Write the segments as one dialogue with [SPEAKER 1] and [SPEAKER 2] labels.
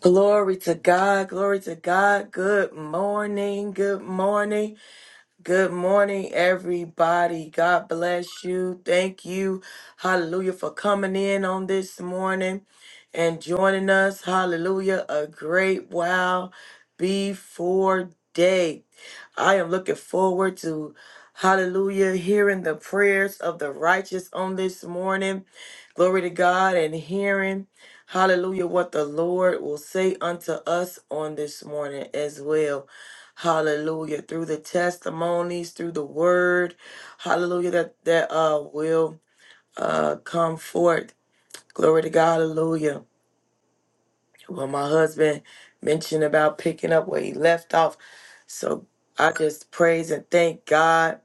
[SPEAKER 1] Glory to God. Glory to God. Good morning. Good morning. Good morning, everybody. God bless you. Thank you, hallelujah, for coming in on this morning and joining us. Hallelujah, a great while before day. I am looking forward to, hallelujah, hearing the prayers of the righteous on this morning. Glory to God and hearing, hallelujah, what the Lord will say unto us on this morning as well. Hallelujah. Through the testimonies, through the word. Hallelujah. That that uh will uh come forth. Glory to God. Hallelujah. Well, my husband mentioned about picking up where he left off. So I just praise and thank God.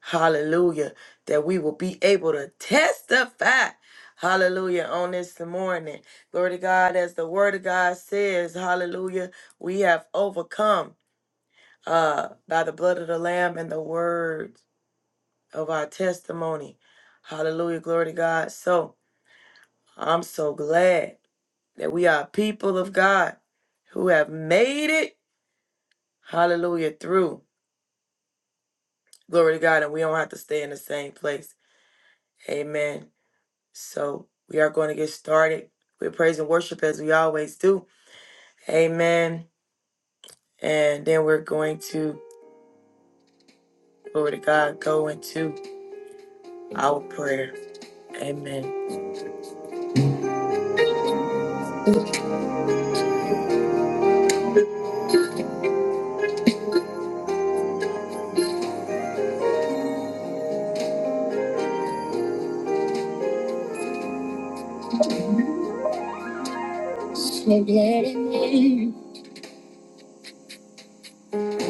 [SPEAKER 1] Hallelujah. That we will be able to testify. Hallelujah. On this morning. Glory to God. As the word of God says, hallelujah. We have overcome uh, by the blood of the Lamb and the word of our testimony. Hallelujah. Glory to God. So I'm so glad that we are people of God who have made it. Hallelujah. Through. Glory to God. And we don't have to stay in the same place. Amen. So we are going to get started with praise and worship as we always do. Amen. And then we're going to, glory to God, go into our prayer. Amen.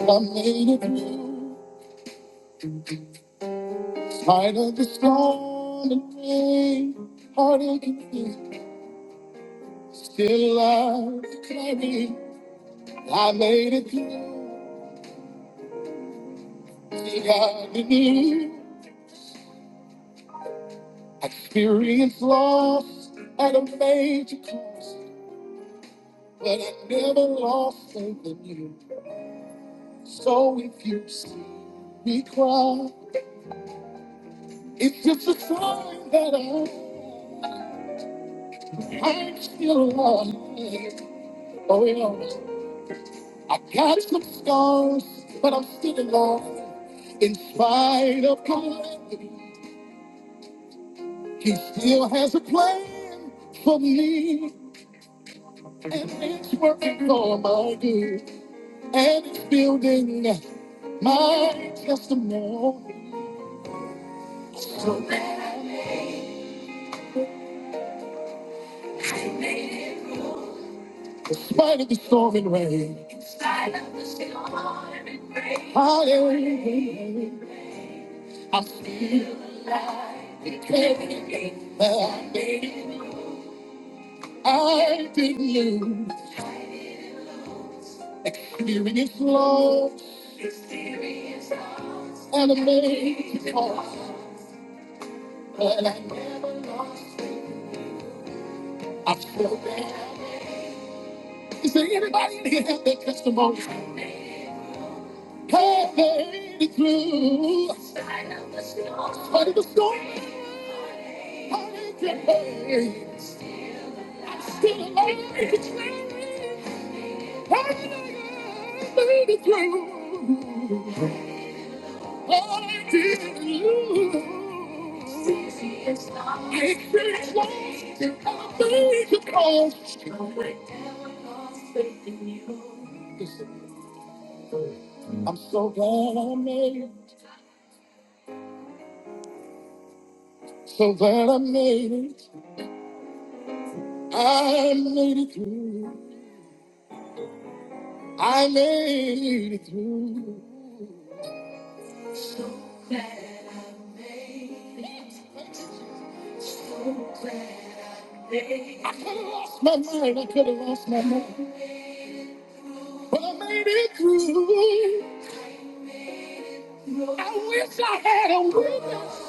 [SPEAKER 1] I'm made of you. Tired of the storm and rain, heartache and fear. Still alive, declaring I made it through. the agony. Experienced loss at a major cost, but I never lost faith in you. So if you see me cry, it's just a sign that I. I'm still alive. Oh yeah. I got some scars, but I'm still alive. In spite of calamity, he still has a plan for me. And it's working for my good. And it's building my testimony. despite of the storm and rain, hallelujah. I'm still carrying that I made. I didn't lose. Experience loss and a major cost. Lord, I never lost. I still bad. Is there anybody in here have their testimony? I made it through. But it was so I can made it. I'm still alive. It's raining. I made it through. I didn't lose. I experienced loss and I made the cost. Listen, I'm so glad I made it. So glad I made it. I made it through. I made it through. I could have lost my mind. I could have lost my mind. But I made it through. I wish I had a witness.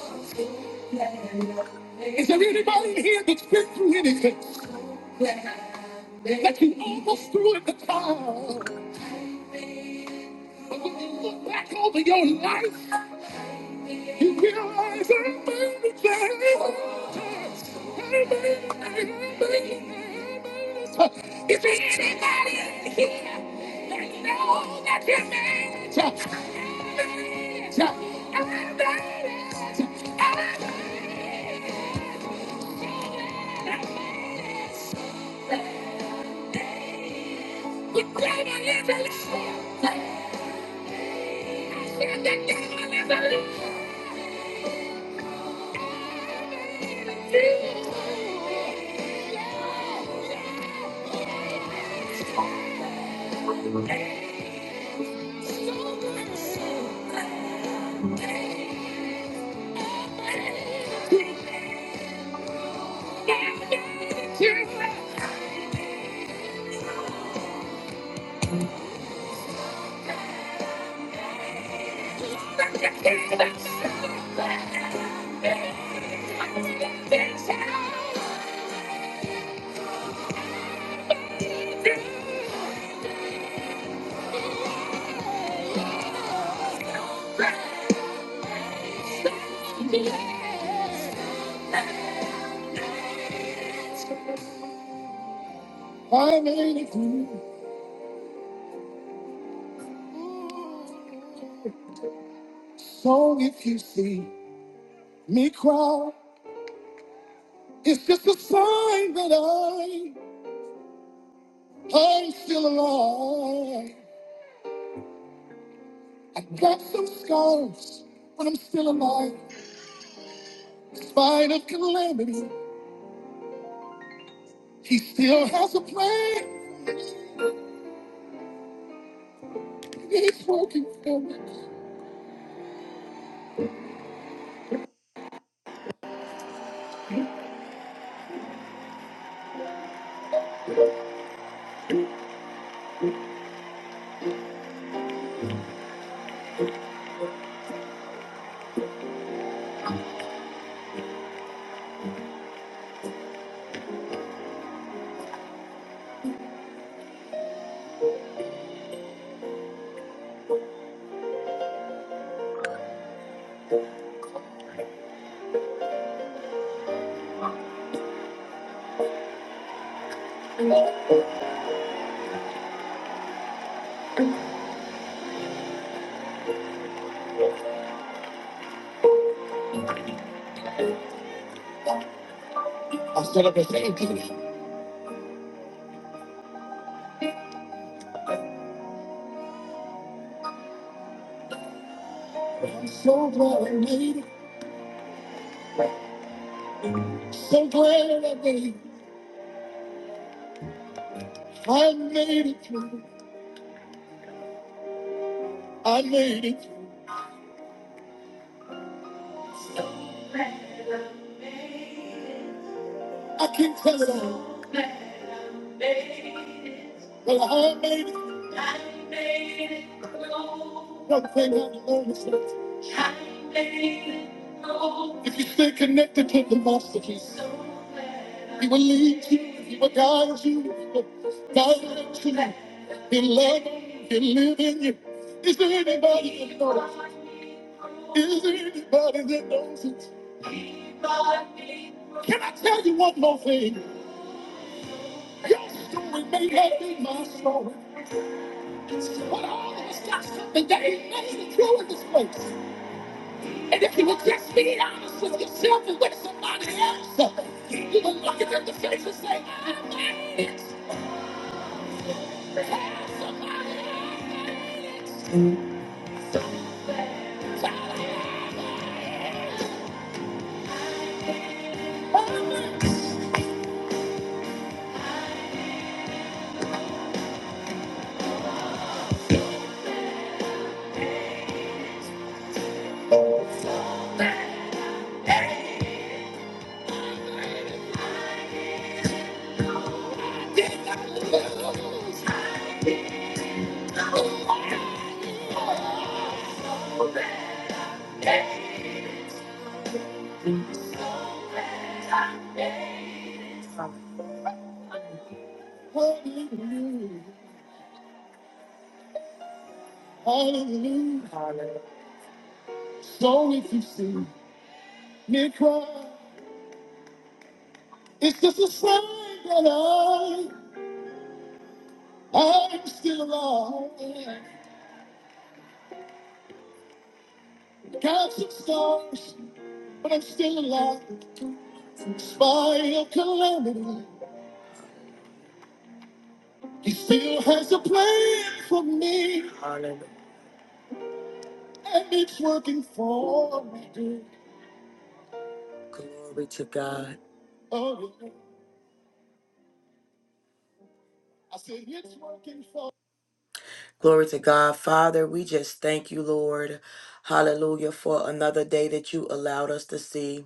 [SPEAKER 1] Is there anybody in here that's been through anything? That you almost threw in the towel. But when you look back over your life, Is there anybody in here that knows that you made it? I made it. I made it. I made it. The devil is a liar. I said the devil is a liar. I made it through. So if you see me cry, It's just a sign that I, I'm still alive. I've got some scars, but I'm still alive. In spite of calamity, he still has a plan. He's working for me. I still have a baby. I'm so glad I made it. So glad I made it. I made it through. I made it. I can not tell it all. They were all made. it. I made it grow. Everything had to I made it If you stay connected to the master key, so he will lead you, he will guide you, he will direct you, he'll love you, he'll live in you. Is there anybody that knows? it? Is there anybody that knows it? Can I tell you one more thing? Your story may have been my story. What all of those got something that ain't nothing true in this place. And if you would just be honest with yourself and with somebody else, you would look at them in the face and say, I'm not it. Tell somebody else I'm not it. Tell them I'm not it. Hallelujah. Hallelujah. So if you see me cry, it's just a sign that I, I'm still alive. Got some scars I'm still alive by your calamity. He still has a plan for me. Hallelujah. And it's working for me. good. Glory to God. Oh, yeah. I said it's working for Glory to God. Father, we just thank you, Lord. Hallelujah for another day that you allowed us to see.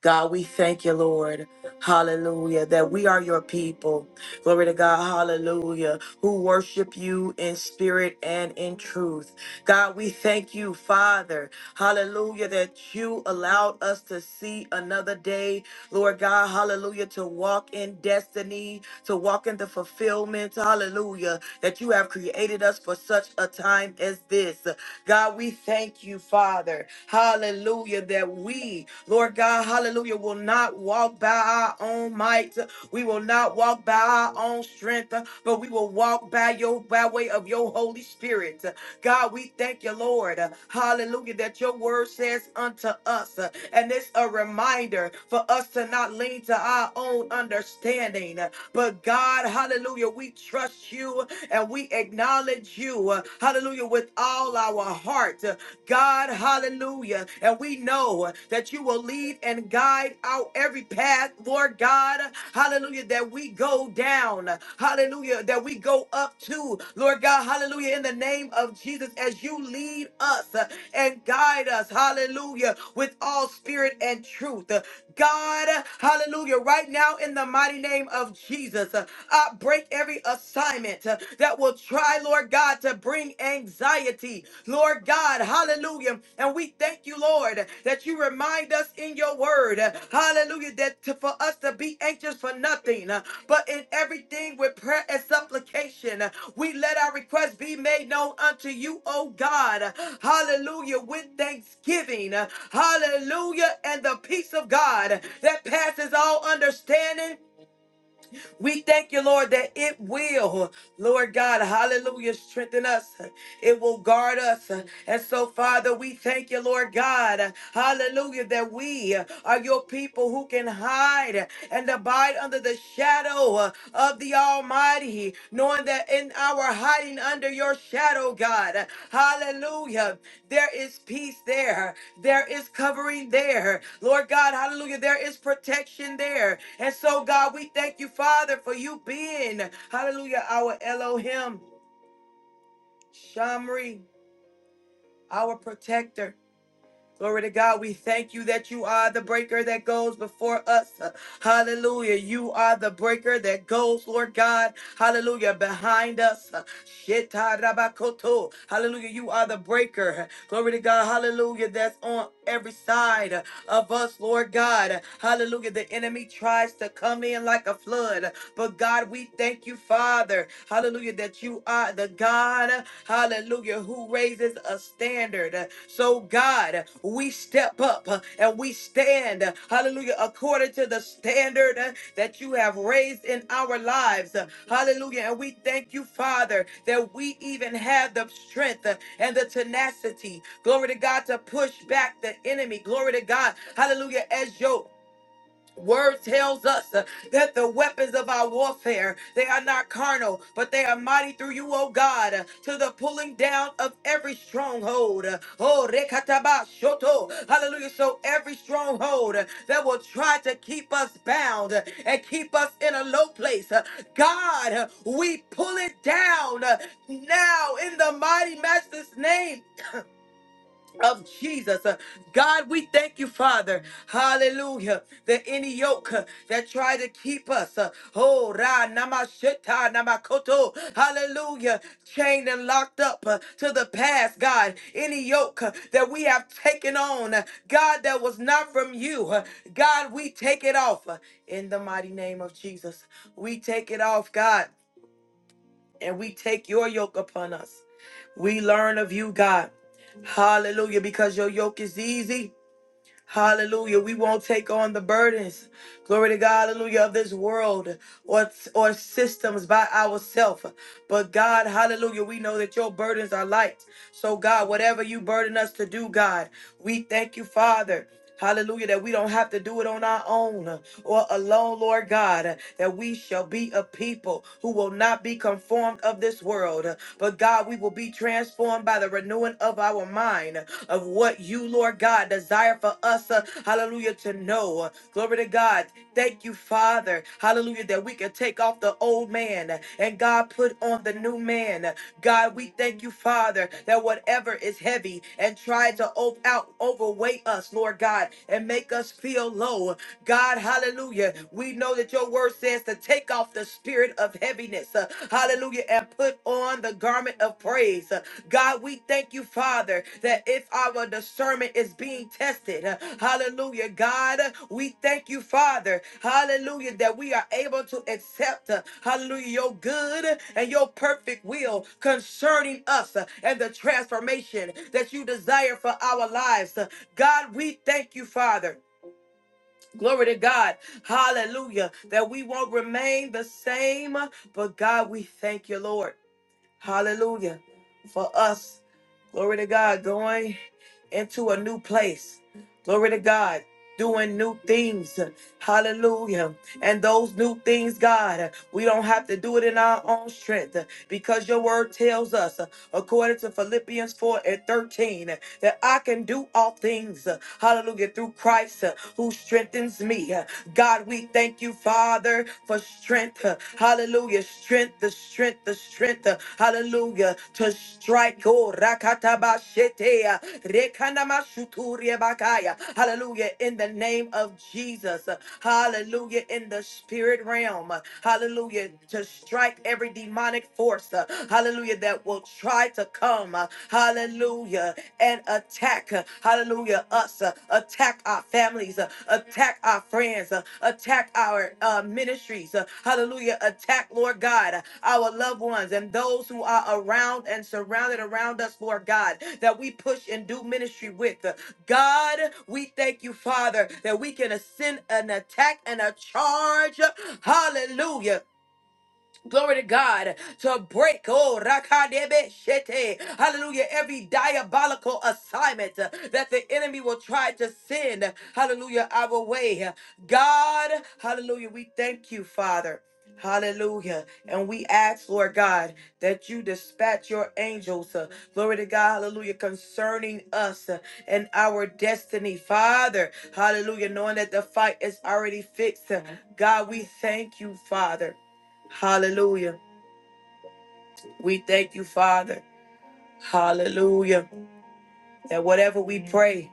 [SPEAKER 1] God, we thank you, Lord. Hallelujah. That we are your people. Glory to God. Hallelujah. Who worship you in spirit and in truth. God, we thank you, Father. Hallelujah. That you allowed us to see another day. Lord God, hallelujah. To walk in destiny, to walk in the fulfillment. Hallelujah. That you have created us for such a time as this. God, we thank you, Father. Hallelujah. That we, Lord God, hallelujah, will not walk by our own might. We will not walk by our own strength, but we will walk by your by way of your Holy Spirit. God, we thank you, Lord. Hallelujah. That your word says unto us. And it's a reminder for us to not lean to our own understanding. But God, hallelujah, we trust you and we acknowledge you, uh, hallelujah, with all our heart. Uh, God, hallelujah. And we know uh, that you will lead and guide out every path, Lord God, hallelujah, that we go down, hallelujah, that we go up to, Lord God, hallelujah, in the name of Jesus, as you lead us uh, and guide us, hallelujah, with all spirit and truth. God, hallelujah, right now in the mighty name of Jesus, uh, I break every assignment uh, that will try, Lord God, to bring anxiety, Lord God, hallelujah. And we thank you, Lord, that you remind us in your word, uh, hallelujah, that to. for for us to be anxious for nothing, uh, but in everything with prayer and supplication, uh, we let our requests be made known unto you, O God. Uh, Hallelujah. With thanksgiving. uh, Hallelujah. And the peace of God that passes all understanding we thank you, Lord, that it will, Lord God, hallelujah, strengthen us. It will guard us. And so, Father, we thank you, Lord God, hallelujah, that we are your people who can hide and abide under the shadow of the Almighty, knowing that in our hiding under your shadow, God, hallelujah. There is peace there. There is covering there. Lord God, hallelujah. There is protection there. And so, God, we thank you, Father, for you being, hallelujah, our Elohim, Shamri, our protector. Glory to God. We thank you that you are the breaker that goes before us. Hallelujah. You are the breaker that goes, Lord God. Hallelujah. Behind us. Shetarabakoto. Hallelujah. You are the breaker. Glory to God. Hallelujah. That's on every side of us, Lord God. Hallelujah. The enemy tries to come in like a flood, but God, we thank you, Father. Hallelujah, that you are the God, hallelujah, who raises a standard. So, God, we step up and we we stand, uh, hallelujah, according to the standard uh, that you have raised in our lives, uh, hallelujah. And we thank you, Father, that we even have the strength uh, and the tenacity, glory to God, to push back the enemy, glory to God, hallelujah, as your Word tells us uh, that the weapons of our warfare, they are not carnal, but they are mighty through you, O God, uh, to the pulling down of every stronghold. Uh, Oh, rekataba shoto. Hallelujah. So every stronghold uh, that will try to keep us bound uh, and keep us in a low place, uh, God, uh, we pull it down uh, now in the mighty master's name. of Jesus. Uh, God, we thank you, Father. Hallelujah. That any yoke uh, that try to keep us, uh, oh, ra namashita namakoto, hallelujah, chained and locked up uh, to the past, God. Any yoke uh, that we have taken on, uh, God, that was not from you, uh, God, we take it off uh, in the mighty name of Jesus. We take it off, God, and we take your yoke upon us. We learn of you, God. Hallelujah, because your yoke is easy. Hallelujah. We won't take on the burdens. Glory to God, hallelujah, of this world or, or systems by ourselves. But God, hallelujah, we know that your burdens are light. So, God, whatever you burden us to do, God, we thank you, Father. Hallelujah, that we don't have to do it on our own or alone, Lord God, that we shall be a people who will not be conformed of this world, but God, we will be transformed by the renewing of our mind of what you, Lord God, desire for us, uh, hallelujah, to know. Glory to God. Thank you, Father, hallelujah, that we can take take off the old man and God put on the new man. God, we thank you, Father, that whatever is heavy and tried to op- out overweight us, Lord God, and make us feel low. God, hallelujah. We know that your word says to take off the spirit of heaviness, uh, hallelujah, and put on the garment of praise. Uh, God, God, we thank you, Father, that if our discernment is being tested, uh, hallelujah, God, uh, we thank you, Father, hallelujah, that we are able to accept, uh, hallelujah, your good and your perfect will concerning us uh, and the transformation that you desire for our lives. Uh, God, we thank you, Father. Glory to God. Hallelujah. That we won't remain the same, but God, we thank you, Lord. Hallelujah. For us, glory to God, going into a new place. Glory to God. Doing new things. Hallelujah. And those new things, God, we don't have to do it in our own strength because your word tells us, according to Philippians 4 and 13, that I can do all things. Hallelujah. Through Christ who strengthens me. God, we thank you, Father, for strength. Hallelujah strength, the strength, the strength, uh, hallelujah, to strike. Oh, rakatabashetea, rekanamashuturebakaya. Hallelujah, in the name of Jesus. uh, Hallelujah, in the spirit realm. uh, Hallelujah, to strike every demonic force. uh, Hallelujah, that will try to come. uh, Hallelujah, and attack. Uh, hallelujah, us, uh, attack our families, uh, attack our friends, uh, attack our uh, ministries, uh, hallelujah, attack, Lord God, uh, our loved ones and those who are around and surrounded around us, Lord God, that we push and do ministry with. Uh, God, we thank you, Father, that we can ascend an attack and a charge, uh, hallelujah Glory to God to break, oh, rakadebe shete, hallelujah, every diabolical assignment uh, that the enemy will try to send, hallelujah, our way. God, hallelujah, we thank you, Father. Hallelujah. And we ask, Lord God, that you dispatch your angels. uh, glory to God. Hallelujah. Concerning us uh, and our destiny. Father, hallelujah. Knowing that the fight is already fixed. uh, God, we thank you, Father. Hallelujah. We thank you, Father. Hallelujah. That whatever we pray,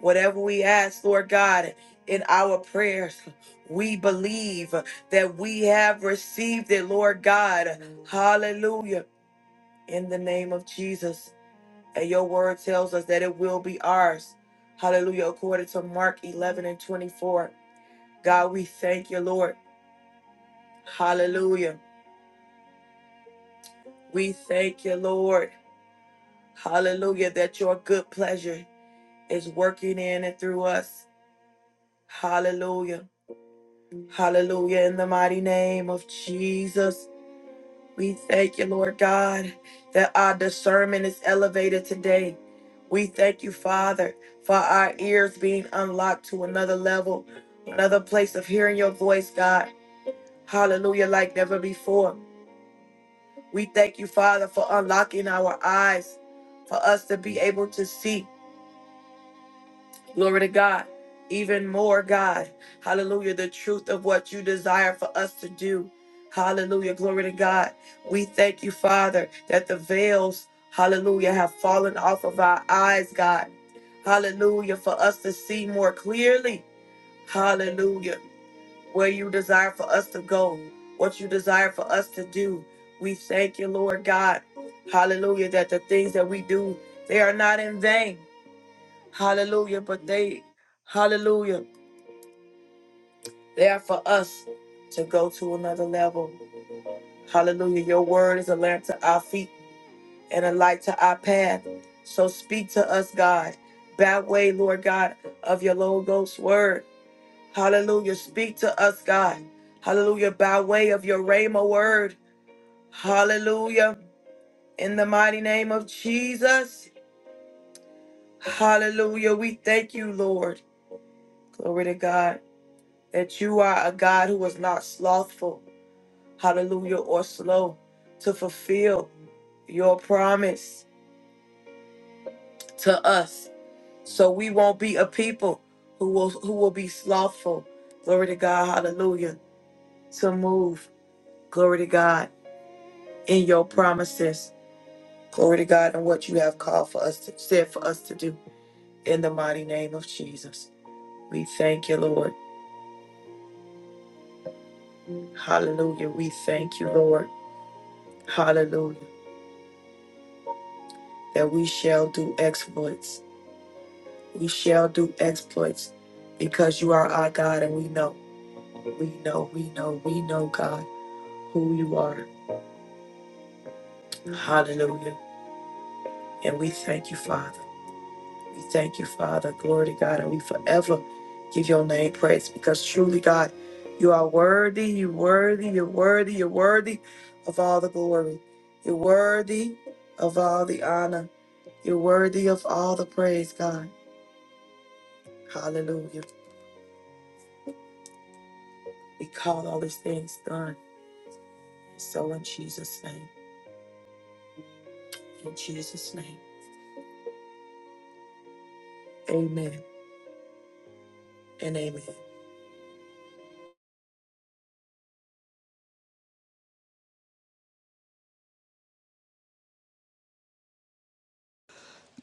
[SPEAKER 1] whatever we ask, Lord God, in our prayers, we believe that we have received it, Lord God. Hallelujah. In the name of Jesus. And your word tells us that it will be ours. Hallelujah. According to Mark 11 and 24. God, we thank you, Lord. Hallelujah. We thank you, Lord. Hallelujah. That your good pleasure is working in and through us. Hallelujah. Hallelujah. In the mighty name of Jesus, we thank you, Lord God, that our discernment is elevated today. We thank you, Father, for our ears being unlocked to another level, another place of hearing your voice, God. Hallelujah, like never before. We thank you, Father, for unlocking our eyes for us to be able to see. Glory to God. Even more, God. Hallelujah. The truth of what you desire for us to do. Hallelujah. Glory to God. We thank you, Father, that the veils, hallelujah, have fallen off of our eyes, God. Hallelujah. For us to see more clearly. Hallelujah. Where you desire for us to go, what you desire for us to do. We thank you, Lord God. Hallelujah. That the things that we do, they are not in vain. Hallelujah. But they, hallelujah, they are for us to go to another level. Hallelujah. Your word is a lamp to our feet and a light to our path. So speak to us, God. by way, Lord God, of your Logos word. Hallelujah. Speak to us, God. Hallelujah. By way of your Rhema word. Hallelujah. In the mighty name of Jesus. Hallelujah. We thank you, Lord. Glory to God. that you are a God who is not slothful, hallelujah, or slow to fulfill your promise to us. So we won't be a people who will who will be slothful. Glory to God, hallelujah, to move. Glory to God in your promises. Glory to God and what you have called for us to said for us to do in the mighty name of Jesus. We thank you, Lord. Hallelujah. We thank you, Lord. Hallelujah. That we shall do exploits We shall do exploits because you are our God and we know, we know, we know, we know, God, who you are. Hallelujah. And we thank you, Father. We thank you, Father. Glory to God. And we forever give your name praise because truly, God, you are worthy, you're worthy, you're worthy, you're worthy of all the glory. You're worthy of all the honor. You're worthy of all the praise, God. Hallelujah. We call all these things done. So in Jesus' name, in Jesus' name, amen and amen.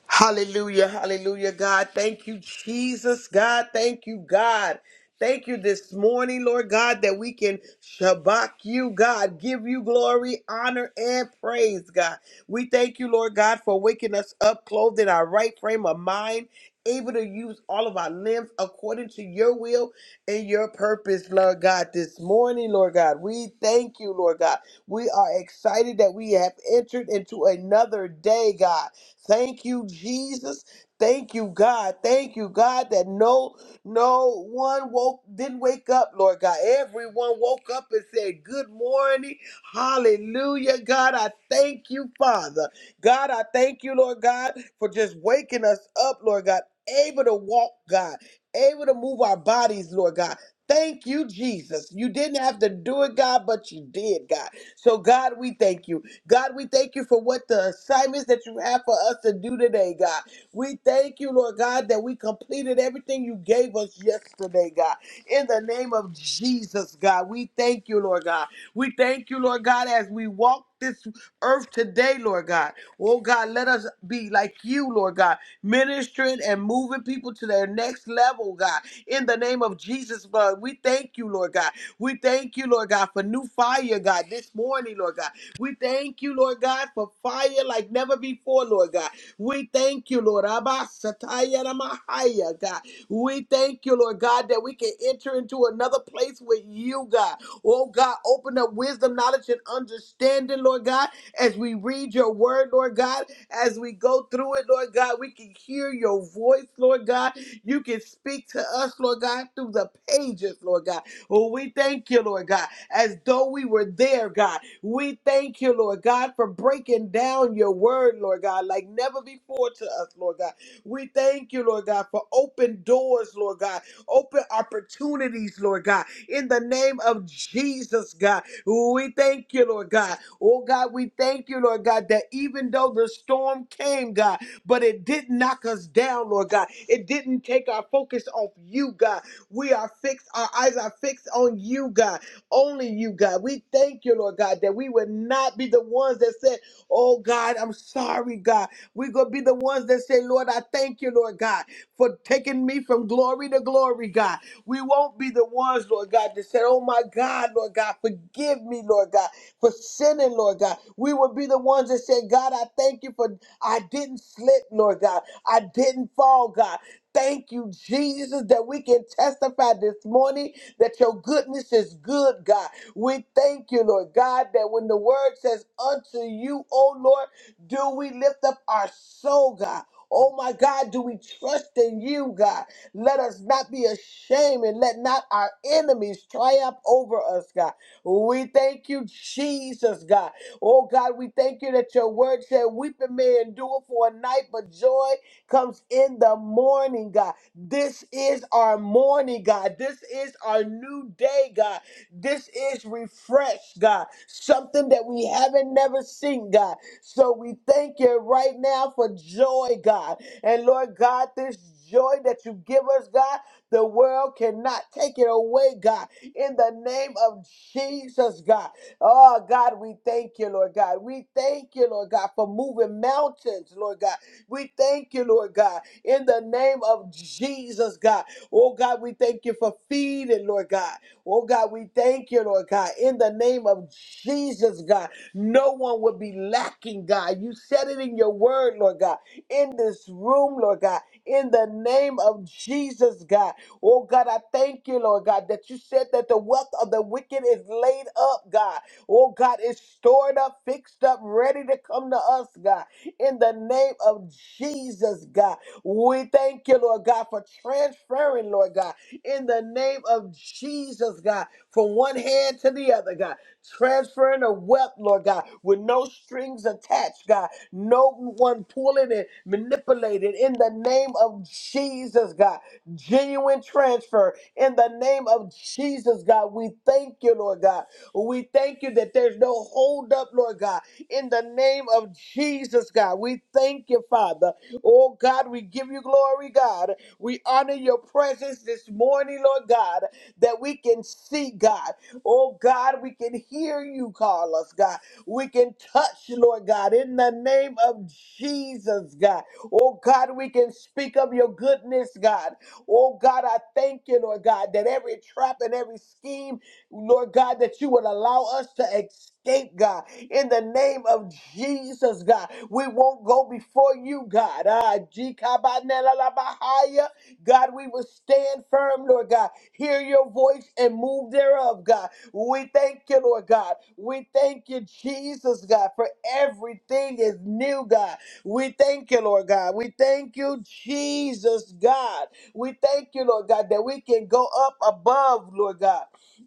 [SPEAKER 2] Hallelujah, hallelujah, God. Thank you, Jesus, God. Thank you, God. Thank you this morning, Lord God, that we can shabak you, God, give you glory, honor, and praise, God. We thank you, Lord God, for waking us up, clothed in our right frame of mind, able to use all of our limbs according to your will and your purpose, Lord God. This morning, Lord God, we thank you, Lord God. We are excited that we have entered into another day, God. Thank you, Jesus. Thank you, God. Thank you, God, that no, no one woke, didn't wake up, Lord God. Everyone woke up and said, Good morning. Hallelujah, God. I thank you, Father. God, I thank you, Lord God, for just waking us up, Lord God, able to walk, God, able to move our bodies, Lord God. Thank you, Jesus. You didn't have to do it, God, but you did, God. So, God, we thank you. God, we thank you for what the assignments that you have for us to do today, God. We thank you, Lord God, that we completed everything you gave us yesterday, God. In the name of Jesus, God, we thank you, Lord God. We thank you, Lord God, as we walk this earth today, Lord God. Oh, God, let us be like you, Lord God, ministering and moving people to their next level, God. In the name of Jesus, Lord, we thank you, Lord God. We thank you, Lord God, for new fire, God, this morning, Lord God. We thank you, Lord God, for fire like never before, Lord God. We thank you, Lord. Abba, Sataya, Namahaya, God. We thank you, Lord God, that we can enter into another place with you, God. Oh, God, open up wisdom, knowledge, and understanding, Lord God, as we read your word, Lord God, as we go through it, Lord God. We can hear your voice, Lord God. You can speak to us, Lord God, through the pages, Lord God. Oh, we thank you, Lord God as though we were there, God. We thank you, Lord God, for breaking down your word, Lord God, like never before to us, Lord God. We thank you, Lord God, for open doors, Lord God, open opportunities, Lord God, in the name of Jesus, God. We thank you, Lord God. Oh, God, we thank you, Lord God, that even though the storm came, God, but it didn't knock us down, Lord God. It didn't take our focus off you, God. We are fixed, our eyes are fixed on you, God. Only you, God. We thank you, Lord God, that we would not be the ones that said, Oh God, I'm sorry, God. We're going to be the ones that say, Lord, I thank you, Lord God, for taking me from glory to glory, God. We won't be the ones, Lord God, that said, Oh my God, Lord God, forgive me, Lord God, for sinning, Lord God. We will be the ones that say, God, I thank you for I didn't slip, Lord God. I didn't fall, God. Thank you, Jesus, that we can testify this morning that your goodness is good, God. We thank you, Lord God, that when the word says unto you, O Lord, do we lift up our soul, God. Oh my God, do we trust in you, God? Let us not be ashamed and let not our enemies triumph over us, God. We thank you, Jesus, God. Oh God, we thank you that your word said, Weeping may endure for a night, but joy comes in the morning, God. This is our morning, God. This is our new day, God. This is refresh, God. Something that we haven't never seen, God. So we thank you right now for joy, God. And Lord God, this joy that you give us, God, the world cannot take it away, God. In the name of Jesus, God. Oh, God, we thank you, Lord God. We thank you, Lord God, for moving mountains, Lord God. We thank you, Lord God in the name of Jesus, God. Oh, God, we thank you for feeding, Lord God. Oh, God, we thank you, Lord God, in the name of Jesus, God. No one will be lacking, God. You said it in your word, Lord God, in this room, Lord God, in the name of Jesus, God. Oh, God, I thank you, Lord God, that you said that the wealth of the wicked is laid up, God. Oh, God, it's stored up, fixed up, ready to come to us, God in the name of Jesus, God. We thank you, Lord God, for transferring, Lord God, in the name of Jesus, God, from one hand to the other, God. Transferring the wealth, Lord God, with no strings attached, God. No one pulling and manipulating in the name of Jesus, God. Genuine transfer in the name of Jesus, God. We thank you, Lord God. We thank you that there's no hold up, Lord God. In the name of Jesus, God, we thank you, Father. Oh God, we give you glory, God. We honor your presence this morning, Lord God, that we can see, God. Oh God, we can hear you call us, God. We can touch, Lord God, in the name of Jesus, God. Oh God, we can speak of your goodness, God. Oh God, I thank you, Lord God, that every trap and every scheme, Lord God, that you would allow us to escape, God in the name of Jesus, God. We won't go before you, God. Ah, jikabanelalabahaya. God, we will stand firm, Lord God. Hear your voice and move thereof, God. We thank you, Lord God. We thank you, Jesus, God, for everything is new, God. We thank you, Lord God. We thank you, Jesus, God. We thank you, Lord God, that we can go up above, Lord God.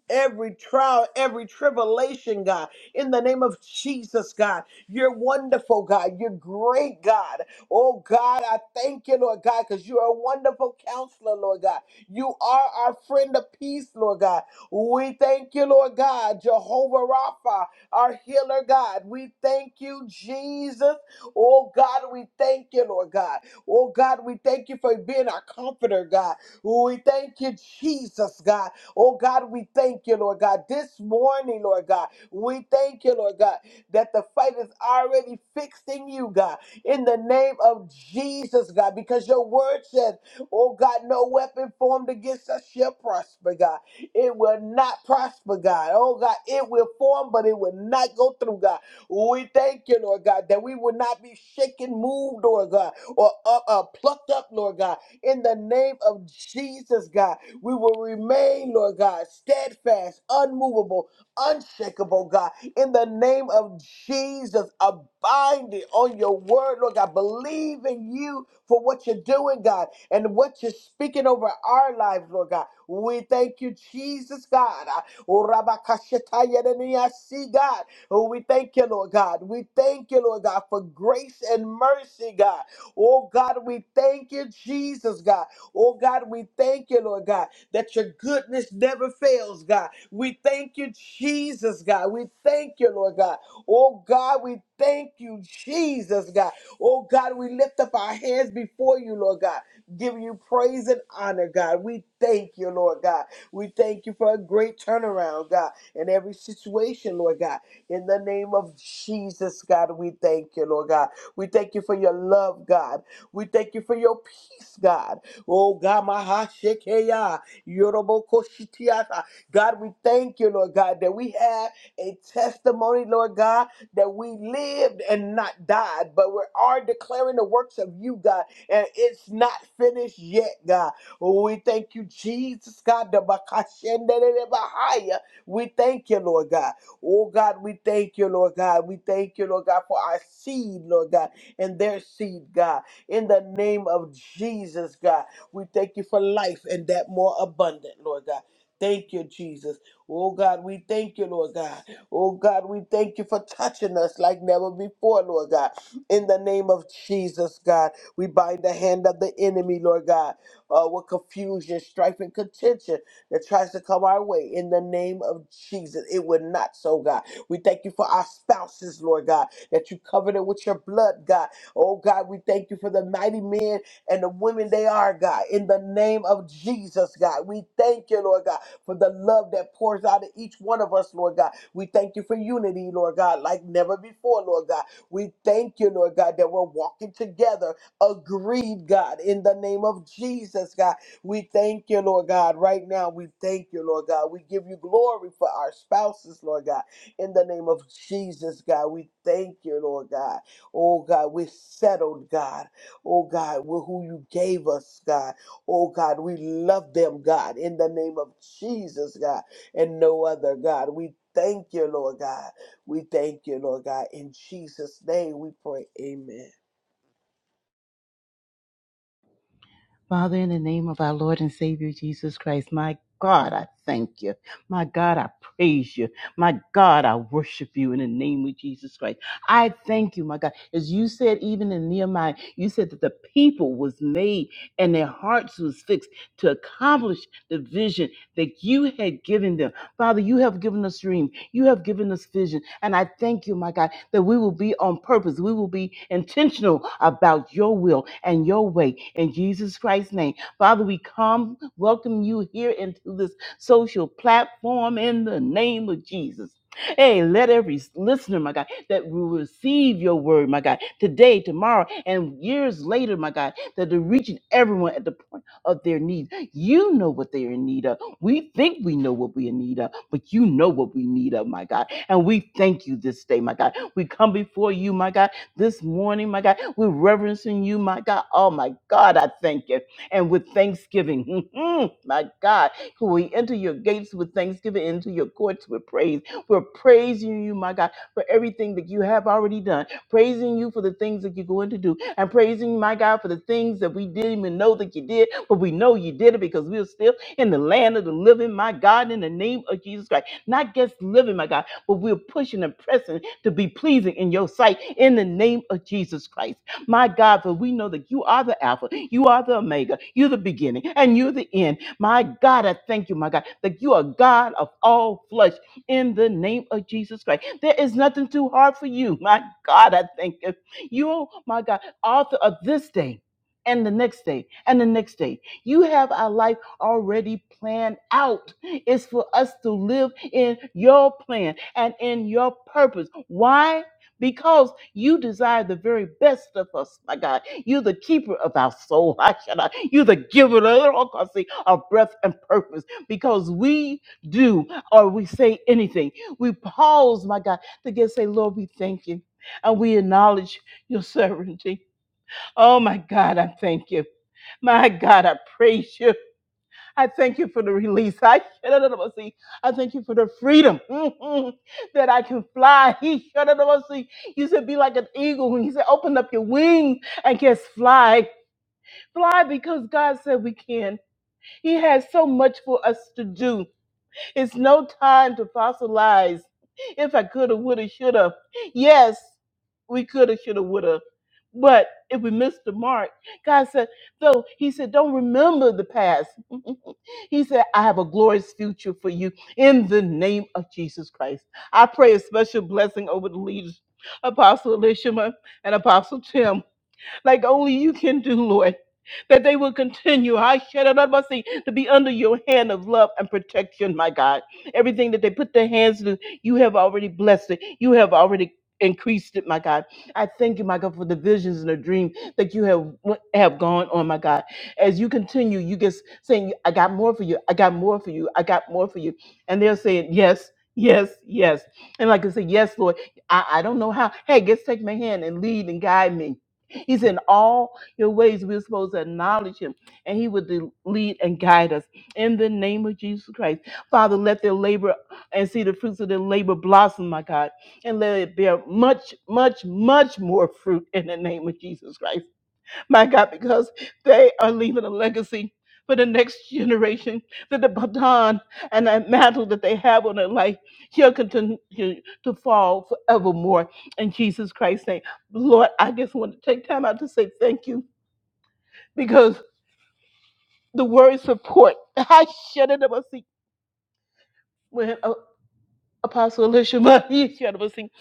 [SPEAKER 2] Every trial, every tribulation, God in the name of Jesus, God. You're wonderful, God. You're great, God. Oh, God, I thank you, Lord God, because you are a wonderful counselor, Lord God. You are our friend of peace, Lord God. We thank you, Lord God, Jehovah Rapha, our healer, God. We thank you, Jesus. Oh, God, we thank you, Lord God. Oh, God, we thank you for being our comforter, God. We thank you, Jesus, God. Oh, God, we thank you, Lord God. This morning, Lord God. We thank you, Lord God, that the fight is already fixed in you, God, in the name of Jesus, God, because your word says, oh God, no weapon formed against us shall prosper, God. It will not prosper, God. Oh God, it will form, but it will not go through, God. We thank you, Lord God, that we will not be shaken, moved, Lord God, or uh, uh, plucked up, Lord God. In the name of Jesus, God, we will remain, Lord God, steadfast, unmovable, unshakable, God. In the name of Jesus, abiding on your word, Lord God. Believe in you for what you're doing, God, and what you're speaking over our lives, Lord God. We thank you, Jesus, God. Ah, oh, Rabba Kashataya de Niasi, God. Oh, we thank you, Lord God. We thank you, Lord God, for grace and mercy, God. Oh, God, we thank you, Jesus, God. Oh, God, we thank you, Lord God that your goodness never fails, God. We thank you, Jesus, God. We thank you, Lord God. Oh, God, we thank you, Jesus, God. Oh, God, we lift up our hands before you, Lord God, giving you praise and honor, God. We thank you, Lord God. We thank you for a great turnaround, God, in every situation, Lord God. In the name of Jesus, God, we thank you, Lord God. We thank you for your love, God. We thank you for your peace, God. Oh, God, my heart, shake, hey, ah. Yoroboko-shitiasa. God, we thank you, Lord God, that we have a testimony, Lord God, that we lived and not died, but we are declaring the works of you, God, and it's not finished yet, God. We thank you, Jesus, God. the Bakashendelebahaya. We thank you, Lord God. Oh, God, we thank you, Lord God. We thank you, Lord God, for our seed, Lord God, and their seed, God. In the name of Jesus, God. We thank you for life and that more abundant, Lord God. Thank you, Jesus. Oh God, we thank you, Lord God. Oh God, we thank you for touching us like never before, Lord God. In the name of Jesus, God, we bind the hand of the enemy, Lord God, uh, with confusion, strife, and contention that tries to come our way. In the name of Jesus, it would not so, God. We thank you for our spouses, Lord God, that you covered it with your blood, God. Oh God, we thank you for the mighty men and the women they are, God. In the name of Jesus, God, we thank you, Lord God, for the love that pours out of each one of us, Lord God. We thank you for unity, Lord God, like never before, Lord God. We thank you, Lord God, that we're walking together, agreed, God, in the name of Jesus, God. We thank you, Lord God, right now. We thank you, Lord God. We give you glory for our spouses, Lord God, in the name of Jesus, God. We thank you, Lord God. Oh, God, we're settled, God Oh God, with who you gave us, God. Oh God, we love them, God, in the name of Jesus, God, and no other, God. We thank you, Lord God. We thank you, Lord God. In Jesus' name we pray. Amen.
[SPEAKER 3] Father, in the name of our Lord and Savior Jesus Christ, my God, I thank you. My God, I praise you. My God, I worship you in the name of Jesus Christ. I thank you, my God. As you said, even in Nehemiah, you said that the people was made and their hearts was fixed to accomplish the vision that you had given them. Father, you have given us dream. You have given us vision. And I thank you, my God, that we will be on purpose. We will be intentional about your will and your way in Jesus Christ's name. Father, we come welcome you here into this social platform in the name of Jesus. Hey, let every listener, my God, that will receive your word, my God, today, tomorrow, and years later, my God, that they're reaching everyone at the point of their need. You know what they are in need of. We think we know what we need of, but you know what we need of, my God. And we thank you this day, my God. We come before you, my God, this morning, my God. We're reverencing you, my God. Oh, my God, I thank you. And with thanksgiving, my God, we enter your gates with thanksgiving, into your courts with praise. We're praising you, my God, for everything that you have already done, praising you for the things that you're going to do, and praising, my God, for the things that we didn't even know that you did, but we know you did it because we're still in the land of the living, my God, in the name of Jesus Christ. Not just living, my God, but we're pushing and pressing to be pleasing in your sight in the name of Jesus Christ. My God, for we know that you are the Alpha, you are the Omega, you're the beginning, and you're the end. My God, I thank you, my God, that you are God of all flesh in the name of Jesus Christ. There is nothing too hard for you. My God, I thank you. You, my God, author of this day and the next day and the next day. You have our life already planned out. It's for us to live in your plan and in your purpose. Why? Because you desire the very best of us, my God. You're the keeper of our soul. I shall not. You're the giver of, all kinds of of breath and purpose. Because we do or we say anything. We pause, my God, to get say, Lord, we thank you. And we acknowledge your sovereignty. Oh my God, I thank you. My God, I praise you. I thank you for the release. I see. I thank you for the freedom mhm, that I can fly. He see. You said be like an eagle. And he said open up your wings and just fly. Fly because God said we can. He has so much for us to do. It's no time to fossilize. If I coulda, woulda, shoulda. Yes, we coulda, shoulda, woulda. But if we missed the mark, God said, though, He said, don't remember the past. He said, I have a glorious future for you in the name of Jesus Christ. I pray a special blessing over the leaders, Apostle Elishama and Apostle Tim like only you can do, Lord. That they will continue, I shed it up, I see, to be under your hand of love and protection, my God. Everything that they put their hands to, you have already blessed it. You have already increased it, my God. I thank you, my God, for the visions and the dream that you have have gone on, my God. As you continue, you just saying, I got more for you. I got more for you. I got more for you. And they're saying, yes, yes, yes. And like I said, yes, Lord, I, I don't know how. Hey, just take my hand and lead and guide me He's in all your ways. We're supposed to acknowledge him, and he would de- lead and guide us in the name of Jesus Christ. Father, let their labor and see the fruits of their labor blossom, my God, and let it bear much, much, much more fruit in the name of Jesus Christ my God, because they are leaving a legacy for the next generation that the baton and that mantle that they have on their life shall continue to fall forevermore in Jesus Christ's name. Lord, I just want to take time out to say thank you because the word support, I shut it up. I see when uh, Apostle Elisha, he shut up. I see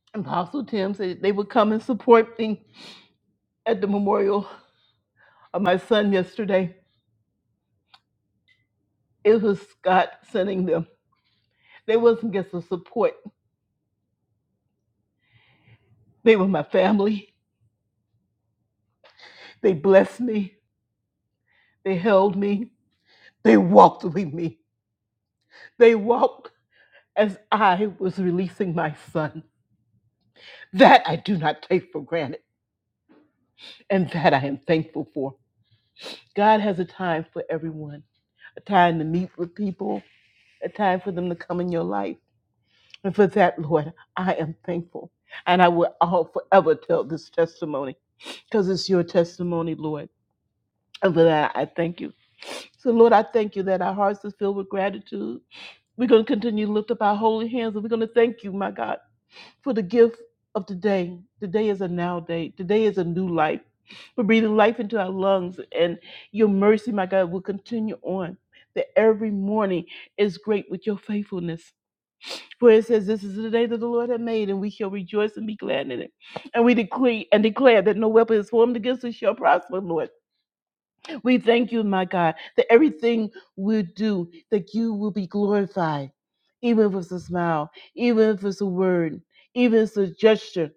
[SPEAKER 3] Apostle Tim said they would come and support me at the memorial of my son yesterday. It was God sending them They wasn't just a support. They were my family. They blessed me. They held me. They walked with me. They walked as I was releasing my son. That I do not take for granted. And that I am thankful for. God has a time for everyone, a time to meet with people, a time for them to come in your life. And for that, Lord, I am thankful. And I will all forever tell this testimony because it's your testimony, Lord. And for that, I thank you. So, Lord, I thank you that our hearts is filled with gratitude. We're going to continue to lift up our holy hands and we're going to thank you, my God, for the gift of today. Today is a now day. Today is a new life. We're breathing life into our lungs and your mercy, my God, will continue on. That every morning is great with your faithfulness. For it says, This is the day that the Lord has made, and we shall rejoice and be glad in it. And we decree and declare that no weapon is formed against us shall prosper, Lord. We thank you, my God, that everything we do, that you will be glorified, even if it's a smile, even if it's a word, even if it's a gesture.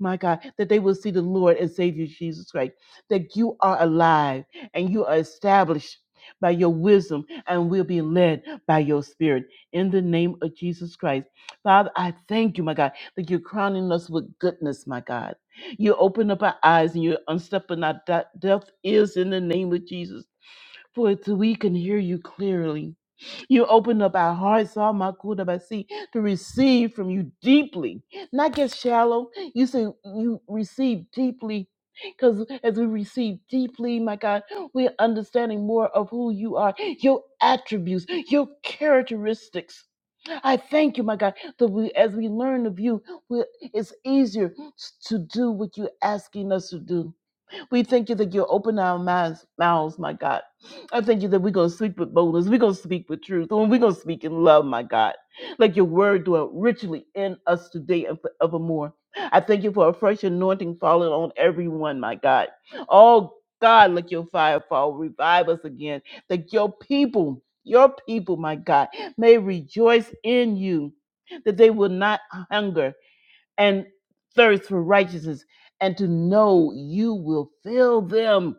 [SPEAKER 3] My God, that they will see the Lord and Savior Jesus Christ, that you are alive and you are established by your wisdom and will be led by your spirit in the name of Jesus Christ. Father, I thank you, my God, that you're crowning us with goodness, my God. You open up our eyes and you unstep our de- deaf ears in the name of Jesus, for it's, we can hear you clearly. You open up our hearts, all my good of see, to receive from you deeply, not just shallow. You say you receive deeply. Because as we receive deeply, my God, we're understanding more of who you are, your attributes, your characteristics. I thank you, my God, that we, as we learn of you, we, it's easier to do what you're asking us to do. We thank you that you open our mouths, mouths, my God. I thank you that we're going to speak with boldness. We're going to speak with truth. And we're going to speak in love, my God. Like your word dwell richly in us today and forevermore. I thank you for a fresh anointing falling on everyone, my God. Oh, God, let your fire fall. Revive us again. That your people, your people, my God, may rejoice in you. That they will not hunger, and thirst for righteousness and to know you will fill them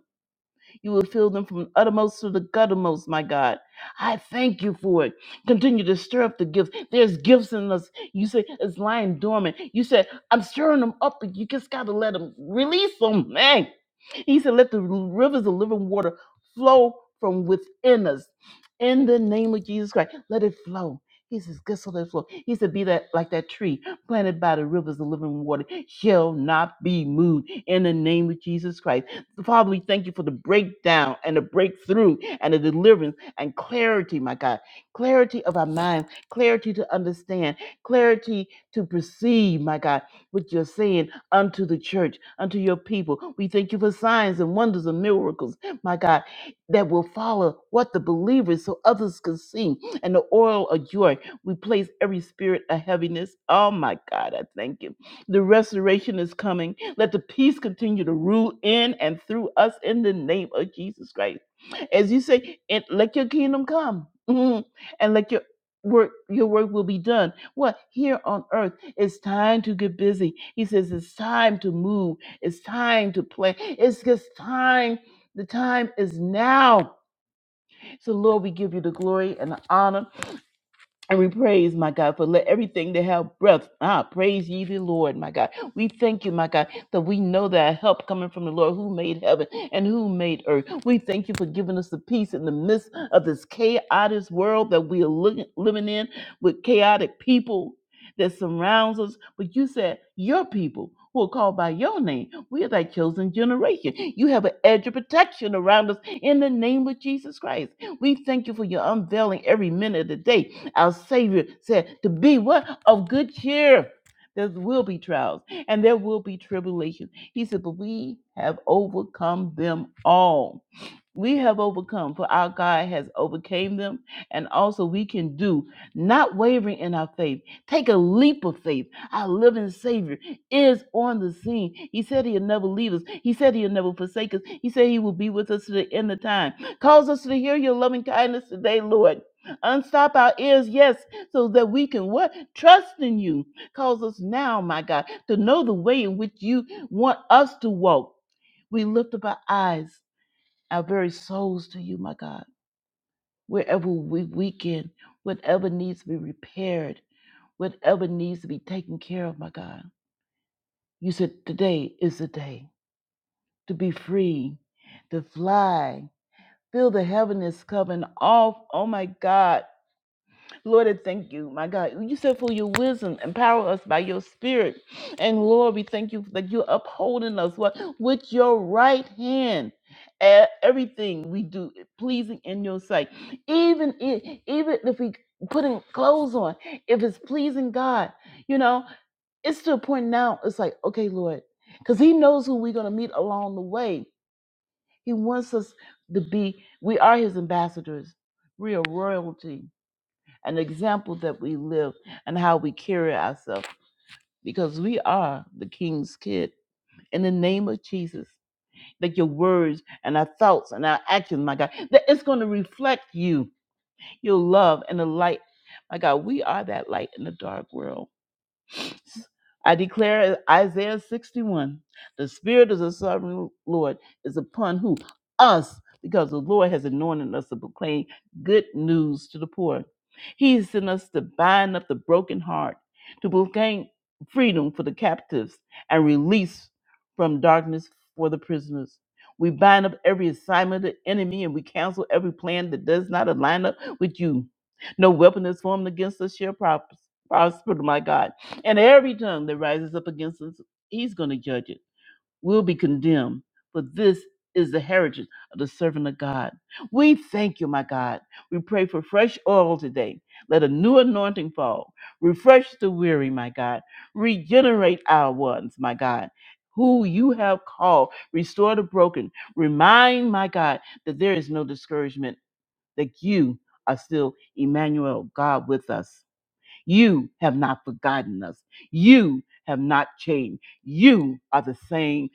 [SPEAKER 3] you will fill them from uttermost to the guttermost, my God. I thank you for it. Continue to stir up the gifts. There's gifts in us. You say it's lying dormant. You said, I'm stirring them up, but you just got to let them release them. Man. He said, Let the rivers of living water flow from within us. In the name of Jesus Christ, let it flow. He says, Guess what? Let it flow. He said, Be that like that tree planted by the rivers of living water, shall not be moved. In the name of Jesus Christ. Father, we thank you for the breakdown and the breakthrough and the deliverance and clarity, my God. Clarity of our minds, clarity to understand, clarity to perceive, my God, what you're saying unto the church, unto your people. We thank you for signs and wonders and miracles, my God, that will follow what the believers so others can see. And the oil of joy, we place every spirit of heaviness. Oh, my God, I thank you. The restoration is coming. Let the peace continue to rule in and through us in the name of Jesus Christ. As you say, and let your kingdom come. Mhm. And let your work your work will be done. What here on earth? It's time to get busy. He says it's time to move. It's time to play. It's just time. The time is now. So Lord, we give you the glory and the honor and we praise, my God, for let everything that have breath. Ah, praise ye the Lord, my God. We thank you, my God, that we know that our help coming from the Lord who made heaven and who made earth. We thank you for giving us the peace in the midst of this chaotic world that we are li- living in with chaotic people that surrounds us. But you said your people who are called by your name, we are thy chosen generation. You have an edge of protection around us in the name of Jesus Christ. We thank you for your unveiling every minute of the day our Savior said to be what? Of good cheer. There will be trials and there will be tribulation. He said, but we have overcome them all we have overcome for our god has overcame them and also we can do not wavering in our faith take a leap of faith our living savior is on the scene he said he'll never leave us he said he'll never forsake us he said he will be with us to the end of time cause us to hear your loving kindness today lord Unstop our ears, yes, so that we can what? Trust in you. Cause us now, my God, to know the way in which you want us to walk. We lift up our eyes our very souls to you, my God. Wherever we weaken, whatever needs to be repaired, whatever needs to be taken care of, my God. You said today is the day to be free, to fly, feel the heaviness coming off. Oh, my God. Lord, I thank you, my God. You said for your wisdom, empower us by your spirit. And Lord, we thank you that you're upholding us what, with your right hand. E- Everything we do pleasing in your sight. Even if, even if we putting clothes on, if it's pleasing God, you know, it's to a point now, it's like, okay, Lord, because he knows who we're going to meet along the way. He wants us to be, we are his ambassadors. We are royalty an example that we live and how we carry ourselves because we are the king's kid in the name of jesus that your words and our thoughts and our actions my god that it's going to reflect you your love and the light my god we are that light in the dark world I declare Isaiah 61 the Spirit of the Sovereign Lord is upon who? Us, because the Lord has anointed us to proclaim good news to the poor. He has sent us to bind up the broken heart, to proclaim freedom for the captives and release from darkness for the prisoners. We bind up every assignment of the enemy and we cancel every plan that does not align up with you. No weapon is formed against us shall pros- prosper, my God. And every tongue that rises up against us, he's going to judge it. We'll be condemned. But this is the heritage of the servant of God. We thank you, my God. We pray for fresh oil today. Let a new anointing fall. Refresh the weary, my God. Regenerate our ones, my God. Who you have called, restore the broken. Remind, my God, that there is no discouragement, that you are still Emmanuel, God with us. You have not forgotten us. You have not changed. You are the same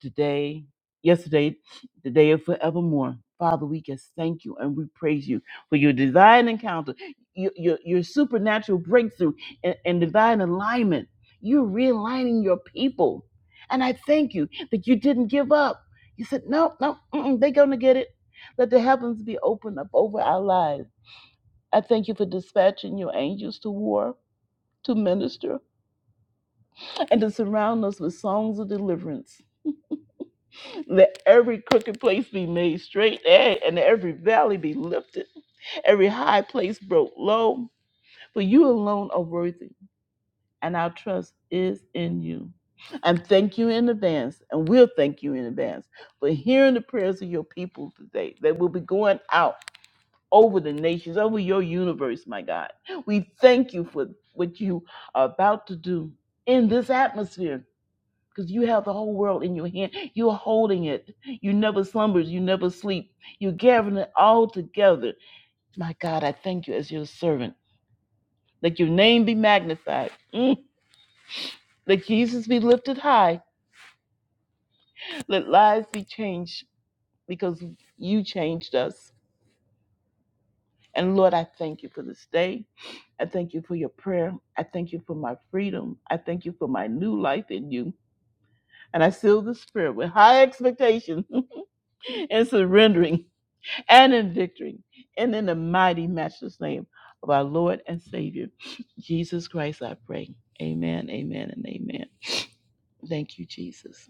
[SPEAKER 3] today, yesterday, today, and forevermore. Father, we just thank you and we praise you for your divine encounter, your, your, your supernatural breakthrough, and, and divine alignment. You're realigning your people. And I thank you that you didn't give up. You said, no, no, mm-mm, they're going to get it. Let the heavens be opened up over our lives. I thank you for dispatching your angels to war to minister and to surround us with songs of deliverance. Let every crooked place be made straight eh, and every valley be lifted, every high place broke low. For you alone are worthy, and our trust is in you. And thank you in advance, and we'll thank you in advance for hearing the prayers of your people today that will be going out over the nations, over your universe, my God. We thank you for what you are about to do in this atmosphere because you have the whole world in your hand. You're holding it. You never slumbers. You never sleep. You're gathering it all together. My God, I thank you as your servant. Let your name be magnified. Mm. Let Jesus be lifted high. Let lives be changed because you changed us. And Lord, I thank you for this day. I thank you for your prayer. I thank you for my freedom. I thank you for my new life in you. And I seal this prayer with high expectation and surrendering. and in victory. And in the mighty, matchless name of our Lord and Savior, Jesus Christ, I pray. Amen, amen, and amen. Thank you, Jesus.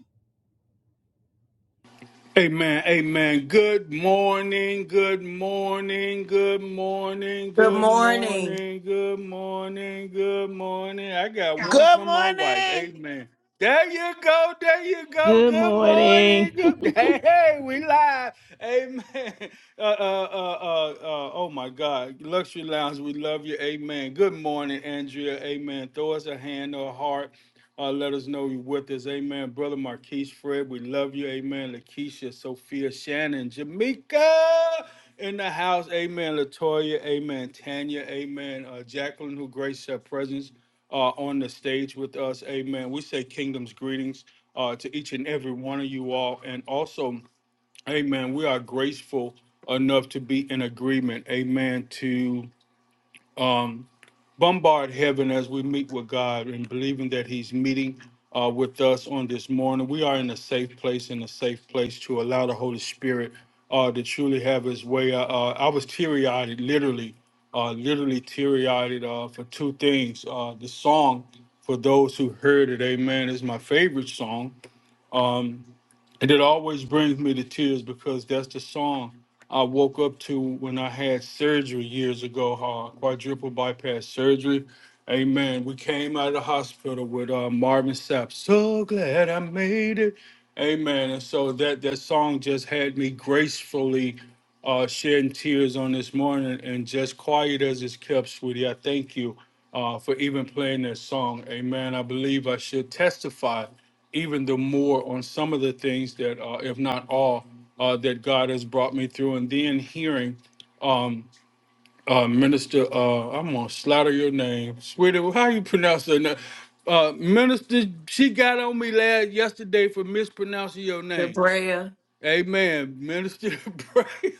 [SPEAKER 4] Amen. Amen. Good morning. Good morning. Good morning.
[SPEAKER 1] Good
[SPEAKER 4] Good
[SPEAKER 1] morning,
[SPEAKER 4] morning. Good morning. Good morning. I got one
[SPEAKER 2] Good
[SPEAKER 4] from my wife.
[SPEAKER 2] morning.
[SPEAKER 4] Amen. There you go. There you go.
[SPEAKER 3] Good
[SPEAKER 4] Good morning.
[SPEAKER 3] morning.
[SPEAKER 4] Good. Hey, hey, we live. Amen. Uh, uh, uh, uh, uh, oh my God. Luxury Lounge, we love you. Amen. Good morning, Andrea. Amen. Throw us a hand or a heart. Uh, let us know you're with us. Amen. Brother Marquise Fred, we love you. Amen. Lakeisha, Sophia, Shannon, Jamaica in the house. Amen. Latoya, amen. Tanya, amen. Uh, Jacqueline, who graced her presence uh, on the stage with us. Amen. We say kingdom's greetings uh, to each and every one of you all. And also, amen, we are graceful enough to be in agreement. Amen. To, um, bombard heaven as we meet with God and believing that He's meeting uh, with us on this morning. We are in a safe place, in a safe place to allow the Holy Spirit uh, to truly have His way. Uh, uh, I was teary eyed, literally, uh, literally teary eyed uh, for two things. Uh, the song, for those who heard it, Amen, is my favorite song. Um, and it always brings me to tears because that's the song I woke up to when I had surgery years ago, uh, quadruple bypass surgery. Amen. We came out of the hospital with uh, Marvin Sapp. So glad I made it. Amen. And so that, that song just had me gracefully uh, shedding tears on this morning and just quiet as it's kept, sweetie. I thank you uh, for even playing that song. Amen. I believe I should testify even the more on some of the things that, uh, if not all, uh, that God has brought me through. And then hearing um, uh, Minister, uh, I'm gonna slaughter your name, sweetie. How you pronounce her name? Uh, Minister, she got on me last yesterday for mispronouncing your name.
[SPEAKER 1] Debrea,
[SPEAKER 4] Amen, Minister. Bray.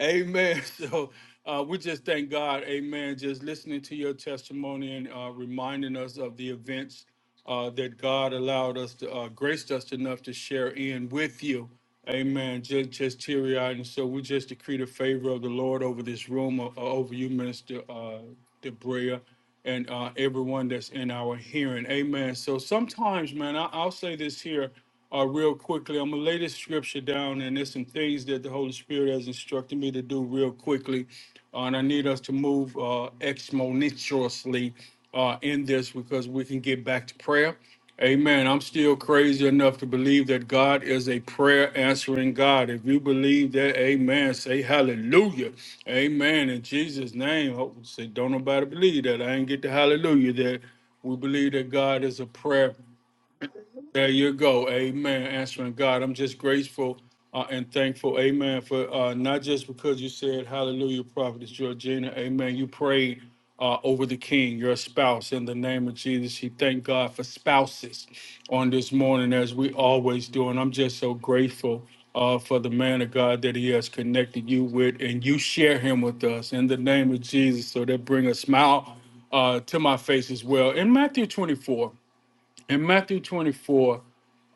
[SPEAKER 4] amen. So uh, we just thank God. Amen. Just listening to your testimony and uh, reminding us of the events uh, that God allowed us to uh, graced us enough to share in with you. Amen. Just, just teary eyed, and so we just decree the favor of the Lord over this room, uh, over you, Minister uh, Debrea, and uh, everyone that's in our hearing. Amen. So sometimes, man, I, I'll say this here uh, real quickly. I'm gonna lay this scripture down, and there's some things that the Holy Spirit has instructed me to do real quickly, uh, and I need us to move uh, exponentially uh, in this because we can get back to prayer. Amen. I'm still crazy enough to believe that God is a prayer answering God. If you believe that, amen, say hallelujah. Amen. In Jesus' name, oh, say, don't nobody believe that. I ain't get the hallelujah there. We believe that God is a prayer there you go. Amen. Answering God. I'm just grateful uh, and thankful. Amen. For uh, not just because you said hallelujah, prophetess Georgina. Amen. You prayed uh, over the king, your spouse, in the name of Jesus. He thank God for spouses on this morning, as we always do. And I'm just so grateful uh, for the man of God that he has connected you with, and you share him with us in the name of Jesus. So that bring a smile uh, to my face as well. In Matthew 24, in Matthew 24,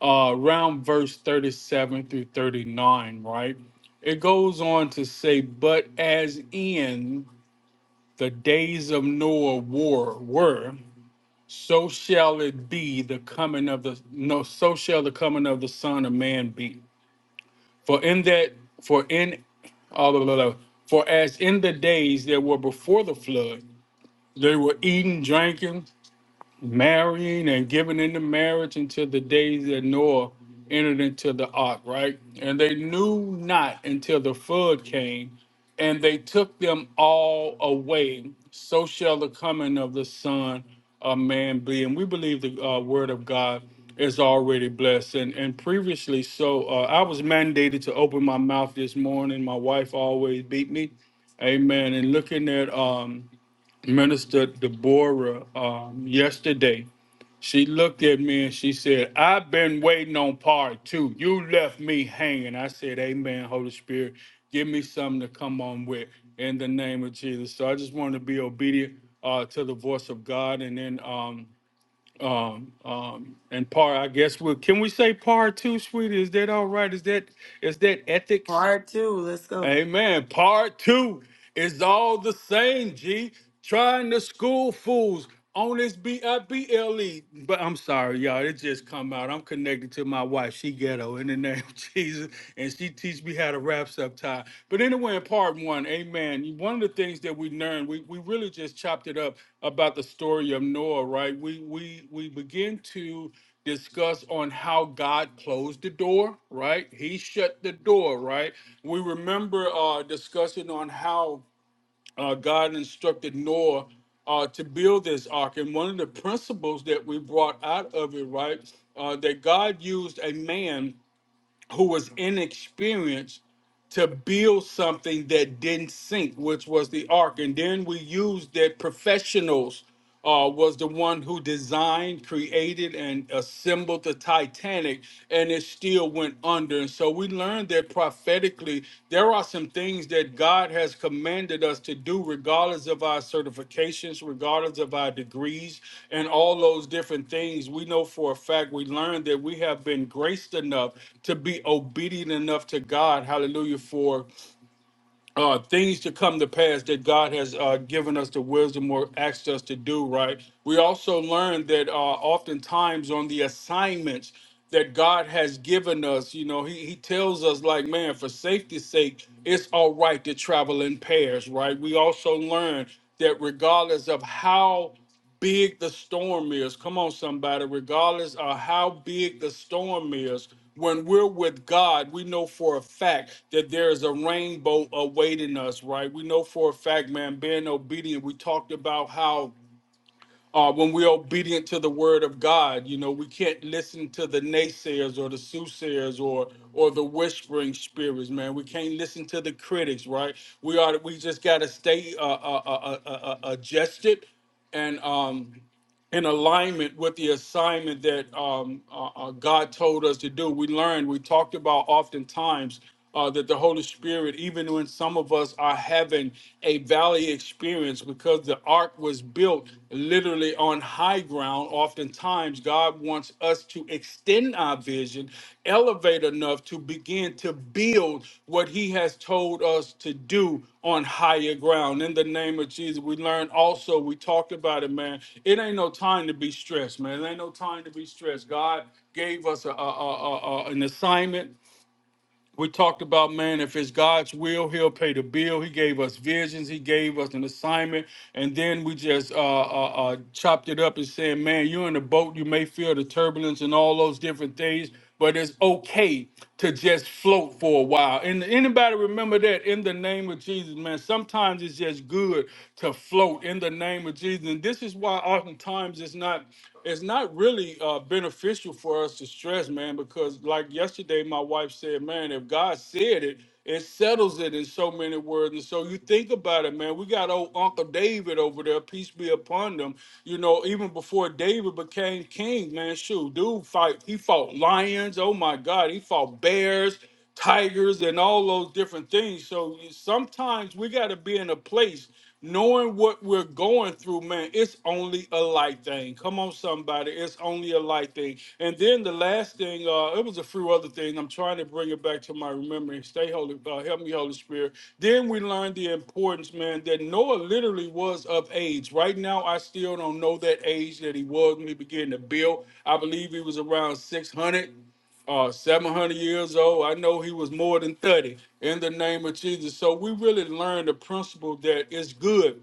[SPEAKER 4] uh, around verse 37 through 39, right? It goes on to say, But as in the days of Noah war were, so shall it be the coming of the no, so shall the coming of the Son of Man be. For in that, for in all blah, blah, blah. For as in the days that were before the flood, they were eating, drinking, marrying and giving into marriage until the days that Noah entered into the ark, right? And they knew not until the flood came, and they took them all away. So shall the coming of the Son of Man be. And we believe the uh, Word of God is already blessed. And and previously, so uh, I was mandated to open my mouth this morning. My wife always beat me. Amen. And looking at um, Minister Deborah um, yesterday, she looked at me and she said, I've been waiting on part two. You left me hanging. I said, Amen, Holy Spirit. Give me something to come on with in the name of Jesus. So I just want to be obedient uh, to the voice of God. And then, um, um, um, and part, I guess, we'll, can we say part two, sweetie? Is that all right? Is that, is that ethics?
[SPEAKER 1] part two. Let's go.
[SPEAKER 4] Amen. Part two is all the same, G. Trying to school fools on this B-I-B-L-E. But I'm sorry, y'all. It just come out. I'm connected to my wife. She ghetto in the name of Jesus. And she teach me how to wrap up sometime. But anyway, in part one, amen. One of the things that we learned, we, we really just chopped it up about the story of Noah, right? We we we begin to discuss on how God closed the door, right? He shut the door, right? We remember uh, discussing on how uh, God instructed Noah uh, to build this ark. And one of the principles that we brought out of it, right, uh, that God used a man who was inexperienced to build something that didn't sink, which was the ark. And then we used that professionals uh, was the one who designed, created, and assembled the Titanic, and it still went under. And so we learned that prophetically, there are some things that God has commanded us to do, regardless of our certifications, regardless of our degrees, and all those different things. We know for a fact, we learned that we have been graced enough to be obedient enough to God, hallelujah, for uh, things to come to pass that God has uh, given us the wisdom or access to do, right? We also learn that uh, oftentimes on the assignments that God has given us, you know, he, he tells us, like, man, for safety's sake, it's all right to travel in pairs, right? We also learn that regardless of how big the storm is. Come on, somebody, regardless of how big the storm is, when we're with God, we know for a fact that there is a rainbow awaiting us, right? We know for a fact, man, being obedient. We talked about how. Uh, when we're obedient to the word of God, you know, we can't listen to the naysayers or the soothsayers or or the whispering spirits, man. We can't listen to the critics, right? We are we just got to stay uh, uh, uh, uh, uh, adjusted and um in alignment with the assignment that um, uh, uh, God told us to do. We learned, we talked about oftentimes uh, that the Holy Spirit, even when some of us are having a valley experience because the ark was built literally on high ground, oftentimes God wants us to to extend our vision, elevate enough to begin to build what He has told us to do on higher ground. In the name of Jesus, we learn also, we talked about it, man. It ain't no time to be stressed, man. It ain't no time to be stressed. God gave us a, a, a, a- an assignment we talked about, man, if it's God's will, He'll pay the bill. He gave us visions, He gave us an assignment. And then we just uh, uh, uh, chopped it up and saying, man, you're in the boat. You may feel the turbulence and all those different things, but it's okay to just float for a while. And anybody remember that in the name of Jesus, man? Sometimes it's just good to float in the name of Jesus. And this is why oftentimes it's not it's not really uh, beneficial for us to stress, man, because like yesterday, my wife said, man, if God said it, it settles it in so many words. And so you think about it, man. We got old Uncle David over there, peace be upon them. You know, even before David became king, man, shoot, dude fight. He fought lions. Oh my God, he fought bears, tigers, and all those different things. So sometimes we got to be in a place knowing what we're going through, man, it's only a light thing. Come on, somebody, it's only a light thing. And then the last thing, uh, it was a few other things. I'm trying to bring it back to my remembrance. Stay holy, uh, help me, Holy Spirit. Then we learned the importance, man, that Noah literally was of age. Right now, I still don't know that age that he was when he began to build. I believe he was around 600 uh, 700 years old. I know he was more than 30 in the name of Jesus. So we really learned the principle that it's good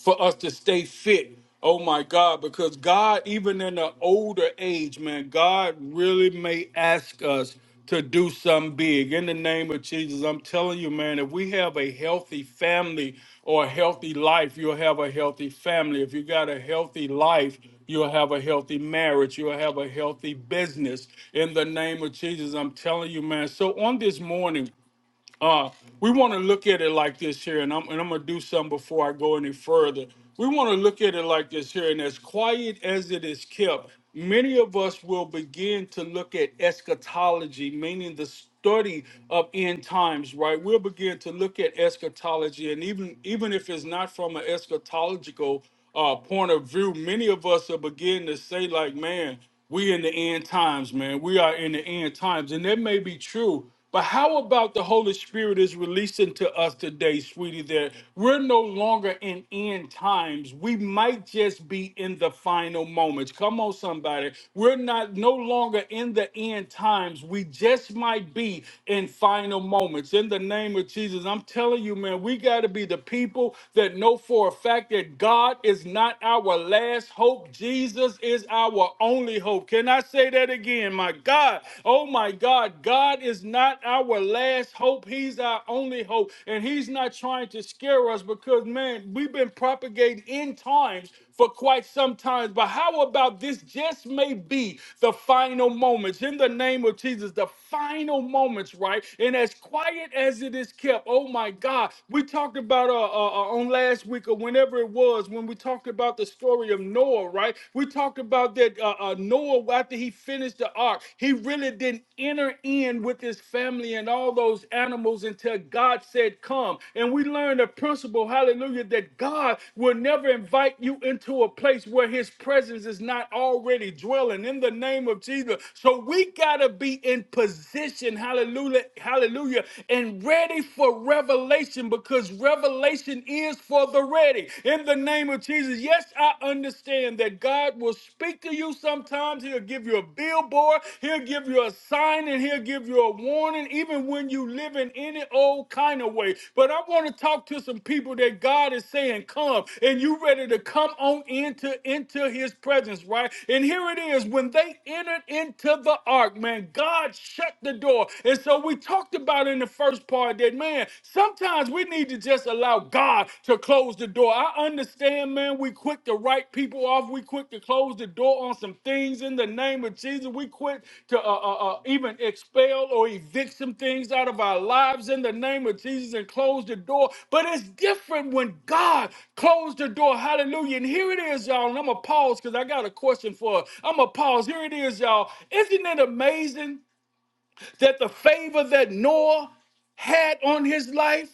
[SPEAKER 4] for us to stay fit. Oh my God, because God, even in the older age, man, God really may ask us to do something big. In the name of Jesus, I'm telling you, man, if we have a healthy family or a healthy life, you'll have a healthy family. If you got a healthy life, you'll have a healthy marriage. You'll have a healthy business. In the name of Jesus, I'm telling you, man. So on this morning, uh, we want to look at it like this here, and I'm and I'm gonna do some before I go any further. We want to look at it like this here, and as quiet as it is kept, many of us will begin to look at eschatology, meaning the study of end times. Right? We'll begin to look at eschatology, and even even if it's not from an eschatological uh, point of view, many of us will begin to say like, man. We in the end times, man. We are in the end times. And that may be true. But how about the Holy Spirit is releasing to us today, sweetie, that we're no longer in end times. We might just be in the final moments. Come on, somebody. We're not no longer in the end times. We just might be in final moments. In the name of Jesus, I'm telling you, man, we got to be the people that know for a fact that God is not our last best hope. Jesus is our only hope. Can I say that again? My God. Oh my God. God is not our last hope. He's our only hope. And He's not trying to scare us because, man, we've been propagating end times for quite some time. But how about this just may be the final moments in the name of Jesus, the final moments, right? And as quiet as it is kept, oh my God, we talked about uh, uh, uh, on last week of Wednesday whenever it was, when we talked about the story of Noah, right? We talked about that uh, uh, Noah, after he finished the ark, he really didn't enter in with his family and all those animals until God said, Come. And we learned a principle, hallelujah, that God will never invite you into a place where his presence is not already dwelling in the name of Jesus. So we got to be in position, hallelujah, hallelujah, and ready for revelation because revelation is for the ready. In the name of Jesus, yes, I understand that God will speak to you sometimes. He'll give you a billboard, He'll give you a sign, and He'll give you a warning, even when you live in any old kind of way. But I want to talk to some people that God is saying, Come, and you ready to come on into, into His presence, right? And here it is when they entered into the ark, man, God shut the door. And so we talked about about in the first part that, man, sometimes we need to just allow God to close the door. I understand, man, we quick to write people off. We quick to close the door on some things in the name of Jesus. We quick to uh, uh, uh, even expel or evict some things out of our lives in the name of Jesus and close the door. But it's different when God closed the door. Hallelujah. And here it is, y'all. And I'm going to pause because I got a question for her. I'm going to pause. Here it is, y'all. Isn't it amazing? that the favor that Noah had on his life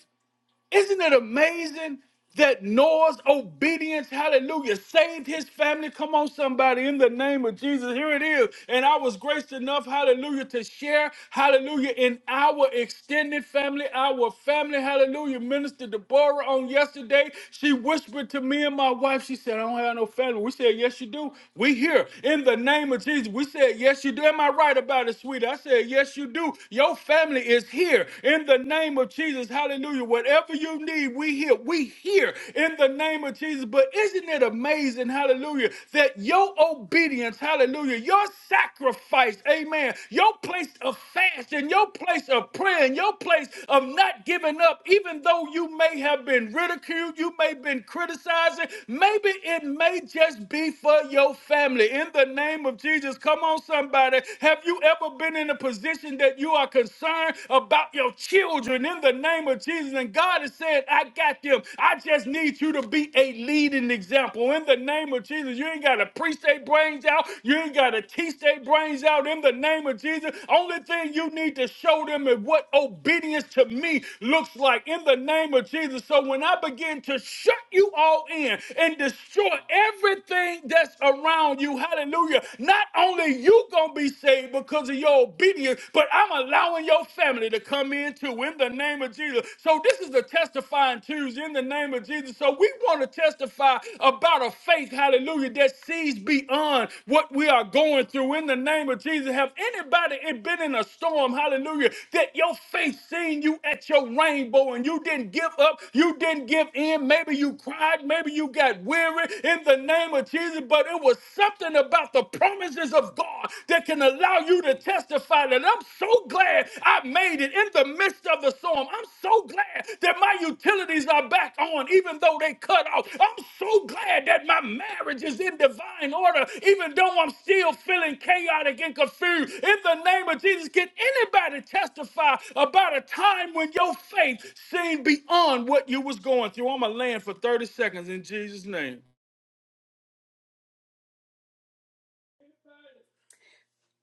[SPEAKER 4] isn't it amazing that Noah's obedience, hallelujah, saved his family? Come on, somebody, in the name of Jesus. Here it is. And I was graced enough, hallelujah, to share, hallelujah, in our extended family, our family, hallelujah. Minister Deborah on yesterday, she whispered to me and my wife, she said, I don't have no family. We said, Yes, you do. We here in the name of Jesus. We said, Yes, you do. Am I right about it, sweetie? I said, Yes, you do. Your family is here in in the name of Jesus. Hallelujah. Whatever you need, we hear. We hear in the name of Jesus. But isn't it amazing, hallelujah, that your obedience, hallelujah, your sacrifice, amen, your place of fast and your place of prayer and your place of not giving up, even though you may have been ridiculed, you may have been criticizing, maybe it may just be for your family. In the name of Jesus, come on, somebody. Have you ever been in a position? situation that you are concerned about your children in the name of Jesus. And God is saying, I got them. I just need you to be a leading example in the name of Jesus. You ain't got to preach their brains out. You ain't got to teach their brains out in the name of Jesus. Only thing you need to show them is what obedience to me looks like in the name of Jesus. So when I begin to shut you all in and destroy everything that's around you, hallelujah, not only you gonna be saved because of your obedience, but I'm allowing your family to come in too in the name of Jesus. So this is the testifying Tuesday in the name of Jesus. So we want to testify about a faith, hallelujah, that sees beyond what we are going through in the name of Jesus. Have anybody been in a storm, hallelujah, that your faith seen you at your rainbow and you didn't give up, you didn't give in. Maybe you cried, maybe you got weary in the name of Jesus, but it was something about the promises of God that can allow you to testify that I'm so glad I made it in the midst of the storm. I'm so glad that my utilities are back on, even though they cut off. I'm so glad that my marriage is in divine order, even though I'm still feeling chaotic and confused. In the name of Jesus, can anybody testify about a time when your faith seemed beyond what you was going through? I'm going to land for 30 seconds in Jesus' name.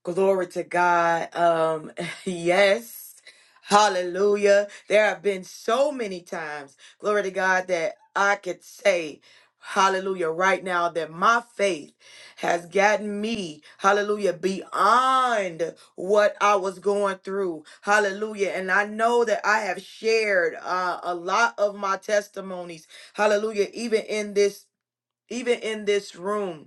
[SPEAKER 1] Glory to God. Um, yes. Hallelujah. There have been so many times, glory to God, that I could say, hallelujah, right now that my faith has gotten me, hallelujah, beyond what I was going through. Hallelujah. And I know that I have shared uh, a lot of my testimonies. Hallelujah. Even in this, even in this room.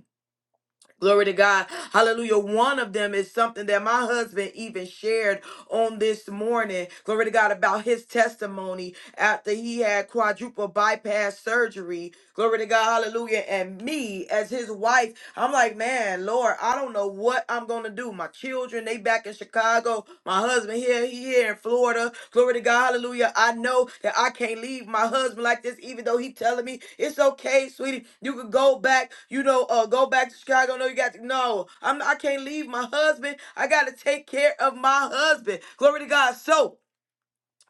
[SPEAKER 1] Glory to God. Hallelujah. One of them is something that my husband even shared on this morning. Glory to God about his testimony after he had quadruple bypass surgery. Glory to God. Hallelujah. And me as his wife, I'm like, man, Lord, I don't know what I'm going to do. My children they back in Chicago. My husband here, he here in Florida. Glory to God, hallelujah. I know that I can't leave my husband like this, even though he telling me it's okay, sweetie. You could go back, you know, uh, go back to Chicago. No, you got to no, I'm I can't leave my husband. I gotta take care of my husband. Glory to God. So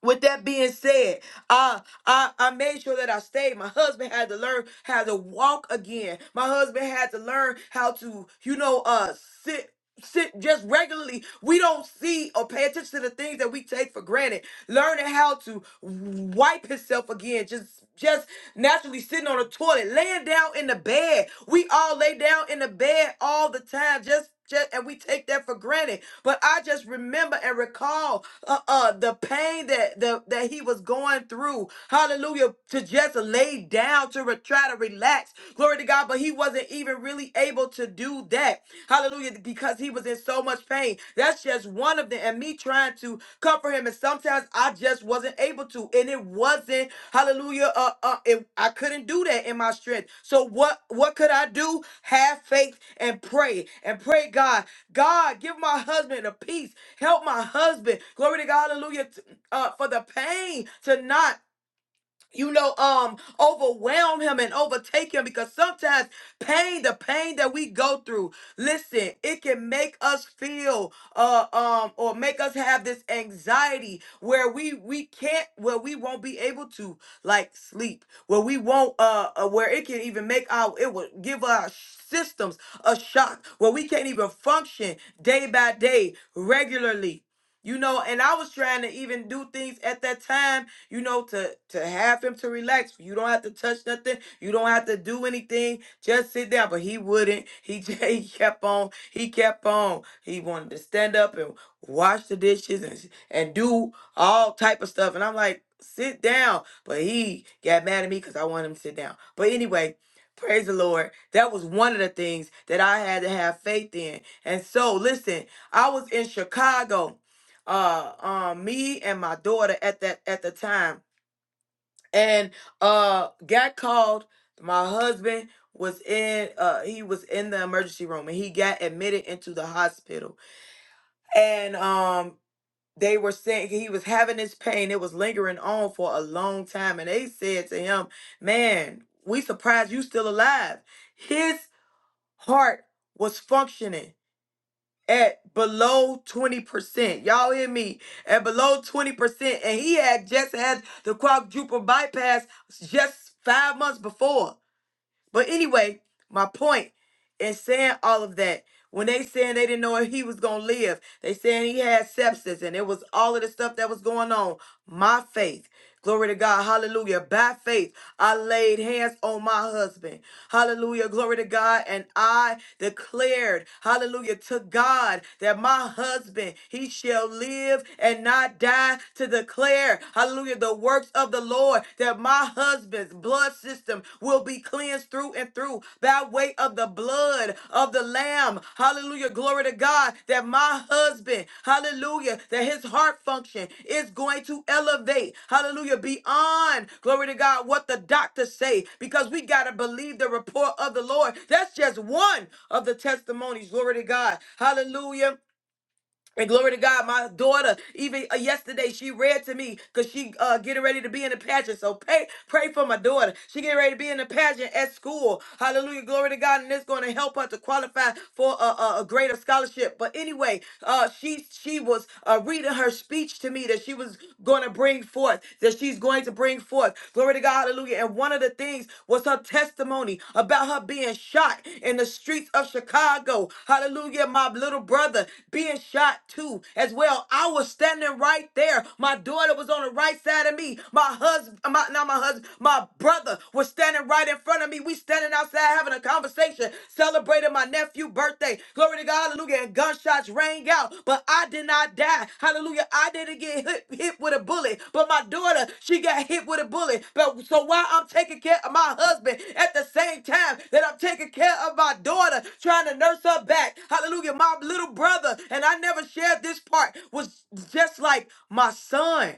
[SPEAKER 1] with that being said, uh, I, I made sure that I stayed. My husband had to learn how to walk again. My husband had to learn how to, you know, uh, sit. Sit just regularly. We don't see or pay attention to the things that we take for granted. Learning how to wipe himself again, just just naturally sitting on the toilet, laying down in the bed. We all lay down in the bed all the time, just just and we take that for granted. But I just remember and recall uh, uh the pain that the that he was going through. Hallelujah. To just lay down to re- try to relax. Glory to God. But he wasn't even really able to do that. Hallelujah. Because he was in so much pain. That's just one of them. And me trying trying to comfort him, and sometimes I just wasn't able to, and it wasn't Hallelujah. Uh, uh, it, I couldn't do that in my strength. So what? What could I do? Have faith and pray and pray. God, God, give my husband a peace. Help my husband. Glory to God. Hallelujah. t- Uh, for the pain to not you know, um, overwhelm him and overtake him because sometimes pain, the pain that we go through, listen, it can make us feel, uh, um, or make us have this anxiety where we we can't, where we won't be able to like sleep, where we won't, uh, uh where it can even make our, it will give our systems a shock, where we can't even function day by day regularly you know and i was trying to even do things at that time you know to to have him to relax you don't have to touch nothing you don't have to do anything just sit down but he wouldn't he, j- he kept on he kept on he wanted to stand up and wash the dishes and, and do all type of stuff and i'm like sit down but he got mad at me because i wanted him to sit down but anyway praise the lord that was one of the things that i had to have faith in and so listen i was in chicago uh um me and my daughter at that at the time and uh got called my husband was in uh he was in the emergency room and he got admitted into the hospital and um they were saying he was having this pain it was lingering on for a long time and they said to him man we surprised you still alive his heart was functioning at below 20%. Y'all hear me? At below 20%. And he had just had the quadruple bypass just five months before. But anyway, my point in saying all of that, when they saying they didn't know if he was gonna live, they saying he had sepsis and it was all of the stuff that was going on. My faith. Glory to God. Hallelujah. By faith, I laid hands on my husband. Hallelujah. Glory to God. And I declared, hallelujah, to God that my husband, he shall live and not die to declare, hallelujah, the works of the the Lord that my husband's blood system will be cleansed through and through by way of the blood of the Lamb. Hallelujah. Glory to God that my husband, hallelujah, that his heart function is going to elevate, hallelujah, beyond, glory to God, what the doctors say, because we got to believe the report of the Lord. That's just one of the testimonies. Glory to God. Hallelujah. And glory to God, my daughter, even uh, yesterday, she read to me because she uh, getting ready to be in the pageant. So pray, pray for my daughter. She getting ready to be in the pageant at school. Hallelujah, glory to God, and it's going to help her to qualify for a, a, a greater scholarship. But anyway, uh, she she was uh, reading her speech to me that she was going to bring forth, that she's going to bring forth. Glory to Glory to God. Hallelujah. And one of the things was her testimony about her being shot in the streets of Chicago. Hallelujah. My little brother being shot too as well. I was standing right there. My daughter was on the right side of me. My husband, my, not my husband, my brother was standing right in front of me. We standing outside having a conversation, celebrating my nephew's birthday birthday. Glory to God, hallelujah. And gunshots rang out, but I did not die. Hallelujah. I didn't get hit, hit with a bullet, but my daughter, she got hit with a bullet. But so while I'm taking care of my husband at the same time that I'm taking care of my daughter, trying to nurse her back, hallelujah. My little brother, and I never shared this part, was just like my son.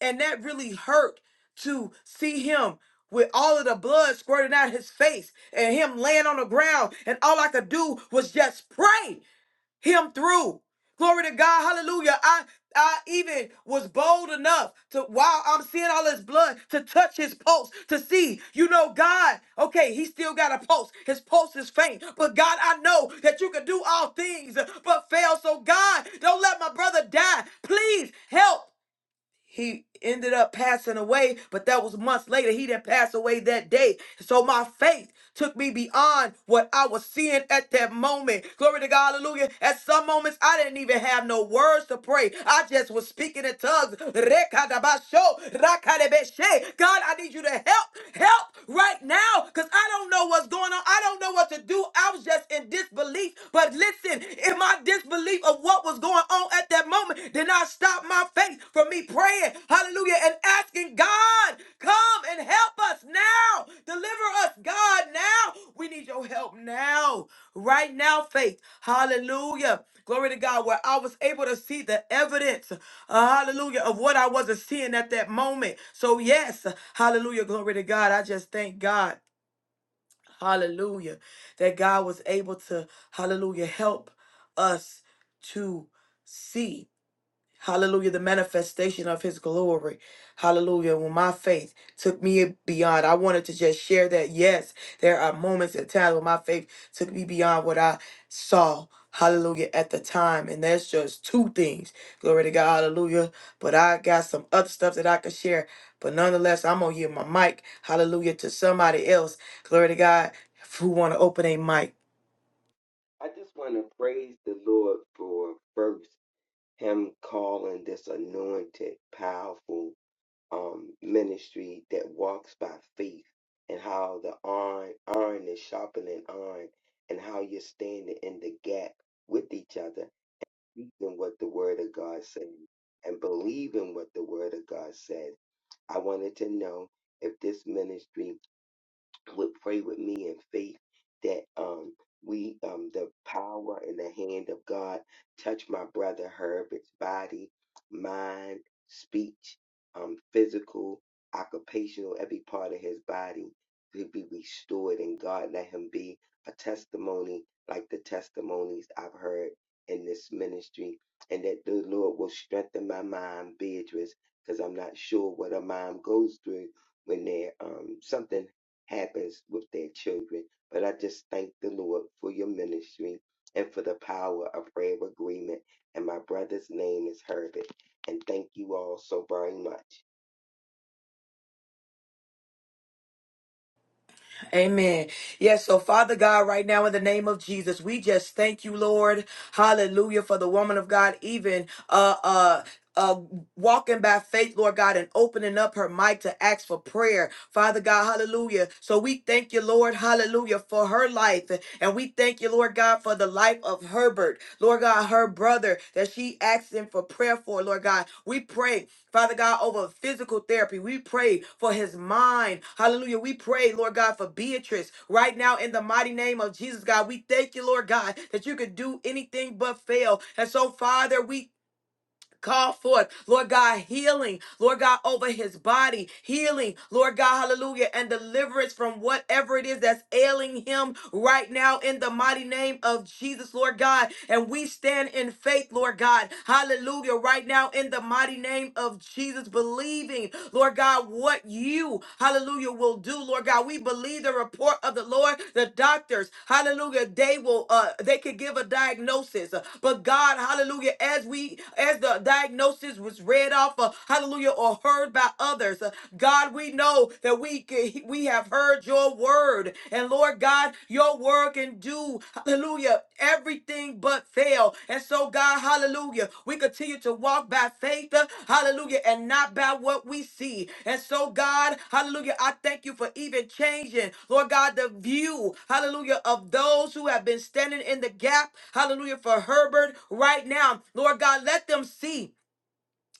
[SPEAKER 1] And that really hurt to see him with all of the blood squirting out his face and him laying on the ground. And all I could do was just pray him through. Glory to God. Hallelujah. I I even was bold enough to while I'm seeing all his blood to touch his pulse to see, you know, God, okay, he still got a pulse. His pulse is faint. But God, I know that you can do all things but fail. So God, don't let my brother die. Please help he ended up passing away, but that was months later. He didn't pass away that day. So my faith took me beyond what I was seeing at that moment. Glory to God, hallelujah. At some moments, I didn't even have no words to pray. I just was speaking in tongues. Rekadabasho, rakadebeshe. God, I need you to help, help right now, because I don't know what's going on. I don't know what to do. I was just in disbelief. But listen, in my disbelief of what was going on at that moment, did not stop my faith from me praying, hallelujah, and asking God, come and help us now. Deliver us, God, now. We need your help now, right now, faith. Hallelujah. Glory to God, where I was able to see the evidence, uh, hallelujah, of what I wasn't seeing at that moment. So, yes, hallelujah, glory to God. I just thank God. Hallelujah. That God was able to, hallelujah, help us to see. Hallelujah. The manifestation of his glory. Hallelujah. When my faith took me beyond, I wanted to just share that. Yes, there are moments and times when my faith took me beyond what I saw. Hallelujah. At the time. And that's just two things. Glory to God. Hallelujah. But I got some other stuff that I could share. But nonetheless, I'm going to give my mic. Hallelujah. To somebody else. Glory to God. Who want to open a mic.
[SPEAKER 5] I just want to praise the Lord for first him calling this anointed, powerful um, ministry that walks by faith and how the iron, iron is sharpening iron and how you're standing in the gap with each other, speaking what the word of God says and believing what the word of God says. I wanted to know if this ministry would pray with me in faith that um we um the power and the hand of God touch my brother Herbert's body, mind, speech, um physical, occupational, every part of his body to be restored and God let him be a testimony like the testimonies I've heard in this ministry and that the Lord will strengthen my mind, Beatrice, because I'm not sure what a mom goes through when they're um something happens with their children. But I just thank the Lord for your ministry and for the power of prayer of agreement. And my brother's name is Herbert. And thank you all so very much.
[SPEAKER 1] Amen. Yes, so Father God, right now in the name of Jesus, we just thank you, Lord. Hallelujah for the woman of God, even uh uh uh, walking by faith, Lord God, and opening up her mic to ask for prayer. Father God, hallelujah. So we thank you, Lord, hallelujah, for her life. And we thank you, Lord God, for the life of Herbert, Lord God, her brother that she asked him for prayer for, Lord God. We pray, Father God, over physical therapy. We pray for his mind. Hallelujah. We pray, Lord God, for Beatrice right now in the mighty name of Jesus, God. We thank you, Lord God, that you could do anything but fail. And so, Father, we Call forth, Lord God, healing, Lord God, over his body, healing, Lord God, hallelujah, and deliverance from whatever it is that's ailing him right now in the mighty name of Jesus, Lord God. And we stand in faith, Lord God, hallelujah, right now in the mighty name of Jesus, believing, Lord God, what you, hallelujah, hallelujah, will do, Lord God. We believe the report of the Lord. The doctors, hallelujah, they will, uh, they could give a diagnosis. But God, hallelujah, as we, as the diagnosis was read off, uh, hallelujah, or heard by others, uh, God, we know that we, can- we have heard your word. And Lord God, your word can do Hallelujah. Everything but fail. And so, God, hallelujah, we continue to walk by faith. uh, Hallelujah. And not by what we see. And so, God, hallelujah, I thank you for even changing, Lord God, the view, hallelujah, of those who have been standing in the gap, hallelujah, for Herbert right now. Lord God, let them see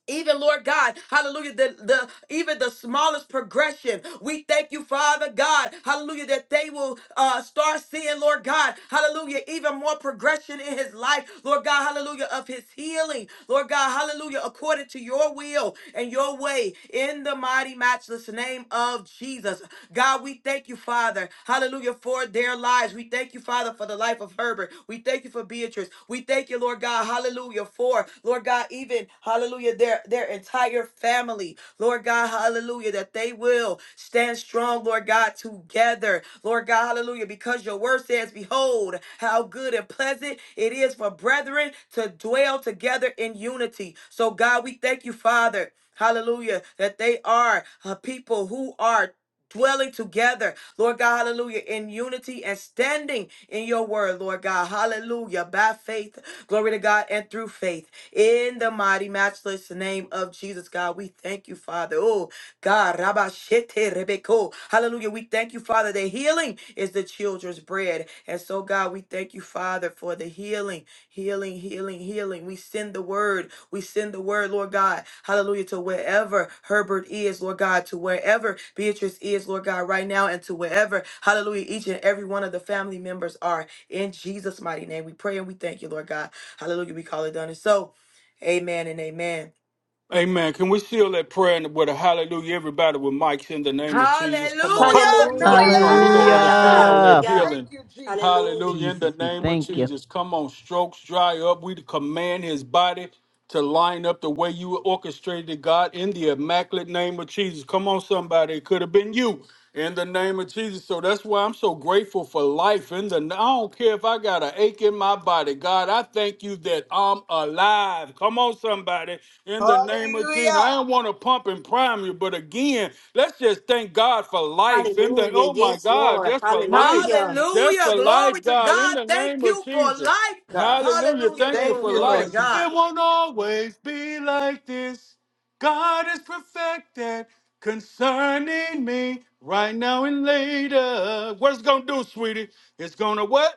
[SPEAKER 1] even Lord God, hallelujah, the, the even the smallest progression. We thank you, Father God, hallelujah, that they will uh start seeing, Lord God, hallelujah, even more progression in his life, Lord God, hallelujah, of his healing, Lord God, hallelujah, according to your will and your way in the mighty matchless name of Jesus. God, we thank you, Father, hallelujah, for their lives. We thank you, Father, for the life of Herbert. Herbert. We thank you for Beatrice. We thank you, Lord God, hallelujah, for, Lord God, even, hallelujah, their, their entire family, Lord God, hallelujah, that they will stand strong, Lord God, together, Lord God, hallelujah, because your word says, Behold, how good and pleasant it is for brethren to dwell together in unity. So, God, we thank you, Father. Hallelujah, that they are a people who are dwelling together. Lord God, hallelujah, in unity and standing in your word, Lord God, hallelujah, by faith, glory to God, and through faith, in the mighty, matchless name of Jesus, God, we thank you, Father. Oh, God, Rabashete Rebeko, hallelujah, we thank you, Father, that healing is the children's bread. And so, God, we thank you, Father, for the healing Healing, healing, healing. We send the word. We send the word, Lord God. Hallelujah. To wherever Herbert is, Lord God, to wherever Beatrice is, Lord God, right now, and to wherever, hallelujah, each and every one of the family members are. In Jesus' mighty name, we pray and we thank you, Lord God. Hallelujah. We call it done. And so, amen and amen.
[SPEAKER 4] Amen. Can we seal that prayer and with a hallelujah? Everybody with mics in the name of Jesus. Come on.
[SPEAKER 1] Hallelujah.
[SPEAKER 4] Right. We're
[SPEAKER 6] Hallelujah,
[SPEAKER 2] Hallelujah!
[SPEAKER 4] gonna we're gonna
[SPEAKER 6] hallelujah,
[SPEAKER 4] intercede on that
[SPEAKER 3] Hallelujah.
[SPEAKER 6] hallelujah,
[SPEAKER 2] Thank
[SPEAKER 4] healing.
[SPEAKER 2] you, Jesus.
[SPEAKER 6] hallelujah,
[SPEAKER 4] Hallelujah. In the
[SPEAKER 3] Jesus, we
[SPEAKER 4] name of
[SPEAKER 3] thank you.
[SPEAKER 4] Jesus. Come on, strokes dry up. We command his body to line up the way you orchestrated God in the immaculate name of Jesus. Come on, somebody. It could have been you in the name of Jesus. So that's why I'm so grateful for life. In the I don't care if I got an ache in my body. God, I thank you that I'm alive. Come on, somebody. In the name of Jesus.
[SPEAKER 2] Hallelujah!
[SPEAKER 4] I don't want to pump and prime you, but again, let's just thank God for life. In the
[SPEAKER 6] hallelujah.
[SPEAKER 4] oh my
[SPEAKER 6] Yes,
[SPEAKER 4] God,
[SPEAKER 6] Lord,
[SPEAKER 4] just for life.
[SPEAKER 6] hallelujah.
[SPEAKER 4] Just
[SPEAKER 1] Hallelujah.
[SPEAKER 4] for life,
[SPEAKER 1] Glory to
[SPEAKER 4] God, in
[SPEAKER 1] God.
[SPEAKER 4] the
[SPEAKER 1] Thank
[SPEAKER 4] name of
[SPEAKER 1] you for
[SPEAKER 4] Jesus.
[SPEAKER 1] life.
[SPEAKER 2] God.
[SPEAKER 4] Hallelujah.
[SPEAKER 1] Hallelujah,
[SPEAKER 4] Thank you
[SPEAKER 2] Thank
[SPEAKER 1] Lord.
[SPEAKER 4] for
[SPEAKER 2] you,
[SPEAKER 1] Glory to
[SPEAKER 4] life.
[SPEAKER 2] Lord God.
[SPEAKER 1] God.
[SPEAKER 4] It won't always be like this. God is perfected concerning me right now and later. What's going to do, sweetie? It's going to what?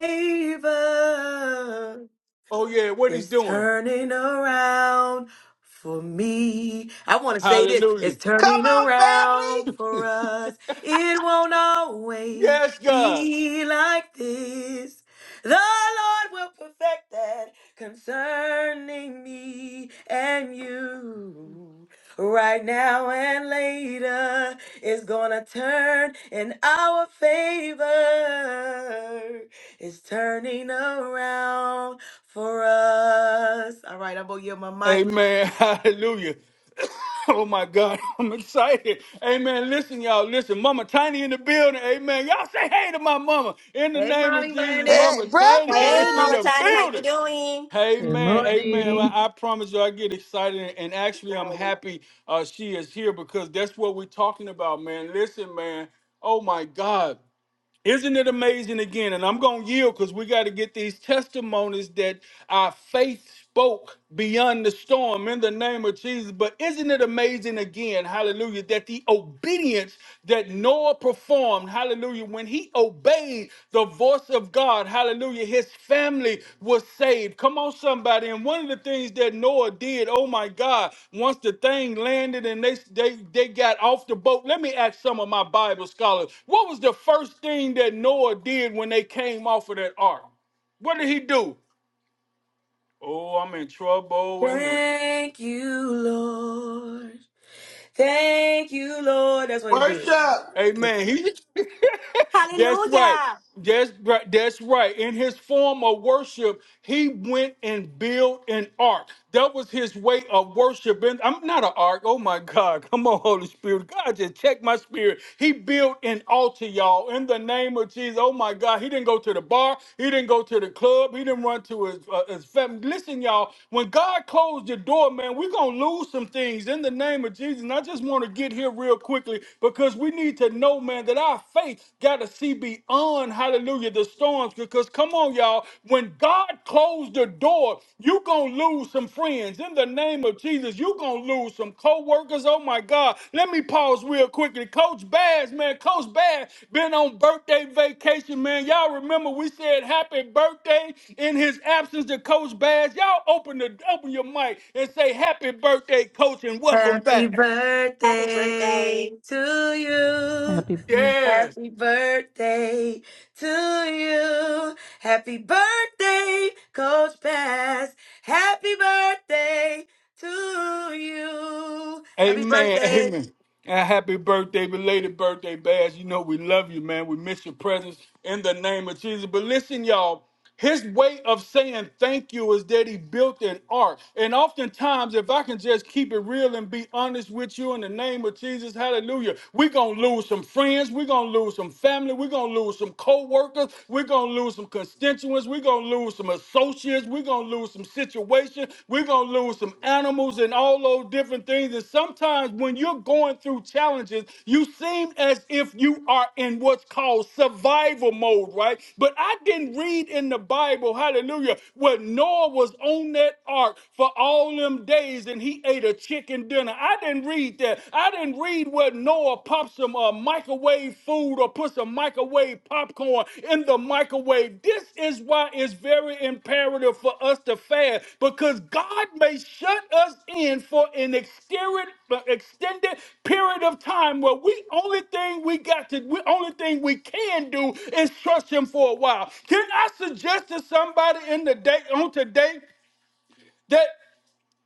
[SPEAKER 1] Favor.
[SPEAKER 4] Oh, yeah, what he's
[SPEAKER 1] It's
[SPEAKER 4] doing.
[SPEAKER 1] turning around for me. I want to say this.
[SPEAKER 4] Hallelujah.
[SPEAKER 1] It's
[SPEAKER 2] Come
[SPEAKER 1] turning
[SPEAKER 2] on, family.
[SPEAKER 1] around for us. It won't always
[SPEAKER 4] Yes, God.
[SPEAKER 1] be like this. The Lord will perfect that concerning me and you. Right now and later It's gonna turn in our favor. It's turning around for us. All right, I'm gonna give my mic.
[SPEAKER 4] Amen. Hallelujah. Oh my God, I'm excited. Amen. Listen, y'all. Listen, Mama Tiny in the building. Amen. Y'all say hey to my mama. In the
[SPEAKER 1] Hey,
[SPEAKER 4] name of
[SPEAKER 1] mommy,
[SPEAKER 4] Jesus,
[SPEAKER 1] Bennett.
[SPEAKER 2] Hey,
[SPEAKER 4] Mama Tiny
[SPEAKER 6] Hey,
[SPEAKER 4] is in
[SPEAKER 6] Mama
[SPEAKER 4] the
[SPEAKER 2] breakfast.
[SPEAKER 6] Tiny, how you
[SPEAKER 4] building.
[SPEAKER 6] doing?
[SPEAKER 3] Good
[SPEAKER 4] Amen. Amen. Well,
[SPEAKER 3] morning.
[SPEAKER 4] I promise you, I get excited, and actually, I'm
[SPEAKER 5] Geraldine,
[SPEAKER 4] happy uh, she is here because that's what we're talking about, man. Listen, man. Oh my God. Isn't it amazing again? And I'm going to yield because we got to get these testimonies that our faith spoke beyond the storm in the name of Jesus. But isn't it amazing again, hallelujah, that the obedience that Noah performed, hallelujah, when he obeyed the voice force of God, hallelujah, his family was saved. Come on, somebody. And one of the things that Noah did, oh my God, once the thing landed and they, they, they got off the boat, let me ask some of my Bible scholars what was the first thing that Noah did when they came off of that ark? What did he do? Oh, I'm in trouble. And
[SPEAKER 1] Thank you, Lord. Thank you, Lord. That's what he did.
[SPEAKER 2] Worship!
[SPEAKER 4] Amen. He, that's right.
[SPEAKER 6] Hallelujah.
[SPEAKER 4] That's right. That's right. In his form of worship, he went and built an ark. That was his way of worship. And I'm not an ark. Oh my God. Come on, Holy Spirit. God, just check my spirit. He built an altar, y'all, in the name of Jesus. Oh my God. He didn't go to the bar. He didn't go to the club. He didn't run to his, uh, his family. Listen, y'all, when God closed the door, man, we're going to lose some things in the name of Jesus. And I just want to get here real quickly because we need to know, man, that our faith got to see beyond, hallelujah, the storms. Because come on, y'all, when God closed the door, you going to lose some friends. In the name of Jesus, you going to lose some co-workers. Oh, my God. Let me pause real quickly. Coach Bass, man, Coach Bass been on birthday vacation, man. Y'all remember we said happy birthday in his absence to Coach Bass. Y'all open, the, open your mic and say happy birthday, Coach, and welcome
[SPEAKER 1] Happy
[SPEAKER 4] back.
[SPEAKER 6] Happy birthday.
[SPEAKER 1] birthday to you.
[SPEAKER 3] Happy birthday.
[SPEAKER 4] Yes.
[SPEAKER 1] Happy birthday to you. Happy birthday, Coach Bass. Happy birthday to you. Happy
[SPEAKER 4] Amen.
[SPEAKER 1] birthday.
[SPEAKER 4] Amen. And happy birthday, belated birthday, Bass. You know we love you, man. We miss your presence in the name of Jesus. But listen, y'all, his way of saying thank you is that he built an ark. And oftentimes, if I can just keep it real and be honest with you in the name of Jesus, hallelujah, we're going to lose some friends. We're going to lose some family. We're going to lose some co workers. We're going to lose some constituents. We're gonna lose some associates, we're gonna lose some situations, we're gonna lose some animals and all those different things. And sometimes when you're going through challenges, you seem as if you are in what's called survival mode, right? But I didn't read in the Bible, hallelujah, where Noah was on that ark for all them days and he ate a chicken dinner. I didn't read that. I didn't read what Noah or pop some uh, microwave food or put some microwave popcorn in the microwave. This is why it's very imperative for us to fast because God may shut us in for an extended, extended period of time where we only thing we got to, we only thing we can do is trust Him for a while. Can I suggest to somebody in the day on today? that?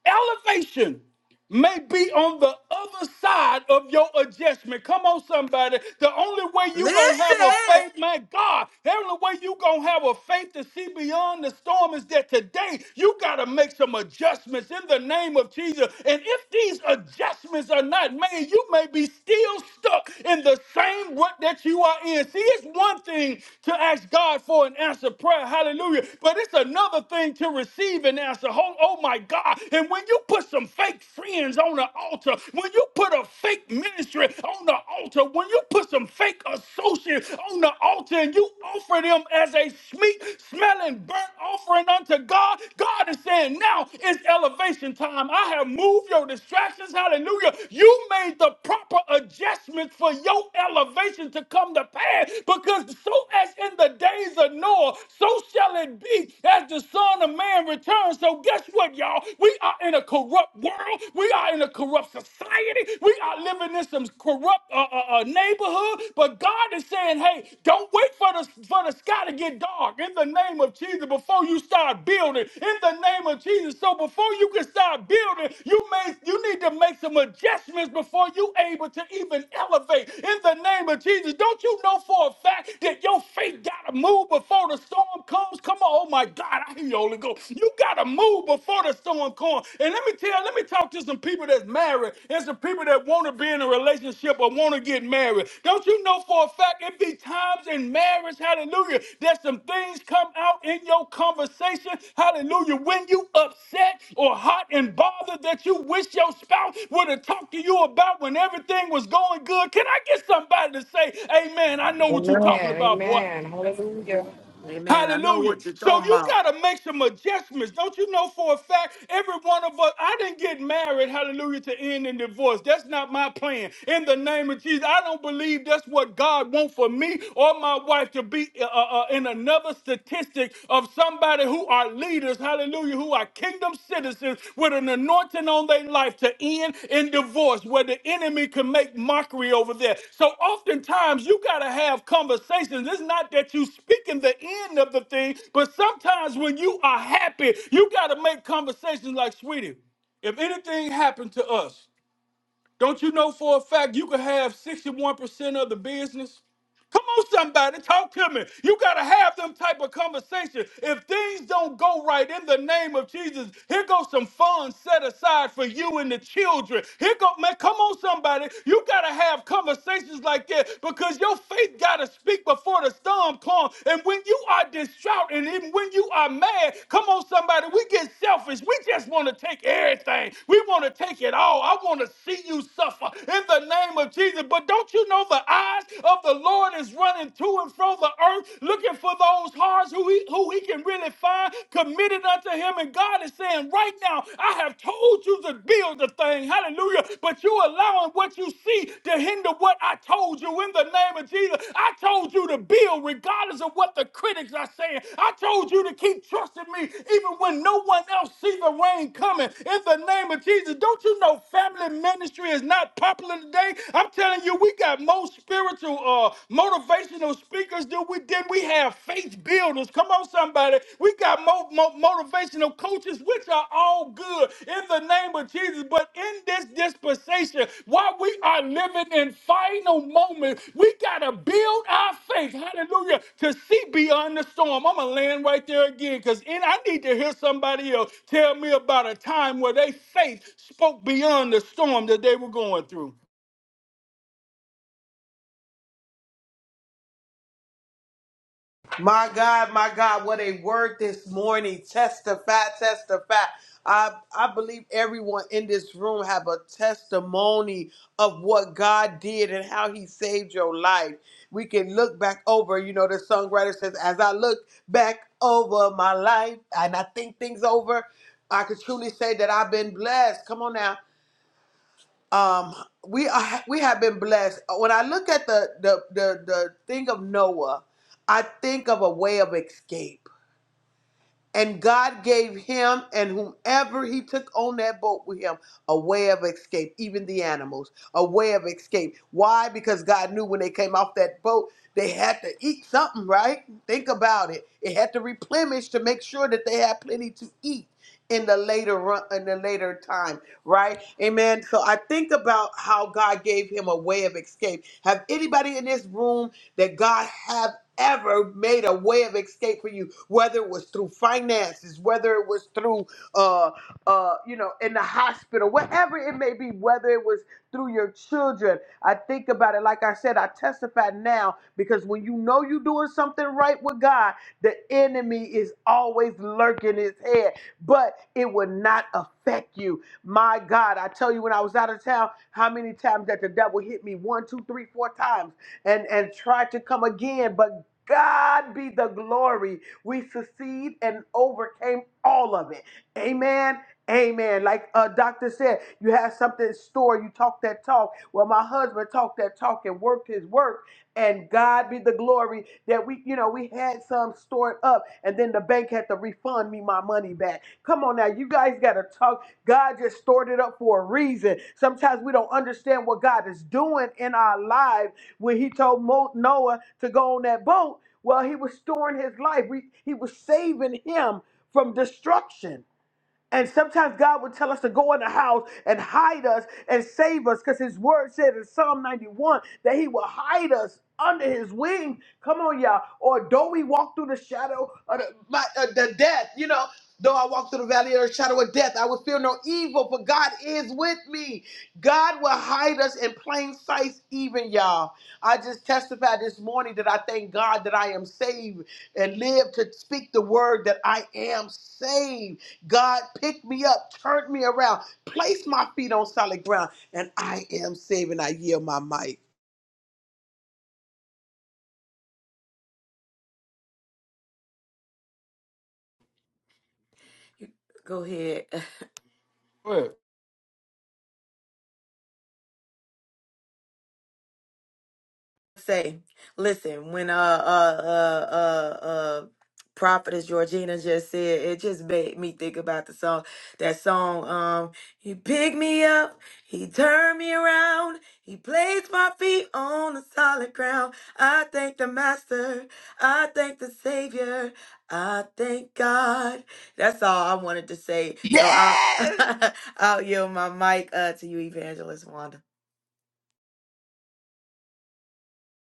[SPEAKER 4] elevation may be on the other side of your adjustment. Come on, somebody. The only way you gonna have a
[SPEAKER 1] Listen.
[SPEAKER 4] faith, my God, the only way you gonna have a faith to see beyond the storm is that today you gotta make some adjustments in the name of Jesus. And if these adjustments are not made, you may be still stuck in the same rut that you are in. See, it's one thing to ask God for an answer prayer, hallelujah, but it's another thing to receive an answer. Oh, oh my God. God. And when you put some fake friends on the altar, when you put a fake ministry on the altar, when you put some fake associates on the altar and you offer them as a sweet smelling burnt offering unto God, God is saying, Now is elevation time. I have moved your distractions. Hallelujah. You made the proper adjustments for your elevation to come to pass because so as in the days of Noah, so shall it be as the Son of Man man returns. So guess what, y'all? We are in a corrupt world. We are in a corrupt society. We are living in some corrupt uh, uh, uh, neighborhood. But God is saying, hey, don't wait for the for the sky to get dark. In the name of Jesus, before you start building, in the name of Jesus. So before you can start building, you may you need to make some adjustments before you able to even elevate. In the name of Jesus, don't you know for a fact that your faith gotta move before the storm comes? comes, come on. Oh my God, I hear you, Holy Ghost. You gotta move before the storm comes. And let me tell, let me talk to some people that's married and some people that want to be in a relationship or want to get married. Don't you know for a fact it be times in marriage, hallelujah, that some things come out in your conversation, hallelujah, when you upset or hot and bothered that you wish your spouse would have talked to you about when everything was going good. Can I get somebody to say, Amen? I know what you're
[SPEAKER 7] Amen.
[SPEAKER 4] talking about, boy.
[SPEAKER 7] Amen. Hallelujah.
[SPEAKER 1] Amen. I know
[SPEAKER 4] Hallelujah.
[SPEAKER 1] what you're
[SPEAKER 4] So
[SPEAKER 1] talking
[SPEAKER 4] you
[SPEAKER 1] about.
[SPEAKER 4] got to make some adjustments. Don't you know for a fact, every one of us, I didn't get married, hallelujah, to end in divorce. That's not my plan. In the name of Jesus, I don't believe that's what God wants for me or my wife to be uh, uh, uh, in another statistic of somebody who are leaders hallelujah, who are kingdom citizens with an anointing on their life to end in divorce where the enemy can make mockery over there. So oftentimes you got to have conversations. It's not that you speaking the end of the thing, but sometimes when you are happy, you got to make conversations like, sweetie, if anything happened to us, don't you know for a fact you could have 61% of the business? Come on, somebody, talk to me. You got to have them type of conversation. If things don't go right in the name of Jesus, here goes some funds set aside for you and the children. Here go, man, come on, somebody. You got to have conversations like that because your faith got to speak before the storm comes. And when you are distraught and even when you are mad, come on, somebody, we get selfish. We just want to take everything. We want to take it all. I want to see you suffer in the name of Jesus. But don't you know the eye eyes of the Lord is running to and fro the earth, looking for those hearts who he, who he can really find committed unto him. And God is saying, right now, I have told you to build the thing. Hallelujah. But you allowing what you see to hinder what I told you in the name of Jesus. I told you to build regardless of what the critics are saying. I told you to keep trusting me even when no one else see the rain coming. In the name of Jesus, don't you know family ministry is not popular today? I'm telling you, we got more spiritual, uh, motivational speakers than we than we have faith builders. Come on, somebody, we got more, more motivational coaches, which are all good in the name of Jesus. But in this dispensation, while we are living in final moments, we gotta build our faith. Hallelujah! To see beyond the storm. I'm gonna land right there again, cause I need to hear somebody else tell me about a time where they faith spoke beyond the storm that they were going through.
[SPEAKER 2] My God, my God, what a word this morning. Testify, testify. I, I believe everyone in this room have a testimony of what God did and how he saved your life. We can look back over, you know, the songwriter says, as I look back over my life and I think things over, I could truly say that I've been blessed. Come on now um we are we have been blessed when i look at the the the, the thing of noah i think of a way of escape and God gave him and whomever he took on that boat with him a way of escape, even the animals, a way of escape. Why? Because God knew when they came off that boat, they had to eat something, right? Think about it. It had to replenish to make sure that they had plenty to eat in the later run, in the later time, right? Amen. So I think about how God gave him a way of escape. Have anybody in this room that God have ever made a way of escape for you, whether it was through finances, whether it was through, uh, uh, you know, in the hospital, whatever it may be, whether it was through your children. I think about it. Like I said, I testify now because when you know you're doing something right with God, the enemy is always lurking his head, but it will not affect you. My God, I tell you, when I was out of town, how many times that the devil hit me one, two, three, four times and and tried to come again, but God be the glory. We succeed and overcame all of it. Amen. Amen. Like uh, Doctor said, you have something in store. You talk that talk. Well, my husband talked that talk and worked his work and God be the glory that we, you know, we had some stored up and then the bank had to refund me my money back. Come on now, you guys got to talk. God just stored it up for a reason. Sometimes we don't understand what God is doing in our lives when He told Mo- Noah to go on that boat. Well, He was storing his life, we, He was saving him from destruction. And sometimes God would tell us to go in the house and hide us and save us because His word said in Psalm 91 that He will hide us under His wing. Come on, y'all. Or though we walk through the shadow of the, my, uh, the death, you know, though I walk through the valley of the shadow of death, I will fear no evil, for God is with me. God will hide us in plain sight, even y'all. I just testified this morning that I thank God that I am saved and live to speak the word that I am saved. God, pick me up, turn me around, place my feet on solid ground, and I am saving. I yield my mic.
[SPEAKER 1] Go ahead,
[SPEAKER 4] Go ahead.
[SPEAKER 1] say, listen, when uh uh uh uh uh prophetess Georgina just said, it just made me think about the song. That song, um, he picked me up, he turned me around, he placed my feet on the solid ground. I thank the Master, I thank the Savior, I thank God. That's all I wanted to say. So I'll
[SPEAKER 2] Yes!
[SPEAKER 1] I'll yield my mic uh to you, Evangelist Wanda.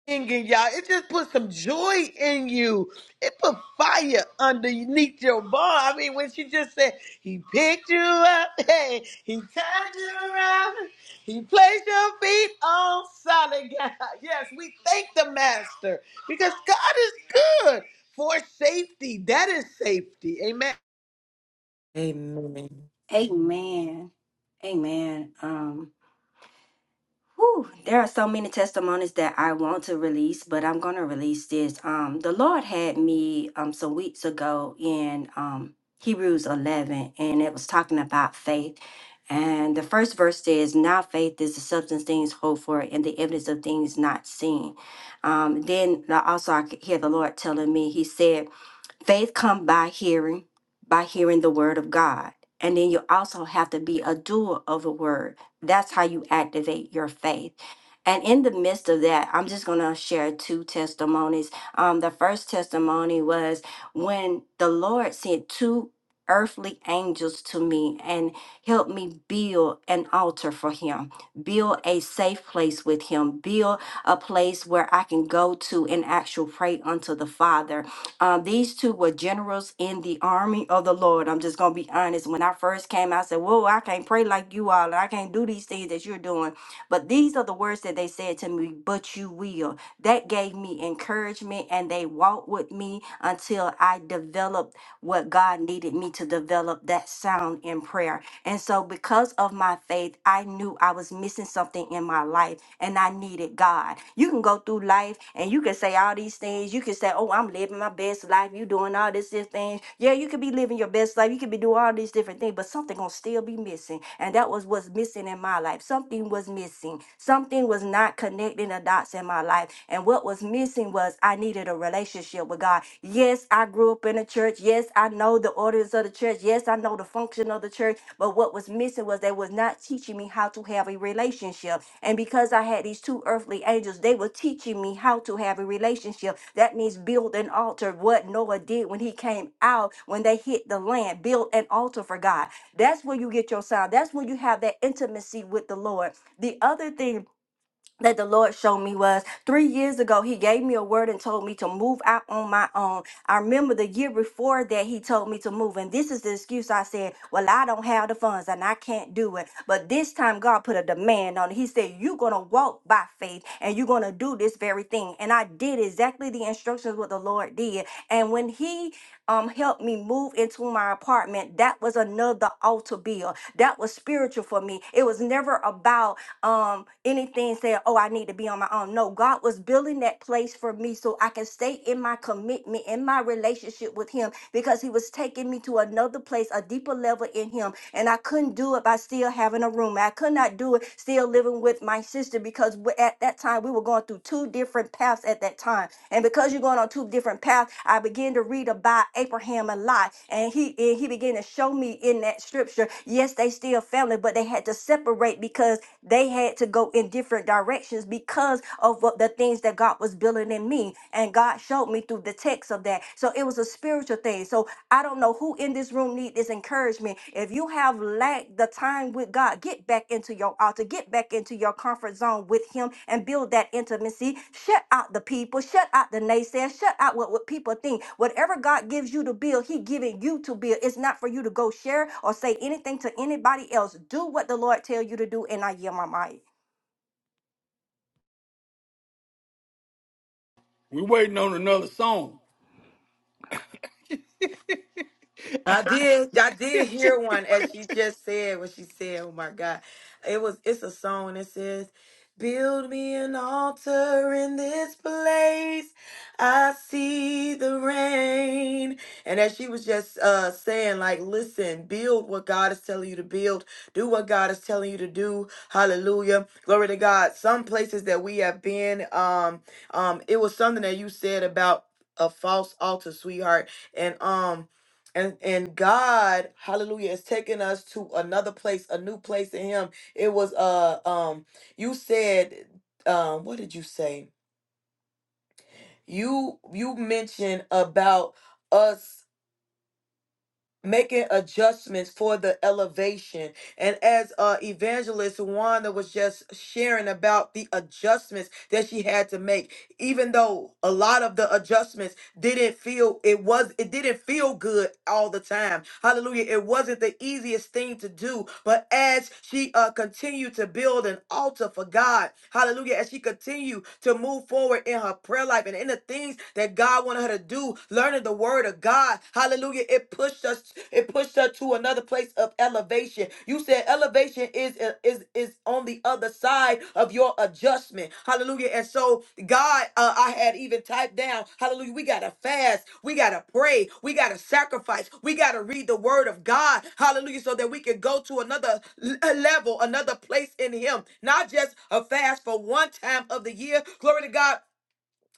[SPEAKER 2] Singing, y'all. It just put some joy in you. It put fire underneath your bone. I mean, when she just said, He picked you up, hey, He turned you around, He placed your feet on solid ground. Yes, we thank the Master because God is good for safety. That is safety. Amen.
[SPEAKER 1] Amen.
[SPEAKER 6] Amen. Amen. Um, Whew, there are so many testimonies that I want to release, but I'm going to release this. Um, the Lord had me um, some weeks ago in um, Hebrews 11, and it was talking about faith. And the first verse says, Now faith is the substance things hoped for and the evidence of things not seen. Um, then I also, I could hear the Lord telling me, He said, Faith come by hearing, by hearing the word of God. And then you also have to be a doer of the word. That's how you activate your faith. And in the midst of that, I'm just going to share two testimonies. Um, the first testimony was when the Lord sent two earthly angels to me and helped me build an altar for him, build a safe place with him, build a place where I can go to and actually pray unto the Father uh, these two were generals in the army of the Lord. I'm just going to be honest. When I first came, I said, Whoa, I can't pray like you all. and I can't do these things that you're doing. But these are the words that they said to me, But you will. That gave me encouragement, and they walked with me until I developed what God needed me to develop that sound in prayer. And so, because of my faith, I knew I was missing something in my life and I needed God. You can go through life and you can say all these things. You can say, Oh, I'm living my best life. You doing all this, this thing. Yeah, you could be living your best life. You could be doing all these different things, but something gonna still be missing. And that was what's missing in my life. Something was missing. Something was not connecting the dots in my life. And what was was missing was I needed a relationship with God. Yes, I grew up in a church. Yes, I know the orders of the church. Yes, I know the function of the church. But what was missing was they was not teaching me how to have a relationship. And because I had these two earthly angels, they were teaching me how to have a relationship. That means build an altar. What Noah did when he came out, when they hit the land, build an altar for God. That's where you get your sound. That's when you have that intimacy with the Lord. The other thing that the Lord showed me was three years ago, He gave me a word and told me to move out on my own. I remember the year before that He told me to move, and this is the excuse I said, Well, I don't have the funds and I can't do it. But this time, God put a demand on it. He said, You're going to walk by faith and you're going to do this very thing. And I did exactly the instructions what the Lord did. And when He um, helped me move into my apartment, that was another altar bill. That was spiritual for me. It was never about um anything saying oh i need to be on my own no god was building that place for me so i can stay in my commitment in my relationship with him because he was taking me to another place a deeper level in him and I couldn't do it by still having a room. I could not do it still living with my sister because w- at that time we were going through two different paths at that time. And because you're going on two different paths, I began to read about Abraham a lot, and he and he began to show me in that scripture. Yes, they still family, but they had to separate because they had to go in different directions because of what the things that God was building in me. And God showed me through the text of that. So it was a spiritual thing. So I don't know who in this room need this encouragement. If you have lacked the time with God, get back into your altar, get back into your comfort zone with Him and build that intimacy. Shut out the people, shut out the naysayers, shut out what, what people think. Whatever God gives you to build, He giving you to build. It's not for you to go share or say anything to anybody else. Do what the Lord tell you to do, and I yield my mic.
[SPEAKER 4] We waiting on another song.
[SPEAKER 1] I did. I did hear one as she just said what she said. Oh my God, it was. It's a song that says, "Build me an altar in this place. I see the rain." And as she was just uh, saying, like, listen, build what God is telling you to build. Do what God is telling you to do. Hallelujah, glory to God. Some places that we have been, um, um, it was something that you said about a false altar, sweetheart, and um and and God, hallelujah, is taking us to another place, a new place in him. It was uh um you said um what did you say? You you mentioned about us making adjustments for the elevation. And as uh evangelist Wanda was just sharing about the adjustments that she had to make, even though a lot of the adjustments didn't feel it was it didn't feel good all the time hallelujah it wasn't the easiest thing to do but as she uh continued to build an altar for god hallelujah as she continued to move forward in her prayer life and in the things that god wanted her to do learning the word of god hallelujah it pushed us it pushed her to another place of elevation you said elevation is uh, is is on the other side of your adjustment. Hallelujah. And so God, uh, I had even typed down, hallelujah, we got to fast. We got to pray. We got to sacrifice. We got to read the word of God. Hallelujah. So that we can go to another l- uh, level, another place in him. Not just a fast for one time of the year. Glory to God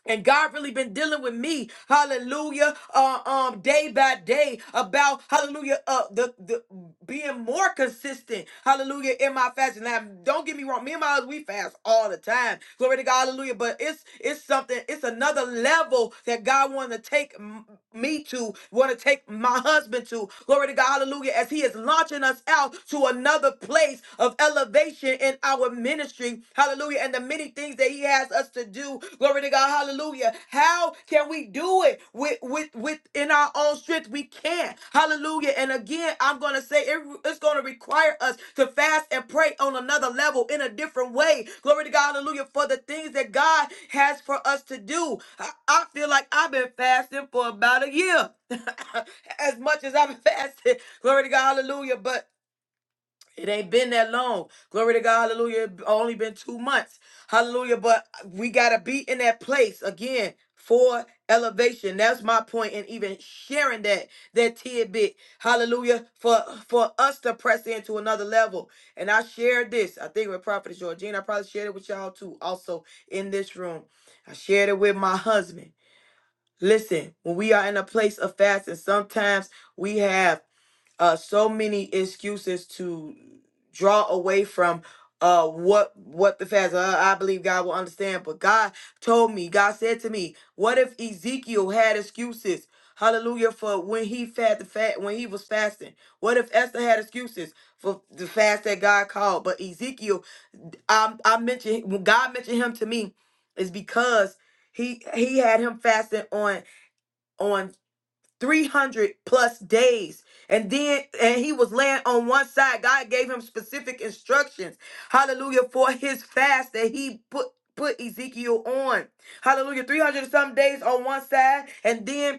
[SPEAKER 1] and God really been dealing with me, hallelujah, uh, um, day by day about hallelujah, uh, the, the being more consistent, hallelujah, in my fasting. Now, don't get me wrong, me and my husband, we fast all the time, glory to God, hallelujah. But it's it's something, it's another level that God want to take m- me to, want to take my husband to, glory to God, hallelujah, as He is launching us out to another place of elevation in our ministry ministry, hallelujah, and the many things that he has us to do. Glory to God, hallelujah. How can we do it with with within our own strength? We can't. Hallelujah. And again, I'm gonna say it, it's gonna require us to fast and pray on another level in a different way. Glory to God, hallelujah, for the things that God has for us to do. I, I feel like I've been fasting for about a year. as much as I've been fasting, Glory to God, hallelujah. But it ain't been that long. Glory to God. Hallelujah. It Only been two months. Hallelujah. But we got to be in that place again for elevation. That's my point in even sharing that, that tidbit. Hallelujah. For, for us to press into another level. And I shared this, I think with Prophet Georgina, I probably shared it with y'all too, also in this room. I shared it with my husband. Listen, when we are in a place of fasting, sometimes we have uh, so many excuses to draw away from uh what what the fast uh, i believe god will understand but god told me god said to me what if ezekiel had excuses hallelujah for when he fed the fat when he was fasting what if esther had excuses for the fast that god called but ezekiel i i mentioned when god mentioned him to me is because he he had him fasting on on 300 plus days and then and he was laying on one side god gave him specific instructions hallelujah for his fast that he put put ezekiel on hallelujah 300 and some days on one side and then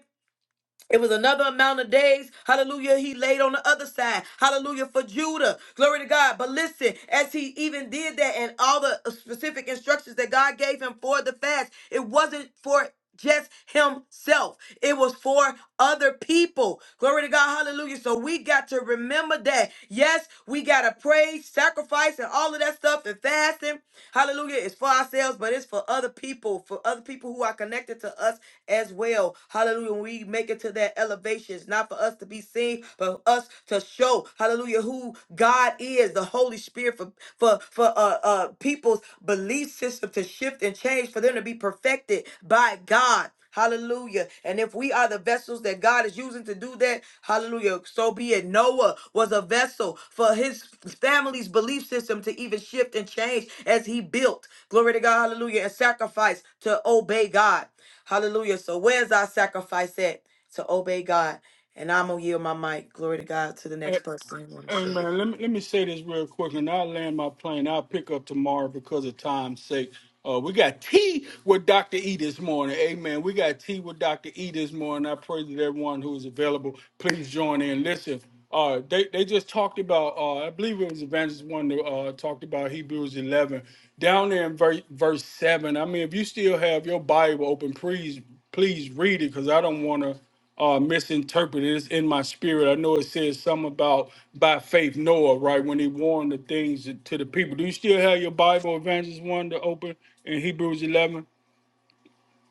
[SPEAKER 1] it was another amount of days. Hallelujah. He laid on the other side. Hallelujah for Judah. Glory to God. But listen, as he even did that and all the specific instructions that God gave him for the fast, it wasn't for just himself. It was for other people. Glory to God. Hallelujah. So we got to remember that. Yes, we got to praise, sacrifice, and all of that stuff and fasting. Hallelujah. It's for ourselves, but it's for other people, for other people who are connected to us as well know, hallelujah, when we make it to that elevation, it's not for us to be seen, but us to show, hallelujah, who God is, the Holy Spirit for for for uh, uh people's belief system to shift and change, for them to be perfected by God. Hallelujah. And if we are the vessels that God is using to do that, hallelujah. So be it. Noah was a vessel for his family's belief system to even shift and change as he built. Glory to God. Hallelujah. And sacrifice to obey God. Hallelujah. So where's our sacrifice at to obey God? And I'm gonna yield my mic. Glory to God to the
[SPEAKER 4] Hey,
[SPEAKER 1] next person who want to
[SPEAKER 4] hey,
[SPEAKER 1] share.
[SPEAKER 4] man, let me let me say this real quick, and I'll land my plane. I'll pick up tomorrow because of time's sake. Uh, we got tea with Dr. E this morning. Amen. We got tea with Dr. E this morning. I pray that everyone who is available, please join in. Listen, uh, they, they just talked about, uh, I believe it was Evangelist one that uh, talked about Hebrews 11. Down there in verse, verse 7, I mean, if you still have your Bible open, please, please read it because I don't want to. uh, misinterpreted. It's in my spirit. I know it says something about by faith Noah, right? When he warned the things to the people. Do you still have your Bible, Evangelist One, to open in Hebrews 11?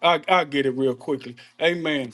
[SPEAKER 4] I I get it real quickly. Amen.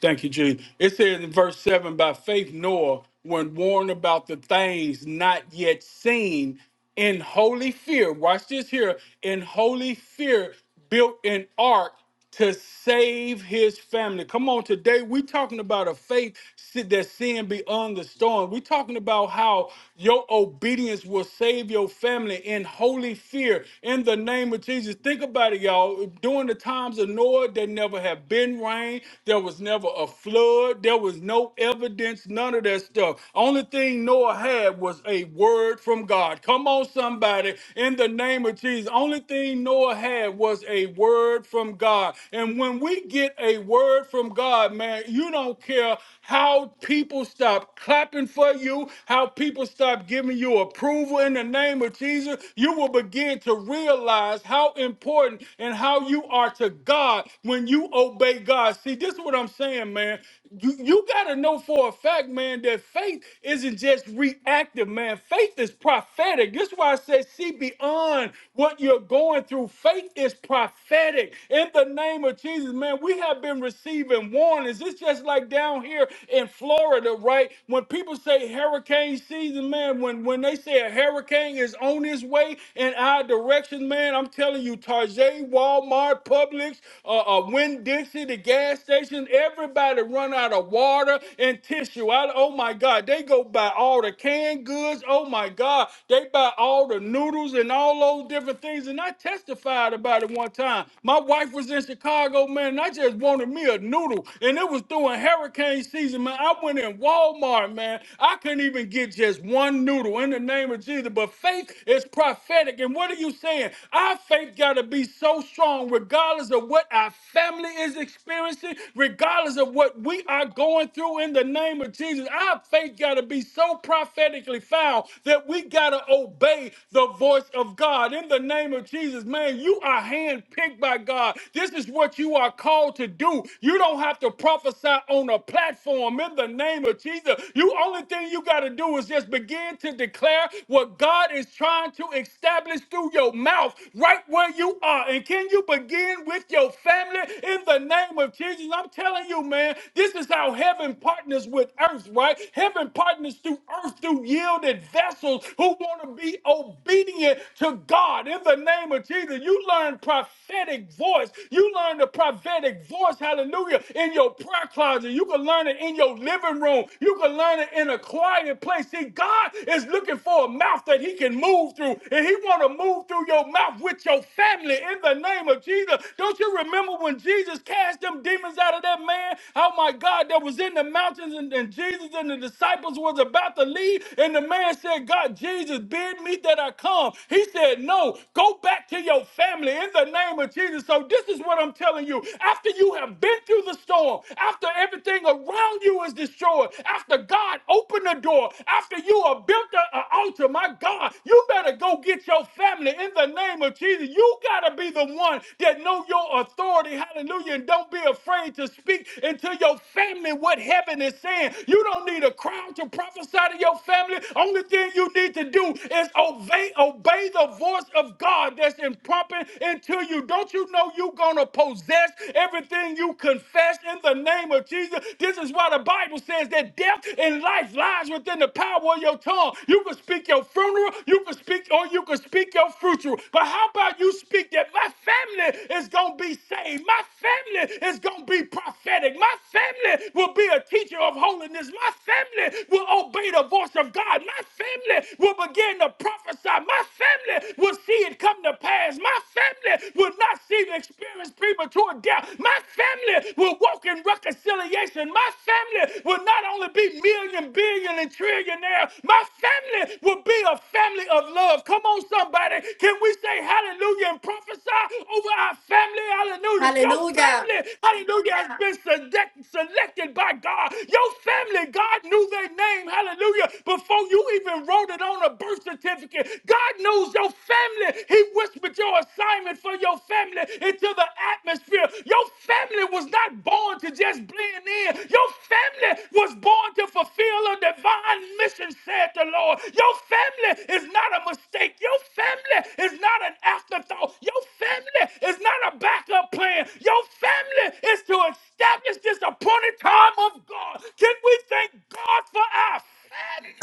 [SPEAKER 4] Thank you, Jesus. It says in verse 7 by faith, Noah, when warned about the things not yet seen, in holy fear, watch this here, in holy fear, built an ark to save his family. Come on, today we're talking about a faith si- that's seeing beyond the storm. We're talking about how your obedience will save your family in holy fear in the name of Jesus. Think about it, y'all. During the times of Noah, that. There never have been rain. There was never a flood. There was no evidence, none of that stuff. Only thing Noah had was a word from God. Come on, somebody, in the name of Jesus. Only thing Noah had was a word from God. And when we get a word from God, man, you don't care how people stop clapping for you, how people stop giving you approval in the name of Jesus. You will begin to realize how important important and how you are to God when you obey God. See, this is what I'm saying, man. You, you got to know for a fact, man, that faith isn't just reactive, man. Faith is prophetic. This is why I say, see beyond what you're going through. Faith is prophetic. In the name of Jesus, man, we have been receiving warnings. It's just like down here in Florida, right? When people say hurricane season, man, when, when they say a hurricane is on its way, and our directions, man. I'm telling you, Target, Walmart, Publix, uh, uh, Winn Dixie, the gas station, everybody run out of water and tissue. I, oh my God, they go buy all the canned goods. Oh my God, they buy all the noodles and all those different things. And I testified about it one time. My wife was in Chicago, man, and I just wanted me a noodle, and it was during hurricane season, man. I went in Walmart, man. I couldn't even get just one noodle in the name name of Jesus. But faith is prophetic. And what are you saying? Our faith got to be so strong, regardless of what our family is experiencing, regardless of what we are going through in the name of Jesus. Our faith got to be so prophetically found that we got to obey the voice of God in the name of Jesus. Man, you are handpicked by God. This is what you are called to do. You don't have to prophesy on a platform in the name of Jesus. You only thing you you got to do is just begin to declare what God is trying to establish through your mouth right where you are. And can you begin with your family in the name of Jesus? I'm telling you, man, this is how heaven partners with earth, right? Heaven partners through earth through yielded vessels who want to be obedient to God in the name of Jesus. You learn prophetic voice. You learn the prophetic voice, hallelujah, in your prayer closet. You can learn it in your your living room. You can learn it in a quiet place. See, God is looking for a mouth that he can move through. And he want to move through your mouth with your family in the name of Jesus. Don't you remember when Jesus cast them demons out of that man? Oh my God, that was in the mountains and, and Jesus and the disciples was about to leave. And the man said, God, Jesus, bid me that I come. He said, no, go back to your family in the name of Jesus. So this is what I'm telling you. After you have been through the the storm, after everything around you is destroyed, after God opened the door, after you are built an altar, my God, you better go get your family in the name of Jesus. You gotta be the one that know your authority, hallelujah, and don't be afraid to speak into your family what heaven is saying. You don't need a crowd to prophesy to your family. Only thing you need to do is obey, obey the voice of God that's in pumping into you. Don't you know you gonna going possess everything you confess in the name of Jesus. This is why the Bible says that death and life lies within the power of your tongue. You can speak your funeral, you can speak, or you can speak your future. But how about you speak that my family is gonna be saved, my family is gonna be prophetic, my family will be a teacher of holiness, my family will obey the voice of God, my family will begin to prophesy, my family will see it come to pass, my my family will not see the experience premature death. My family will walk in reconciliation. My family will not only be million, billion, and trillionaire. My family will be a family of love. Come on, somebody. Can we say hallelujah and prophesy over our family? Hallelujah. Your
[SPEAKER 6] Hallelujah.
[SPEAKER 4] family, hallelujah, has been select, selected by God. Your family, God knew their name. Hallelujah. Before you even wrote it on a birth certificate, God knows news, your family. He whispered your assignment for your family into the atmosphere. Your family was not born to just blend in. Your family was born to fulfill a divine mission, said the Lord. Your family is not a mistake. Your family is not an afterthought. Your family is not a backup plan. Your family is to establish this appointed time of God. Can we thank God for our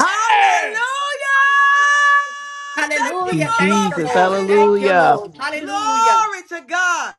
[SPEAKER 1] Hallelujah! Thank you
[SPEAKER 3] Thank you,
[SPEAKER 6] Hallelujah.
[SPEAKER 1] for
[SPEAKER 6] Thank you,
[SPEAKER 3] Jesus.
[SPEAKER 6] Lord. Thank you,
[SPEAKER 1] my
[SPEAKER 3] Hallelujah.
[SPEAKER 6] Lord.
[SPEAKER 1] family,
[SPEAKER 6] Hallelujah.
[SPEAKER 1] Lord. Glory to God.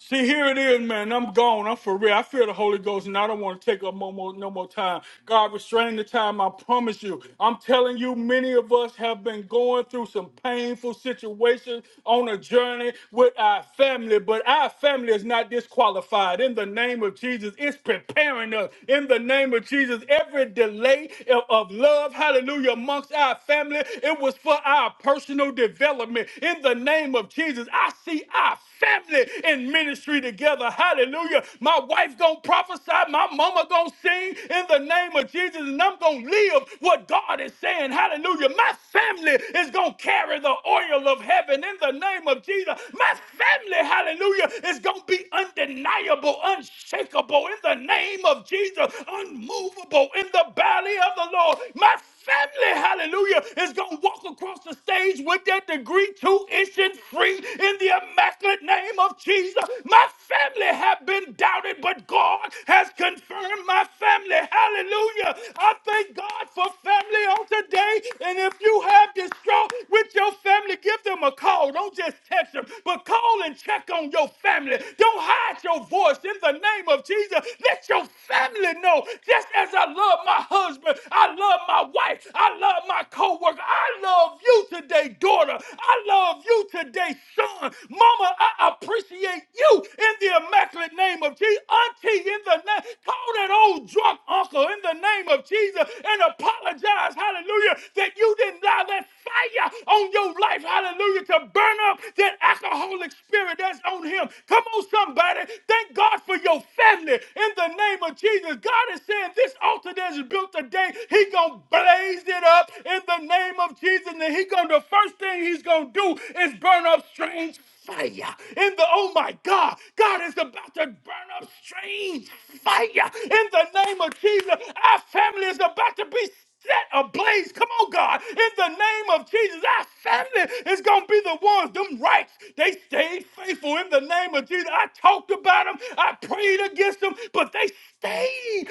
[SPEAKER 4] See, here it is, man. I'm gone. I'm for real. I feel the Holy Ghost, and I don't want to take up no more, no more time. God, restrain the time. I promise you. I'm telling you, many of us have been going through some painful situations on a journey with our family, but our family is not disqualified. In the name of Jesus, it's preparing us. In the name of Jesus, every delay of of love, hallelujah, amongst our family, it was for our personal development. In the name of Jesus, I see our family in ministry together. Hallelujah. My wife gonna prophesy. My mama gonna sing in the name of Jesus, and I'm gonna live what God is saying. Hallelujah. My family is gonna carry the oil of heaven in the name of Jesus. My family, hallelujah, is gonna be undeniable, unshakable in the name of Jesus, unmovable in the valley of the Lord. My family, hallelujah, is going to walk across the stage with that degree two inches free in the immaculate name of Jesus. My family have been doubted, but God has confirmed my family, hallelujah. I thank God for family on today. And if you have distraught with your family, give them a call. Don't just text them, but call and check on your family. Don't hide your voice us in the name of Jesus. Let your family know, just as I love my husband, I love my wife, I love my co-worker, I love you today, daughter. I love you today, son. Mama, I appreciate you in the immaculate name of Jesus. Auntie, in the name, call that old drunk uncle in the name of Jesus and apologize, hallelujah, that you didn't allow that fire on your life, hallelujah, to burn up that alcoholic spirit that's on him. Come on, somebody. Thank God for your family in the name of Jesus. God is saying this altar that is built today, he going to blaze it up in the name of Jesus. And he going to, the first thing he's going to do is burn up strange fire in the oh my god god is about to burn up strange fire in the name of jesus our family is about to be set ablaze. Come on, God. In the name of Jesus, our family is going to be the ones, them rights. They stayed faithful in the name of Jesus. I talked about them. I prayed against them, but they stayed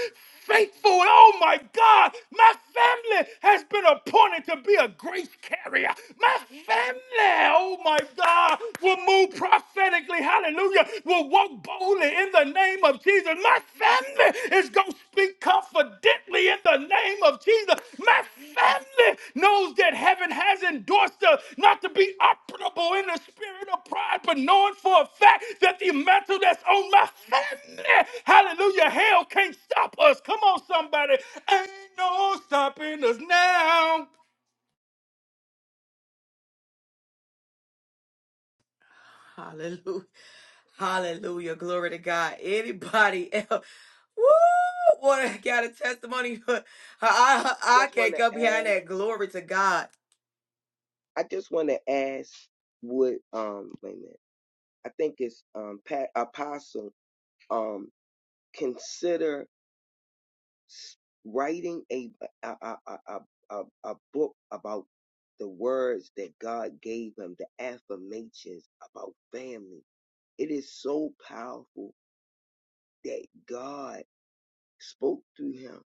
[SPEAKER 4] faithful. And oh my God, my family has been appointed to be a grace carrier. My family, oh my God, will move prophetically. Hallelujah will walk boldly in the name of Jesus. My family is going to speak confidently in the name of Jesus. My family knows that heaven has endorsed us not to be operable in the spirit of pride, but knowing for a fact that the mantle that's on my family, hallelujah, hell can't stop us. Come on, somebody. Ain't no stopping us now.
[SPEAKER 1] Hallelujah. Hallelujah. Glory to God. Anybody else? Woo! What I got a testimony. I, I
[SPEAKER 5] I
[SPEAKER 1] I
[SPEAKER 5] just want
[SPEAKER 1] can't come
[SPEAKER 5] to
[SPEAKER 1] behind
[SPEAKER 5] ask.
[SPEAKER 1] that. Glory to God.
[SPEAKER 5] I just want to ask. Would um wait a minute? I think it's um Pat Apostle um consider s- writing a a, a, a, a, a a book about the words that God gave him, the affirmations about family. It is so powerful that God spoke through him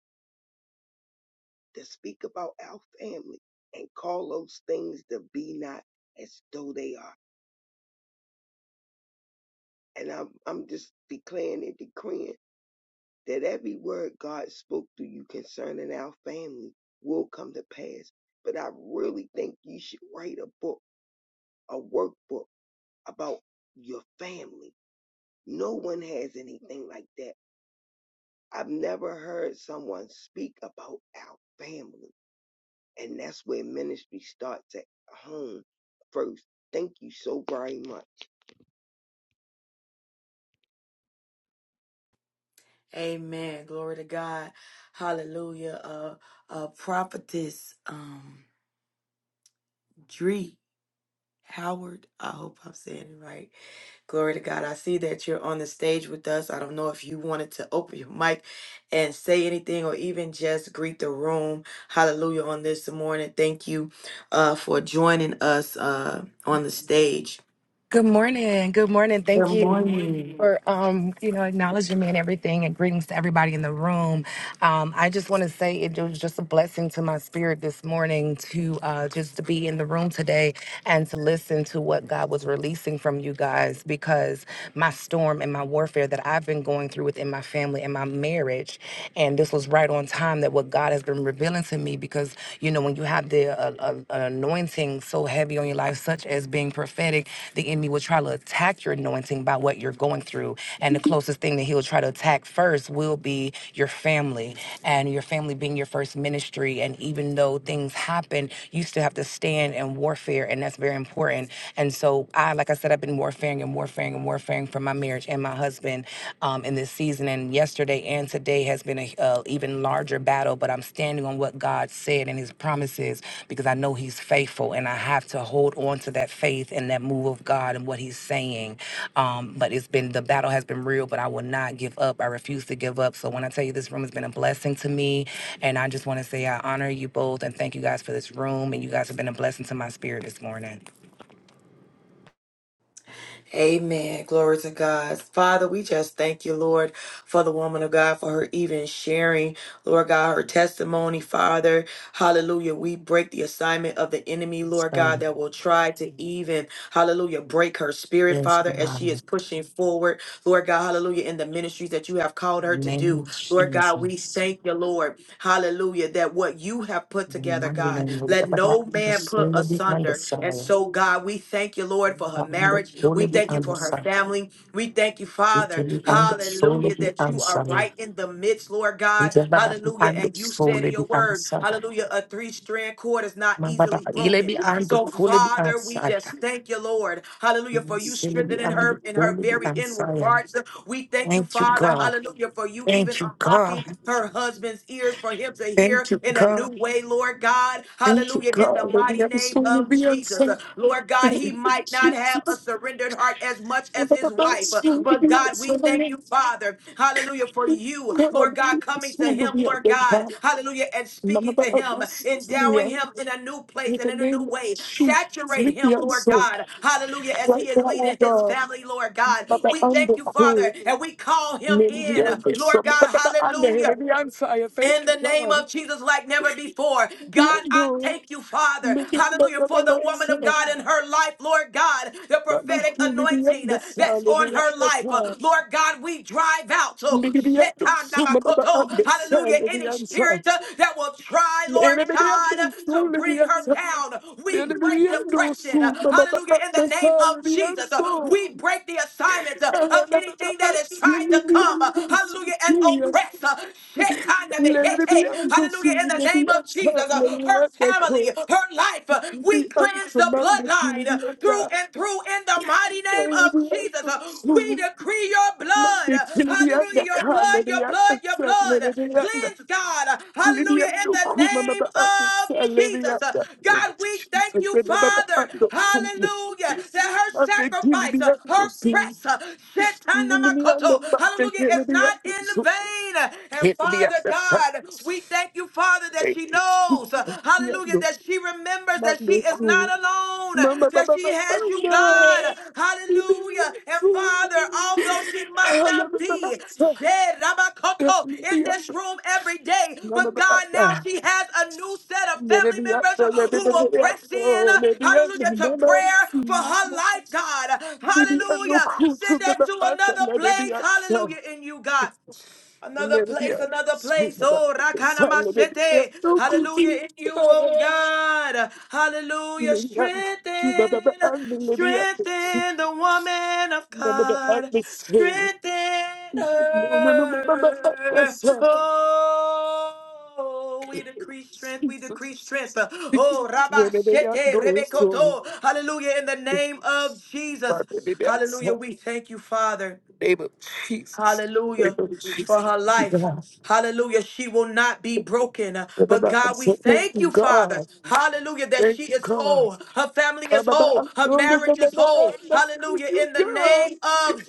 [SPEAKER 5] to speak about our family and call those things to be not as though they are. And I'm, I'm just declaring and decreeing that every word God spoke to you concerning our family will come to pass. But I really think you should write a book a workbook about your family. No one has anything like that. I've never heard someone speak about our family. And that's where ministry starts at home first. Thank you so very much.
[SPEAKER 1] Amen. Glory to God. Hallelujah. Uh, uh, prophetess, um, Dree Howard. I hope I'm saying it right. Glory to God. I see that you're on the stage with us. I don't know if you wanted to open your mic and say anything or even just greet the room. Hallelujah on this morning. Thank you, uh, for joining us, uh, on the stage.
[SPEAKER 7] Good morning. Good morning.
[SPEAKER 1] Good
[SPEAKER 7] Thank you Good
[SPEAKER 1] morning.
[SPEAKER 7] morning. for um, you know, acknowledging me and everything and greetings to everybody in the room. Um, I just want to say it was just a blessing to my spirit this morning to uh just to be in the room today and to listen to what God was releasing from you guys because my storm and my warfare that I've been going through within my family and my marriage and this was right on time that what God has been revealing to me because you know when you have the uh, uh, an anointing so heavy on your life such as being being prophetic, the enemy will try to attack your anointing by what you're going through. And the closest thing that he'll try to attack first will be your family and your family being your first ministry. And even though things happen, you still have to stand in warfare. And that's very important. And so I, like I said, I've been warfaring and warfaring and warfaring for my marriage and my husband um, in this season. And yesterday and today has it's been an uh, even larger battle, but I'm standing on what God said and His promises because I know He's faithful, and I have to hold on to that faith and that move of God and what He's saying. Um, but it's been the battle has been real, but I will not give up. I refuse to give up. So when I tell you this room has been a blessing to me, and I just want to say I honor you both and thank you guys for this room, and you guys have been a blessing to my spirit this morning.
[SPEAKER 1] Amen. Glory to God. Father, we just thank you, Lord, for the woman of God, for her even sharing, Lord God, her testimony, Father. Hallelujah. We break the assignment of the enemy, Lord God,
[SPEAKER 7] So,
[SPEAKER 1] that will try to even, hallelujah, break her spirit,
[SPEAKER 7] yes,
[SPEAKER 1] Father, as she is
[SPEAKER 7] God.
[SPEAKER 1] pushing forward, Lord God, hallelujah, in the ministries that you have called her
[SPEAKER 7] In the
[SPEAKER 1] to
[SPEAKER 7] name
[SPEAKER 1] do.
[SPEAKER 7] of
[SPEAKER 1] Lord God, we
[SPEAKER 7] Jesus.
[SPEAKER 1] thank you, Lord, hallelujah, that what you have put
[SPEAKER 7] In the
[SPEAKER 1] together,
[SPEAKER 7] mighty
[SPEAKER 1] God,
[SPEAKER 7] name of
[SPEAKER 1] let
[SPEAKER 7] God, I
[SPEAKER 1] no man put
[SPEAKER 7] understand the
[SPEAKER 1] asunder. And
[SPEAKER 7] understanding.
[SPEAKER 1] so, God, we thank you, Lord, for her
[SPEAKER 7] Ando
[SPEAKER 1] marriage.
[SPEAKER 7] sole
[SPEAKER 1] We
[SPEAKER 7] bi
[SPEAKER 1] thank you for her
[SPEAKER 7] ansa,
[SPEAKER 1] family. We thank you, Father.
[SPEAKER 7] itili ando sole
[SPEAKER 1] Hallelujah,
[SPEAKER 7] bi
[SPEAKER 1] that you
[SPEAKER 7] ansa,
[SPEAKER 1] are right in the midst, Lord God.
[SPEAKER 7] itaba da
[SPEAKER 1] Hallelujah.
[SPEAKER 7] ando
[SPEAKER 1] And you said in
[SPEAKER 7] sole bi
[SPEAKER 1] your word,
[SPEAKER 7] ansa,
[SPEAKER 1] hallelujah, a three strand cord is not
[SPEAKER 7] mabada
[SPEAKER 1] easily
[SPEAKER 7] ile bi
[SPEAKER 1] broken.
[SPEAKER 7] ando
[SPEAKER 1] So,
[SPEAKER 7] sole bi
[SPEAKER 1] Father, we
[SPEAKER 7] ansa,
[SPEAKER 1] just thank you, Lord. Hallelujah, for you
[SPEAKER 7] sele bi
[SPEAKER 1] strengthening
[SPEAKER 7] ando
[SPEAKER 1] her in her
[SPEAKER 7] sole bi
[SPEAKER 1] very
[SPEAKER 7] ansa
[SPEAKER 1] inward
[SPEAKER 7] ya.
[SPEAKER 1] parts. We thank you,
[SPEAKER 7] Thank you
[SPEAKER 1] Father.
[SPEAKER 7] God,
[SPEAKER 1] Hallelujah, for you even
[SPEAKER 7] thank you
[SPEAKER 1] unlocking
[SPEAKER 7] God,
[SPEAKER 1] her husband's ears for him to hear
[SPEAKER 7] thank you
[SPEAKER 1] in a new
[SPEAKER 7] God,
[SPEAKER 1] way, Lord God.
[SPEAKER 7] thank you
[SPEAKER 1] Hallelujah, in the
[SPEAKER 7] God, let me
[SPEAKER 1] mighty name
[SPEAKER 7] have
[SPEAKER 1] name
[SPEAKER 7] sole
[SPEAKER 1] of
[SPEAKER 7] bi
[SPEAKER 1] Jesus. Uh,
[SPEAKER 7] ansa,
[SPEAKER 1] Lord God,
[SPEAKER 7] thank
[SPEAKER 1] he
[SPEAKER 7] you
[SPEAKER 1] might not have a
[SPEAKER 7] Jesus,
[SPEAKER 1] surrendered heart as much as
[SPEAKER 7] mabada
[SPEAKER 1] his
[SPEAKER 7] da
[SPEAKER 1] wife, uh,
[SPEAKER 7] sole
[SPEAKER 1] but
[SPEAKER 7] bi
[SPEAKER 1] God,
[SPEAKER 7] ansa
[SPEAKER 1] we thank
[SPEAKER 7] ya.
[SPEAKER 1] you, Father. Hallelujah, for you,
[SPEAKER 7] God,
[SPEAKER 1] Lord
[SPEAKER 7] let
[SPEAKER 1] God,
[SPEAKER 7] me have
[SPEAKER 1] coming to
[SPEAKER 7] sole
[SPEAKER 1] him,
[SPEAKER 7] bi
[SPEAKER 1] Lord God,
[SPEAKER 7] ansa,
[SPEAKER 1] hallelujah, and speaking to
[SPEAKER 7] mabada
[SPEAKER 1] him,
[SPEAKER 7] da sole bi
[SPEAKER 1] endowing
[SPEAKER 7] ansa.
[SPEAKER 1] him in a new
[SPEAKER 7] In
[SPEAKER 1] place and
[SPEAKER 7] the
[SPEAKER 1] in a new
[SPEAKER 7] name of
[SPEAKER 1] way.
[SPEAKER 7] Jesus,
[SPEAKER 1] Saturate him,
[SPEAKER 7] Philippians,
[SPEAKER 1] Lord
[SPEAKER 7] so
[SPEAKER 1] God, hallelujah, as he
[SPEAKER 7] right
[SPEAKER 1] is
[SPEAKER 7] now, oh
[SPEAKER 1] leading his
[SPEAKER 7] God,
[SPEAKER 1] family, Lord God.
[SPEAKER 7] Baba
[SPEAKER 1] We
[SPEAKER 7] and the
[SPEAKER 1] thank you,
[SPEAKER 7] cool,
[SPEAKER 1] Father, and we call him
[SPEAKER 7] maybe the
[SPEAKER 1] in,
[SPEAKER 7] under
[SPEAKER 1] Lord
[SPEAKER 7] some,
[SPEAKER 1] God,
[SPEAKER 7] Baba and the hill,
[SPEAKER 1] hallelujah
[SPEAKER 7] the answer, I
[SPEAKER 1] in
[SPEAKER 7] thank you,
[SPEAKER 1] the name
[SPEAKER 7] God.
[SPEAKER 1] of Jesus like never before.
[SPEAKER 7] The
[SPEAKER 1] God, I
[SPEAKER 7] under,
[SPEAKER 1] thank you, Father.
[SPEAKER 7] look at the
[SPEAKER 1] Hallelujah.
[SPEAKER 7] Baba
[SPEAKER 1] For the
[SPEAKER 7] and
[SPEAKER 1] woman of
[SPEAKER 7] the
[SPEAKER 1] God in her life, Lord God, the
[SPEAKER 7] but the
[SPEAKER 1] prophetic
[SPEAKER 7] cool, maybe at
[SPEAKER 1] anointing
[SPEAKER 7] the sun,
[SPEAKER 1] that's
[SPEAKER 7] maybe
[SPEAKER 1] on
[SPEAKER 7] at
[SPEAKER 1] her
[SPEAKER 7] the
[SPEAKER 1] life. Uh,
[SPEAKER 7] car.
[SPEAKER 1] Lord God, we drive out. So,
[SPEAKER 7] Maybe at the sun, Baba
[SPEAKER 1] shetanakoto,
[SPEAKER 7] and the sun,
[SPEAKER 1] hallelujah.
[SPEAKER 7] the
[SPEAKER 1] Any
[SPEAKER 7] answer.
[SPEAKER 1] spirit uh, that will try,
[SPEAKER 7] Maybe
[SPEAKER 1] Lord
[SPEAKER 7] the
[SPEAKER 1] God,
[SPEAKER 7] under
[SPEAKER 1] uh,
[SPEAKER 7] soon,
[SPEAKER 1] to bring
[SPEAKER 7] the
[SPEAKER 1] her
[SPEAKER 7] sun,
[SPEAKER 1] down,
[SPEAKER 7] may
[SPEAKER 1] we
[SPEAKER 7] we
[SPEAKER 1] break
[SPEAKER 7] answer. Maybe the sun.
[SPEAKER 1] depression. Uh,
[SPEAKER 7] soon, Baba
[SPEAKER 1] Hallelujah.
[SPEAKER 7] and
[SPEAKER 1] In
[SPEAKER 7] the
[SPEAKER 1] the name
[SPEAKER 7] sun,
[SPEAKER 1] of
[SPEAKER 7] the
[SPEAKER 1] Jesus, uh,
[SPEAKER 7] answer.
[SPEAKER 1] we break the assignment uh,
[SPEAKER 7] Let
[SPEAKER 1] of anything that has tried to come. uh, Hallelujah. And oppress. uh, Hallelujah. In the name of Jesus, uh, her family, her life, uh, we cleanse the bloodline uh, through and through in the mighty name of Jesus. Uh, We decree your blood. uh, Hallelujah. Your blood, your blood, your blood. Cleanse God. uh, Hallelujah. In the name of Jesus. Uh, God, we thank you, Father. Hallelujah. That her sacrifice, uh, her press, uh, Shetanamakoto, hallelujah, is not
[SPEAKER 7] me
[SPEAKER 1] in vain pain. And
[SPEAKER 7] Hit me up
[SPEAKER 1] Father
[SPEAKER 7] the Sunday.
[SPEAKER 1] God, we thank you, Father, that she knows,
[SPEAKER 7] Yeah,
[SPEAKER 1] hallelujah,
[SPEAKER 7] no,
[SPEAKER 1] that she remembers
[SPEAKER 7] not
[SPEAKER 1] that she
[SPEAKER 7] no
[SPEAKER 1] is not
[SPEAKER 7] cool.
[SPEAKER 1] alone,
[SPEAKER 7] Mama,
[SPEAKER 1] that
[SPEAKER 7] mama,
[SPEAKER 1] she
[SPEAKER 7] mama,
[SPEAKER 1] has you, God,
[SPEAKER 7] mama.
[SPEAKER 1] hallelujah. And Father, although she might not be shed Rabakoto, in this room every day, but God, now she has a new set of family members who will press in, hallelujah, to prayer for her life, God,
[SPEAKER 7] Maybe I'm no
[SPEAKER 1] hallelujah.
[SPEAKER 7] cool to
[SPEAKER 1] Send
[SPEAKER 7] the
[SPEAKER 1] her to
[SPEAKER 7] back,
[SPEAKER 1] another
[SPEAKER 7] maybe
[SPEAKER 1] place,
[SPEAKER 7] outside.
[SPEAKER 1] hallelujah, in you, God.
[SPEAKER 7] Maybe
[SPEAKER 1] Another
[SPEAKER 7] I'm
[SPEAKER 1] place, another
[SPEAKER 7] so
[SPEAKER 1] place.
[SPEAKER 7] back.
[SPEAKER 1] Oh, Rakana
[SPEAKER 7] Maybe I'm
[SPEAKER 1] Machete.
[SPEAKER 7] no cool to
[SPEAKER 1] Hallelujah. In you,
[SPEAKER 7] the
[SPEAKER 1] oh
[SPEAKER 7] back.
[SPEAKER 1] God. Hallelujah.
[SPEAKER 7] Name of Jesus,
[SPEAKER 1] Strengthen,
[SPEAKER 7] name
[SPEAKER 1] strengthen the woman of God. Strengthen her. Oh, we decree strength. We decree strength. Oh, Rabashete Rebekoto. Hallelujah. In the name of Jesus. Hallelujah. We thank you, Father. Hallelujah
[SPEAKER 7] of
[SPEAKER 1] for
[SPEAKER 7] Jesus,
[SPEAKER 1] her life. Hallelujah. She will not be broken. But God, we thank you, Father. Hallelujah. That she is
[SPEAKER 7] God,
[SPEAKER 1] whole. Her family is whole. Her marriage is whole. Hallelujah. In the name of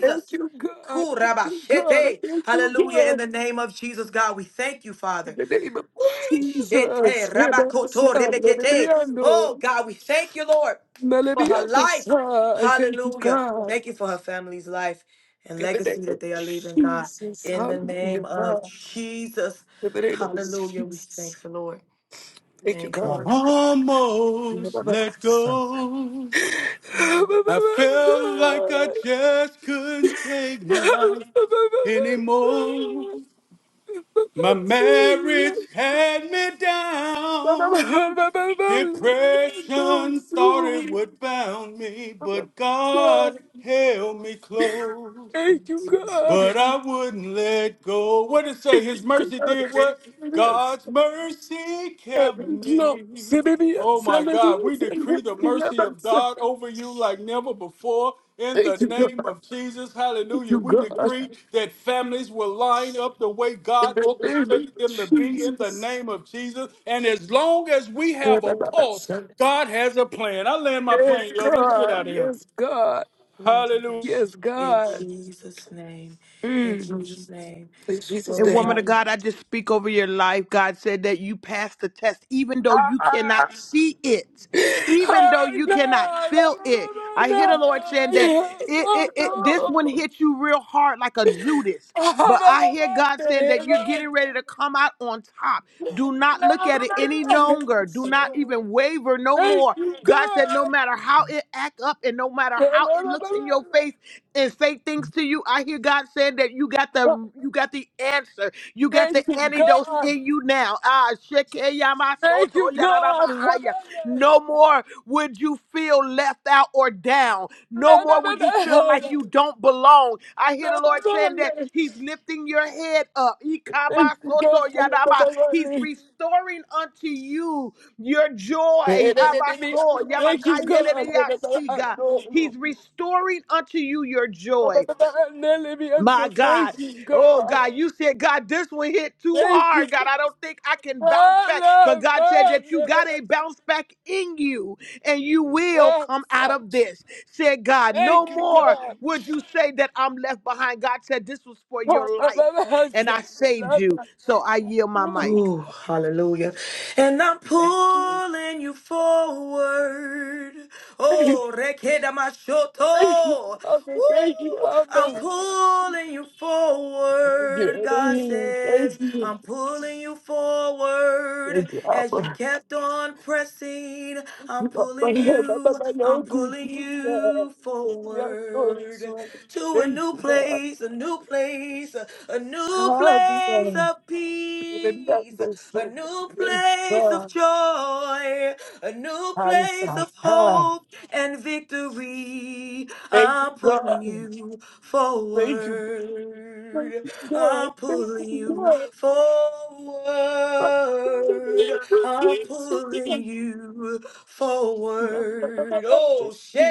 [SPEAKER 7] thank you, God, thank you, God. Thank you, God. Thank you, God. Thank you, God.
[SPEAKER 1] Kurabashete.
[SPEAKER 7] Thank you,
[SPEAKER 1] Hallelujah. In
[SPEAKER 7] God.
[SPEAKER 1] the name of Jesus, God, we thank you,
[SPEAKER 7] In
[SPEAKER 1] Father.
[SPEAKER 7] the name of
[SPEAKER 1] Woo! Shete
[SPEAKER 7] Jesus,
[SPEAKER 1] rabakoto rebekete.
[SPEAKER 7] Hebasabadiano,
[SPEAKER 1] Oh God, we thank you, Lord, for her life.
[SPEAKER 7] Malabianesa, I thank you,
[SPEAKER 1] Hallelujah.
[SPEAKER 7] God.
[SPEAKER 1] Thank you for her family's life and
[SPEAKER 7] In the name
[SPEAKER 1] legacy that
[SPEAKER 7] of
[SPEAKER 1] they are leaving, God.
[SPEAKER 7] Jesus,
[SPEAKER 1] In the
[SPEAKER 7] hallelujah,
[SPEAKER 1] name of
[SPEAKER 7] God.
[SPEAKER 1] Jesus.
[SPEAKER 7] In the name of
[SPEAKER 1] Hallelujah. We
[SPEAKER 7] Jesus,
[SPEAKER 1] thank the Lord.
[SPEAKER 7] thank you,
[SPEAKER 1] Thank you,
[SPEAKER 4] I
[SPEAKER 7] God.
[SPEAKER 1] Lord.
[SPEAKER 4] almost let
[SPEAKER 7] Hebabasa.
[SPEAKER 4] go.
[SPEAKER 1] Mhm.
[SPEAKER 4] I felt like I
[SPEAKER 7] Hebabasa.
[SPEAKER 4] just couldn't take life
[SPEAKER 7] Hebabasa.
[SPEAKER 4] anymore.
[SPEAKER 7] Hebabasa.
[SPEAKER 4] My marriage
[SPEAKER 7] Hebabasa.
[SPEAKER 4] had me down. Depression thought it would bound me, but God held me close.
[SPEAKER 7] Thank you,
[SPEAKER 1] Yes,
[SPEAKER 7] God.
[SPEAKER 4] But I wouldn't let go. What did it say?
[SPEAKER 7] Thank you,
[SPEAKER 4] His mercy
[SPEAKER 7] God.
[SPEAKER 4] did
[SPEAKER 7] Thank
[SPEAKER 4] what? God's mercy kept me. Oh my God. We decree the mercy of God over you like never before. In the name of Jesus, hallelujah.
[SPEAKER 7] you,
[SPEAKER 4] We
[SPEAKER 7] God.
[SPEAKER 4] decree
[SPEAKER 7] In
[SPEAKER 4] that families will line up the way God
[SPEAKER 7] the name of
[SPEAKER 4] orchestrated them to be in the name of Jesus. And as long as we have a pulse,
[SPEAKER 7] Jesus.
[SPEAKER 4] God has a plan. I land my
[SPEAKER 7] Yes,
[SPEAKER 4] plane, love. Let's get
[SPEAKER 7] God.
[SPEAKER 4] out of here.
[SPEAKER 7] Yes, God.
[SPEAKER 1] Lord.
[SPEAKER 4] Hallelujah.
[SPEAKER 7] Yes,
[SPEAKER 1] In
[SPEAKER 7] God.
[SPEAKER 1] Jesus' name. In
[SPEAKER 7] Mm.
[SPEAKER 1] Jesus' name.
[SPEAKER 7] In Jesus'
[SPEAKER 1] Glory
[SPEAKER 2] And
[SPEAKER 1] to
[SPEAKER 7] name.
[SPEAKER 2] woman
[SPEAKER 1] God.
[SPEAKER 2] of God, I just speak over your life. God said that you passed the test, even though
[SPEAKER 7] Ah,
[SPEAKER 2] you
[SPEAKER 7] ah,
[SPEAKER 2] cannot see it,
[SPEAKER 7] God.
[SPEAKER 2] even though
[SPEAKER 7] Oh,
[SPEAKER 2] you cannot feel
[SPEAKER 7] no,
[SPEAKER 2] it. I
[SPEAKER 7] no,
[SPEAKER 2] hear the
[SPEAKER 7] no.
[SPEAKER 2] Lord saying that
[SPEAKER 7] Yes,
[SPEAKER 2] it,
[SPEAKER 7] oh,
[SPEAKER 2] it, it this one
[SPEAKER 7] no.
[SPEAKER 2] hit you real hard like a Judas.
[SPEAKER 7] Oh
[SPEAKER 2] But I hear
[SPEAKER 7] no,
[SPEAKER 2] God saying
[SPEAKER 7] no,
[SPEAKER 2] that
[SPEAKER 7] no,
[SPEAKER 2] you're getting
[SPEAKER 7] no.
[SPEAKER 2] ready to come out on top. Do
[SPEAKER 7] Thank you, God. Thank
[SPEAKER 2] not look at it any longer. Do not even waver no more.
[SPEAKER 7] you, God.
[SPEAKER 2] God said, no matter how it act up and no matter how it looks in your face, and say things to you. I hear God saying that you got the you got the answer. You got the
[SPEAKER 7] Thank you, God. Thank you,
[SPEAKER 2] antidote
[SPEAKER 7] God.
[SPEAKER 2] in you now. Ah,
[SPEAKER 7] Thank
[SPEAKER 2] shekeyamasoto
[SPEAKER 7] you, God. Thank you,
[SPEAKER 2] yararabahaya. No more would you feel left out or down. No more would you feel like you don't belong. I hear the Lord saying that He's lifting your head up.
[SPEAKER 7] God.
[SPEAKER 2] Ikabasoto
[SPEAKER 7] Thank
[SPEAKER 2] yaraba. He's restoring unto you your joy. Habaso, yamakayerereasiga. He's
[SPEAKER 7] you.
[SPEAKER 2] restoring unto you your joy. My God. Oh God, you said, God, this one hit too hard. God, I don't think I can bounce back. But God said that you got a bounce back in you and you will come out of this. Said God,
[SPEAKER 7] Thank
[SPEAKER 2] no
[SPEAKER 7] you,
[SPEAKER 2] more
[SPEAKER 7] God.
[SPEAKER 2] would you say that I'm left behind. God said this was for
[SPEAKER 7] Thank
[SPEAKER 2] your life and I saved you. So I yield my mic.
[SPEAKER 1] Ooh, hallelujah. And I'm
[SPEAKER 7] you.
[SPEAKER 1] pulling you forward. Oh, rekeda
[SPEAKER 7] Thank you,
[SPEAKER 1] mashoto.
[SPEAKER 7] Father. Thank you,
[SPEAKER 1] Woo! I'm
[SPEAKER 7] Abba.
[SPEAKER 1] pulling you
[SPEAKER 7] Thank you,
[SPEAKER 1] forward, God
[SPEAKER 7] Elohim. Thank
[SPEAKER 1] says.
[SPEAKER 7] you.
[SPEAKER 1] I'm pulling you forward
[SPEAKER 7] Thank you,
[SPEAKER 1] as you
[SPEAKER 7] Abba.
[SPEAKER 1] kept on pressing.
[SPEAKER 7] Thank you,
[SPEAKER 1] I'm
[SPEAKER 7] God.
[SPEAKER 1] pulling
[SPEAKER 7] Abba.
[SPEAKER 1] you, I'm
[SPEAKER 7] Thank
[SPEAKER 1] pulling
[SPEAKER 7] you,
[SPEAKER 1] you forward to a new place, a new place, a, a new place of peace praise, a new place of
[SPEAKER 7] God.
[SPEAKER 1] joy, a new place of
[SPEAKER 7] Answer.
[SPEAKER 1] hope and victory.
[SPEAKER 7] Thank you,
[SPEAKER 1] I'm pulling
[SPEAKER 7] God.
[SPEAKER 1] you
[SPEAKER 7] Thank you. Thank
[SPEAKER 1] forward.
[SPEAKER 7] you, God.
[SPEAKER 1] I'm
[SPEAKER 7] Thank
[SPEAKER 1] pulling
[SPEAKER 7] you,
[SPEAKER 1] you
[SPEAKER 7] God. Ha! Hallelujah.
[SPEAKER 1] forward. I'm pulling you forward. Oh, shit.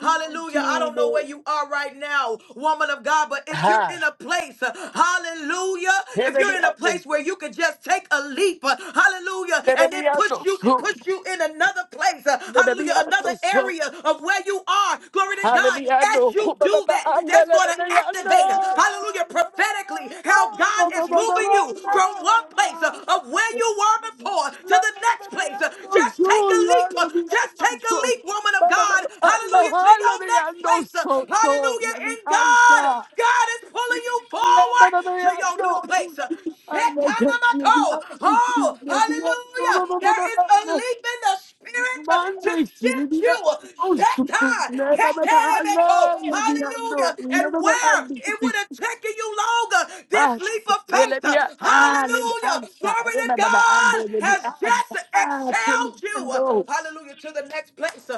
[SPEAKER 1] Hallelujah. I don't know where you are right now, woman of God, but if you're in a place, hallelujah, If you're you're in a place where you can just take a leap, uh, hallelujah, and it push you push you in another place, uh, hallelujah, another area of where you are. Glory to God.
[SPEAKER 7] Hallelujah!
[SPEAKER 1] As you
[SPEAKER 7] Hallelujah!
[SPEAKER 1] do that, that's going to activate, uh, hallelujah, prophetically how God is moving you from one place uh, of where you were before to the next place. Uh, Just take a leap. uh, Just take a leap, woman of God. Hallelujah to your next place. Uh, Hallelujah in God.
[SPEAKER 7] Hallelujah!
[SPEAKER 1] God is pulling you
[SPEAKER 7] Ah,
[SPEAKER 1] forward to your new place. uh, Shetanamako. Oh, hallelujah. There is a leap in the spirit uh, to shift you. Shetan. Ketanamako. Hallelujah. And where it would have taken you longer, this leap of faith. uh, Hallelujah. Glory to. Spirit, God, has just excelled you. Hallelujah. To the next place.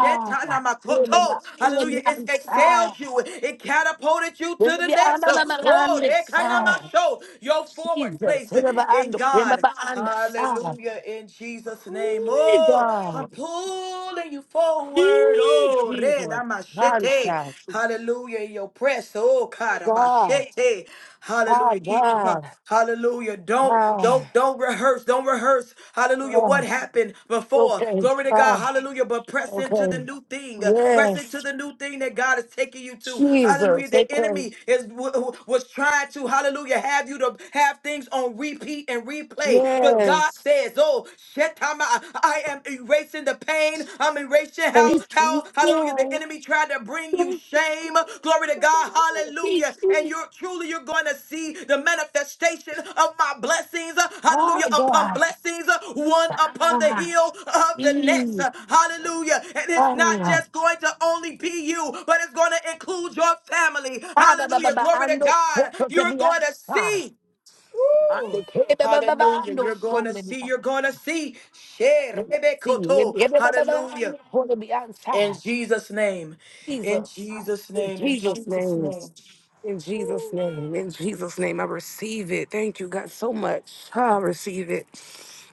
[SPEAKER 1] Shetana makoto. Hallelujah. It's excelled you. It catapulted you to the next. Oh, rekana masho. Your forward
[SPEAKER 7] Jesus.
[SPEAKER 1] place
[SPEAKER 7] Remember
[SPEAKER 1] in
[SPEAKER 7] and
[SPEAKER 1] God.
[SPEAKER 7] remember and ah,
[SPEAKER 1] Hallelujah. In Jesus' name.
[SPEAKER 7] hey
[SPEAKER 1] Oh,
[SPEAKER 7] God,
[SPEAKER 1] I'm pulling you forward. Lord.
[SPEAKER 7] hey
[SPEAKER 1] Oh, red
[SPEAKER 7] Jesus, mighty
[SPEAKER 1] amashete.
[SPEAKER 7] God,
[SPEAKER 1] Hallelujah. In your press. Oh,
[SPEAKER 7] hey
[SPEAKER 1] God,
[SPEAKER 7] God,
[SPEAKER 1] amashete.
[SPEAKER 7] ah
[SPEAKER 1] Hallelujah. Keep
[SPEAKER 7] God,
[SPEAKER 1] hallelujah. Don't
[SPEAKER 7] ah,
[SPEAKER 1] don't don't rehearse. Don't rehearse. Hallelujah.
[SPEAKER 7] ah,
[SPEAKER 1] What happened before?
[SPEAKER 7] okay,
[SPEAKER 1] Glory to God.
[SPEAKER 7] ah,
[SPEAKER 1] Hallelujah. But press into the
[SPEAKER 7] okay,
[SPEAKER 1] new thing. Press into
[SPEAKER 7] yes,
[SPEAKER 1] the new thing that God is taking you to. Hallelujah.
[SPEAKER 7] Jesus,
[SPEAKER 1] The
[SPEAKER 7] okay,
[SPEAKER 1] enemy is w- w- was trying to, hallelujah, have you to have things on repeat and replay. But God
[SPEAKER 7] yes,
[SPEAKER 1] says, Oh, Shetama. I am erasing the pain. I'm erasing how,
[SPEAKER 7] thank you,
[SPEAKER 1] how, hallelujah, the
[SPEAKER 7] God,
[SPEAKER 1] enemy tried to bring you
[SPEAKER 7] thank
[SPEAKER 1] shame. Glory to God. Hallelujah.
[SPEAKER 7] you,
[SPEAKER 1] And
[SPEAKER 7] God,
[SPEAKER 1] you're truly, you're going to see the manifestation of my blessings.
[SPEAKER 7] ah
[SPEAKER 1] Hallelujah. Upon
[SPEAKER 7] God,
[SPEAKER 1] blessings, one upon the
[SPEAKER 7] ah,
[SPEAKER 1] heel of the next.
[SPEAKER 7] mm,
[SPEAKER 1] Hallelujah. And it's not
[SPEAKER 7] ah.
[SPEAKER 1] just going to only be you, but it's going to include your family.
[SPEAKER 7] Father, ba- ba-
[SPEAKER 1] Hallelujah.
[SPEAKER 7] ba-
[SPEAKER 1] Glory to
[SPEAKER 7] ando so
[SPEAKER 1] God. You're
[SPEAKER 7] protebia
[SPEAKER 1] going to
[SPEAKER 7] sa.
[SPEAKER 1] see.
[SPEAKER 7] Ande
[SPEAKER 1] Woo.
[SPEAKER 7] ke- ba- ba- ba- ba-
[SPEAKER 1] Hallelujah.
[SPEAKER 7] ando
[SPEAKER 1] You're
[SPEAKER 7] so
[SPEAKER 1] going to see,
[SPEAKER 7] lebia.
[SPEAKER 1] you're going to see.
[SPEAKER 7] Let me see. Let
[SPEAKER 1] Sherebekoto.
[SPEAKER 7] me- ba- ba- ba- ba-
[SPEAKER 1] Hallelujah.
[SPEAKER 7] ando so lebia
[SPEAKER 1] In
[SPEAKER 7] sa.
[SPEAKER 1] Jesus' name. In
[SPEAKER 7] Jesus.
[SPEAKER 1] Jesus'
[SPEAKER 7] In
[SPEAKER 1] name. In
[SPEAKER 7] Jesus'
[SPEAKER 1] Jesus'
[SPEAKER 7] name. In Jesus' name. In Jesus' name. I receive it. Thank you, God, so much. I receive it.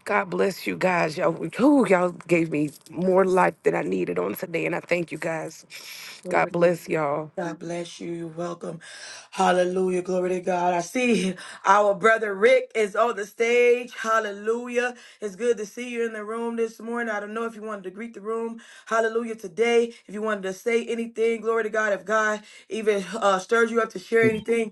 [SPEAKER 7] God bless you guys. Y'all, whew, y'all gave me more life than I needed on today, and I thank you guys. God
[SPEAKER 1] name.
[SPEAKER 7] bless y'all.
[SPEAKER 1] God bless you. You're welcome. Hallelujah. Glory to God. I see our brother Rick is on the stage. Hallelujah. It's good to see you in the room this morning. I don't know if you wanted to greet the room. Hallelujah. Today, if you wanted to say anything, glory to God. If God even uh, stirs you up to share anything,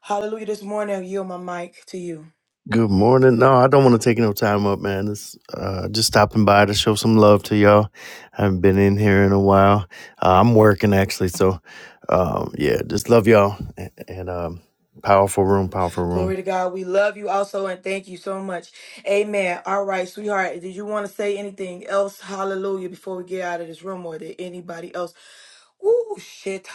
[SPEAKER 1] hallelujah. This morning, I yield my mic to you.
[SPEAKER 8] Good morning. No, I don't want to take no time up, man. It's uh, just stopping by to show some love to y'all. I haven't been in here in a while. Uh, I'm working actually, so um, yeah, just love y'all and, and um, powerful room, powerful room.
[SPEAKER 1] Glory to God. We love you also and thank you so much. Amen. All right, sweetheart. Did you want to say anything else? Hallelujah. Before we get out of this room or did anybody else? Ooh, shit.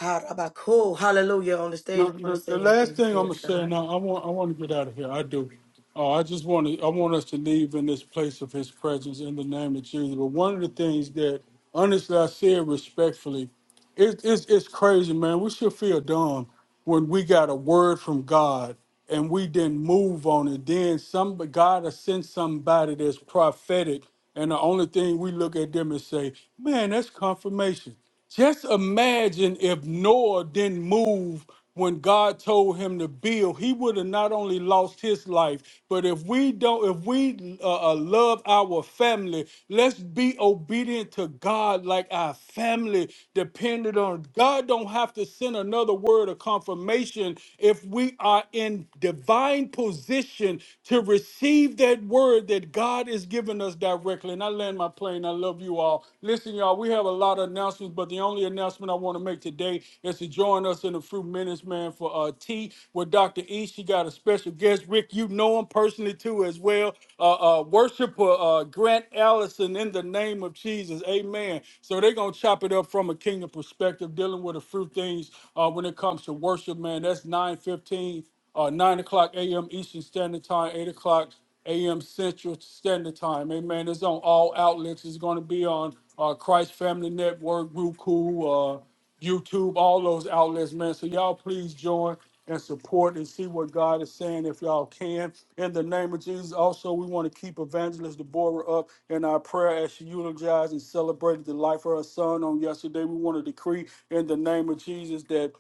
[SPEAKER 1] Cool. Hallelujah. On the stage,
[SPEAKER 4] No,
[SPEAKER 1] we want to
[SPEAKER 4] the, the
[SPEAKER 1] say
[SPEAKER 4] last
[SPEAKER 1] anything.
[SPEAKER 4] thing I'm
[SPEAKER 1] Glory
[SPEAKER 4] gonna
[SPEAKER 1] to
[SPEAKER 4] say
[SPEAKER 1] God.
[SPEAKER 4] now, I want I want to get out of here. I do. Uh, I just want to I want us to leave in this place of His presence in the name of Jesus. But one of the things that, honestly, I say it respectfully, it, it's it's crazy, man. We should feel dumb when we got a word from God and we didn't move on it. Then some God has sent somebody that's prophetic, and the only thing we look at them and say, "Man, that's confirmation." Just imagine if Noah didn't move when God told him to build, he would have not only lost his life, but if we don't, if we uh, uh, love our family, let's be obedient to God like our family depended on God don't have to send another word of confirmation if we are in divine position to receive that word that God is giving us directly. And I land my plane. I love you all. Listen, y'all, we have a lot of announcements, but the only announcement I want to make today is to join us in a few minutes, man, for uh tea with Dr. E. She got a special guest. Rick, you know know him personally too as well. Uh, uh, worshiper uh, Grant Allison in the name of Jesus. Amen. So they're going to chop it up from a kingdom perspective, dealing with a few things uh, when it comes to worship, man. That's 9.15, uh, 9 o'clock a.m. Eastern Standard Time, 8 o'clock a.m. Central Standard Time. Amen. It's on all outlets. It's going to be on uh, Christ Family Network, Roku, uh, YouTube, all those outlets, man. So y'all please join and support and see what God is saying if y'all can. In the name of Jesus, also we want to keep Evangelist Deborah up in our prayer as she eulogized and celebrated the life of her son on yesterday. We want to decree in the name of Jesus that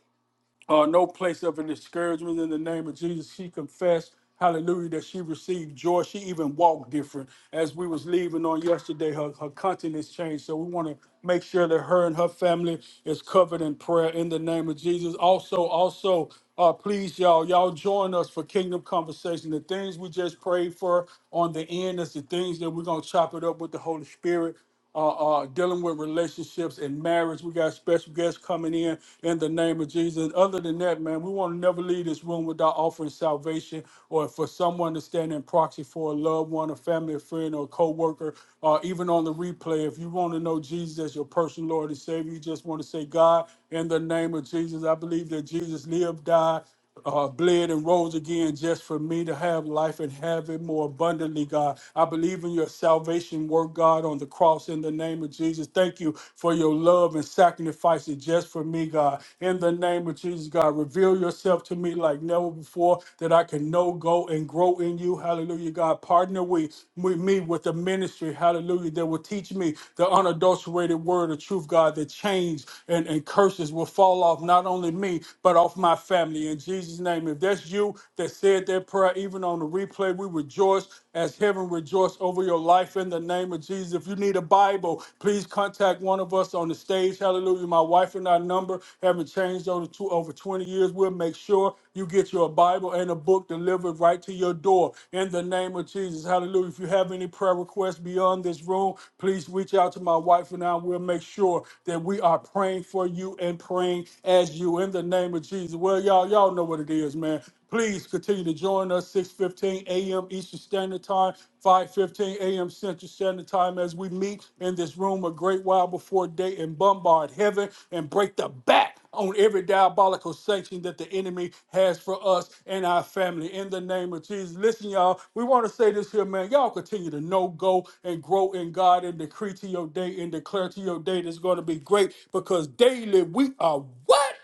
[SPEAKER 4] uh, no place of an discouragement in the name of Jesus. She confessed, hallelujah, that she received joy. She even walked different. As we was leaving on yesterday, her, her countenance changed. So we want to make sure that her and her family is covered in prayer in the name of Jesus. Also, also, uh, please, y'all, y'all join us for Kingdom Conversation. The things we just prayed for on the end is the things that we're going to chop it up with the Holy Spirit uh, uh, dealing with relationships and marriage. We got special guests coming in in the name of Jesus. And other than that, man, we want to never leave this room without offering salvation or for someone to stand in proxy for a loved one, a family, a friend, or a co-worker, or even on the replay. If you want to know Jesus as your personal Lord and Savior, you just want to say, God, in the name of Jesus, I believe that Jesus lived, died, uh, bled and rose again just for me to have life and have it more abundantly, God. I believe in your salvation work, God, on the cross in the name of Jesus. Thank you for your love and sacrificing just for me, God. In the name of Jesus, God, reveal yourself to me like never before that I can know, go, and grow in you. Hallelujah, God. Partner with with me with the ministry, hallelujah, that will teach me the unadulterated word of truth, God, that change and, and curses will fall off not only me, but off my family. In Jesus' name, if that's you that said that prayer, even on the replay, we rejoice as heaven rejoice over your life in the name of Jesus. If you need a Bible, please contact one of us on the stage. Hallelujah. My wife and our number haven't changed over, two, over 20 years. We'll make sure you get your Bible and a book delivered right to your door in the name of Jesus. Hallelujah. If you have any prayer requests beyond this room, please reach out to my wife and I. We'll make sure that we are praying for you and praying as you in the name name of Jesus. Well, y'all, y'all know what it is, man. Please continue to join us 6:15 a.m. Eastern Standard Time, 5:15 a.m. Central Standard Time as we meet in this room a great while before day and bombard heaven and break the back on every diabolical sanction that the enemy has for us and our family in the name of Jesus. Listen, y'all, we want to say this here, man. Y'all continue to know, go, and grow in God and decree to your day and declare to your day that's going to be great because daily we are what?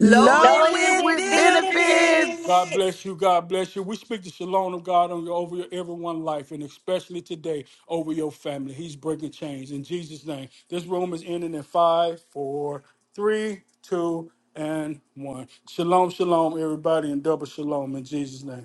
[SPEAKER 1] Loaded
[SPEAKER 6] Loaded
[SPEAKER 1] with
[SPEAKER 6] with
[SPEAKER 2] with
[SPEAKER 6] bitter
[SPEAKER 2] benefits.
[SPEAKER 4] God
[SPEAKER 1] benefits.
[SPEAKER 6] beats.
[SPEAKER 4] bless you. God bless you. We speak the shalom of God on your, over your everyone life, and especially today over your family. He's breaking chains in Jesus' name. This room is ending in five, four, three, two, and one. Shalom, shalom, everybody, and double shalom in Jesus' name.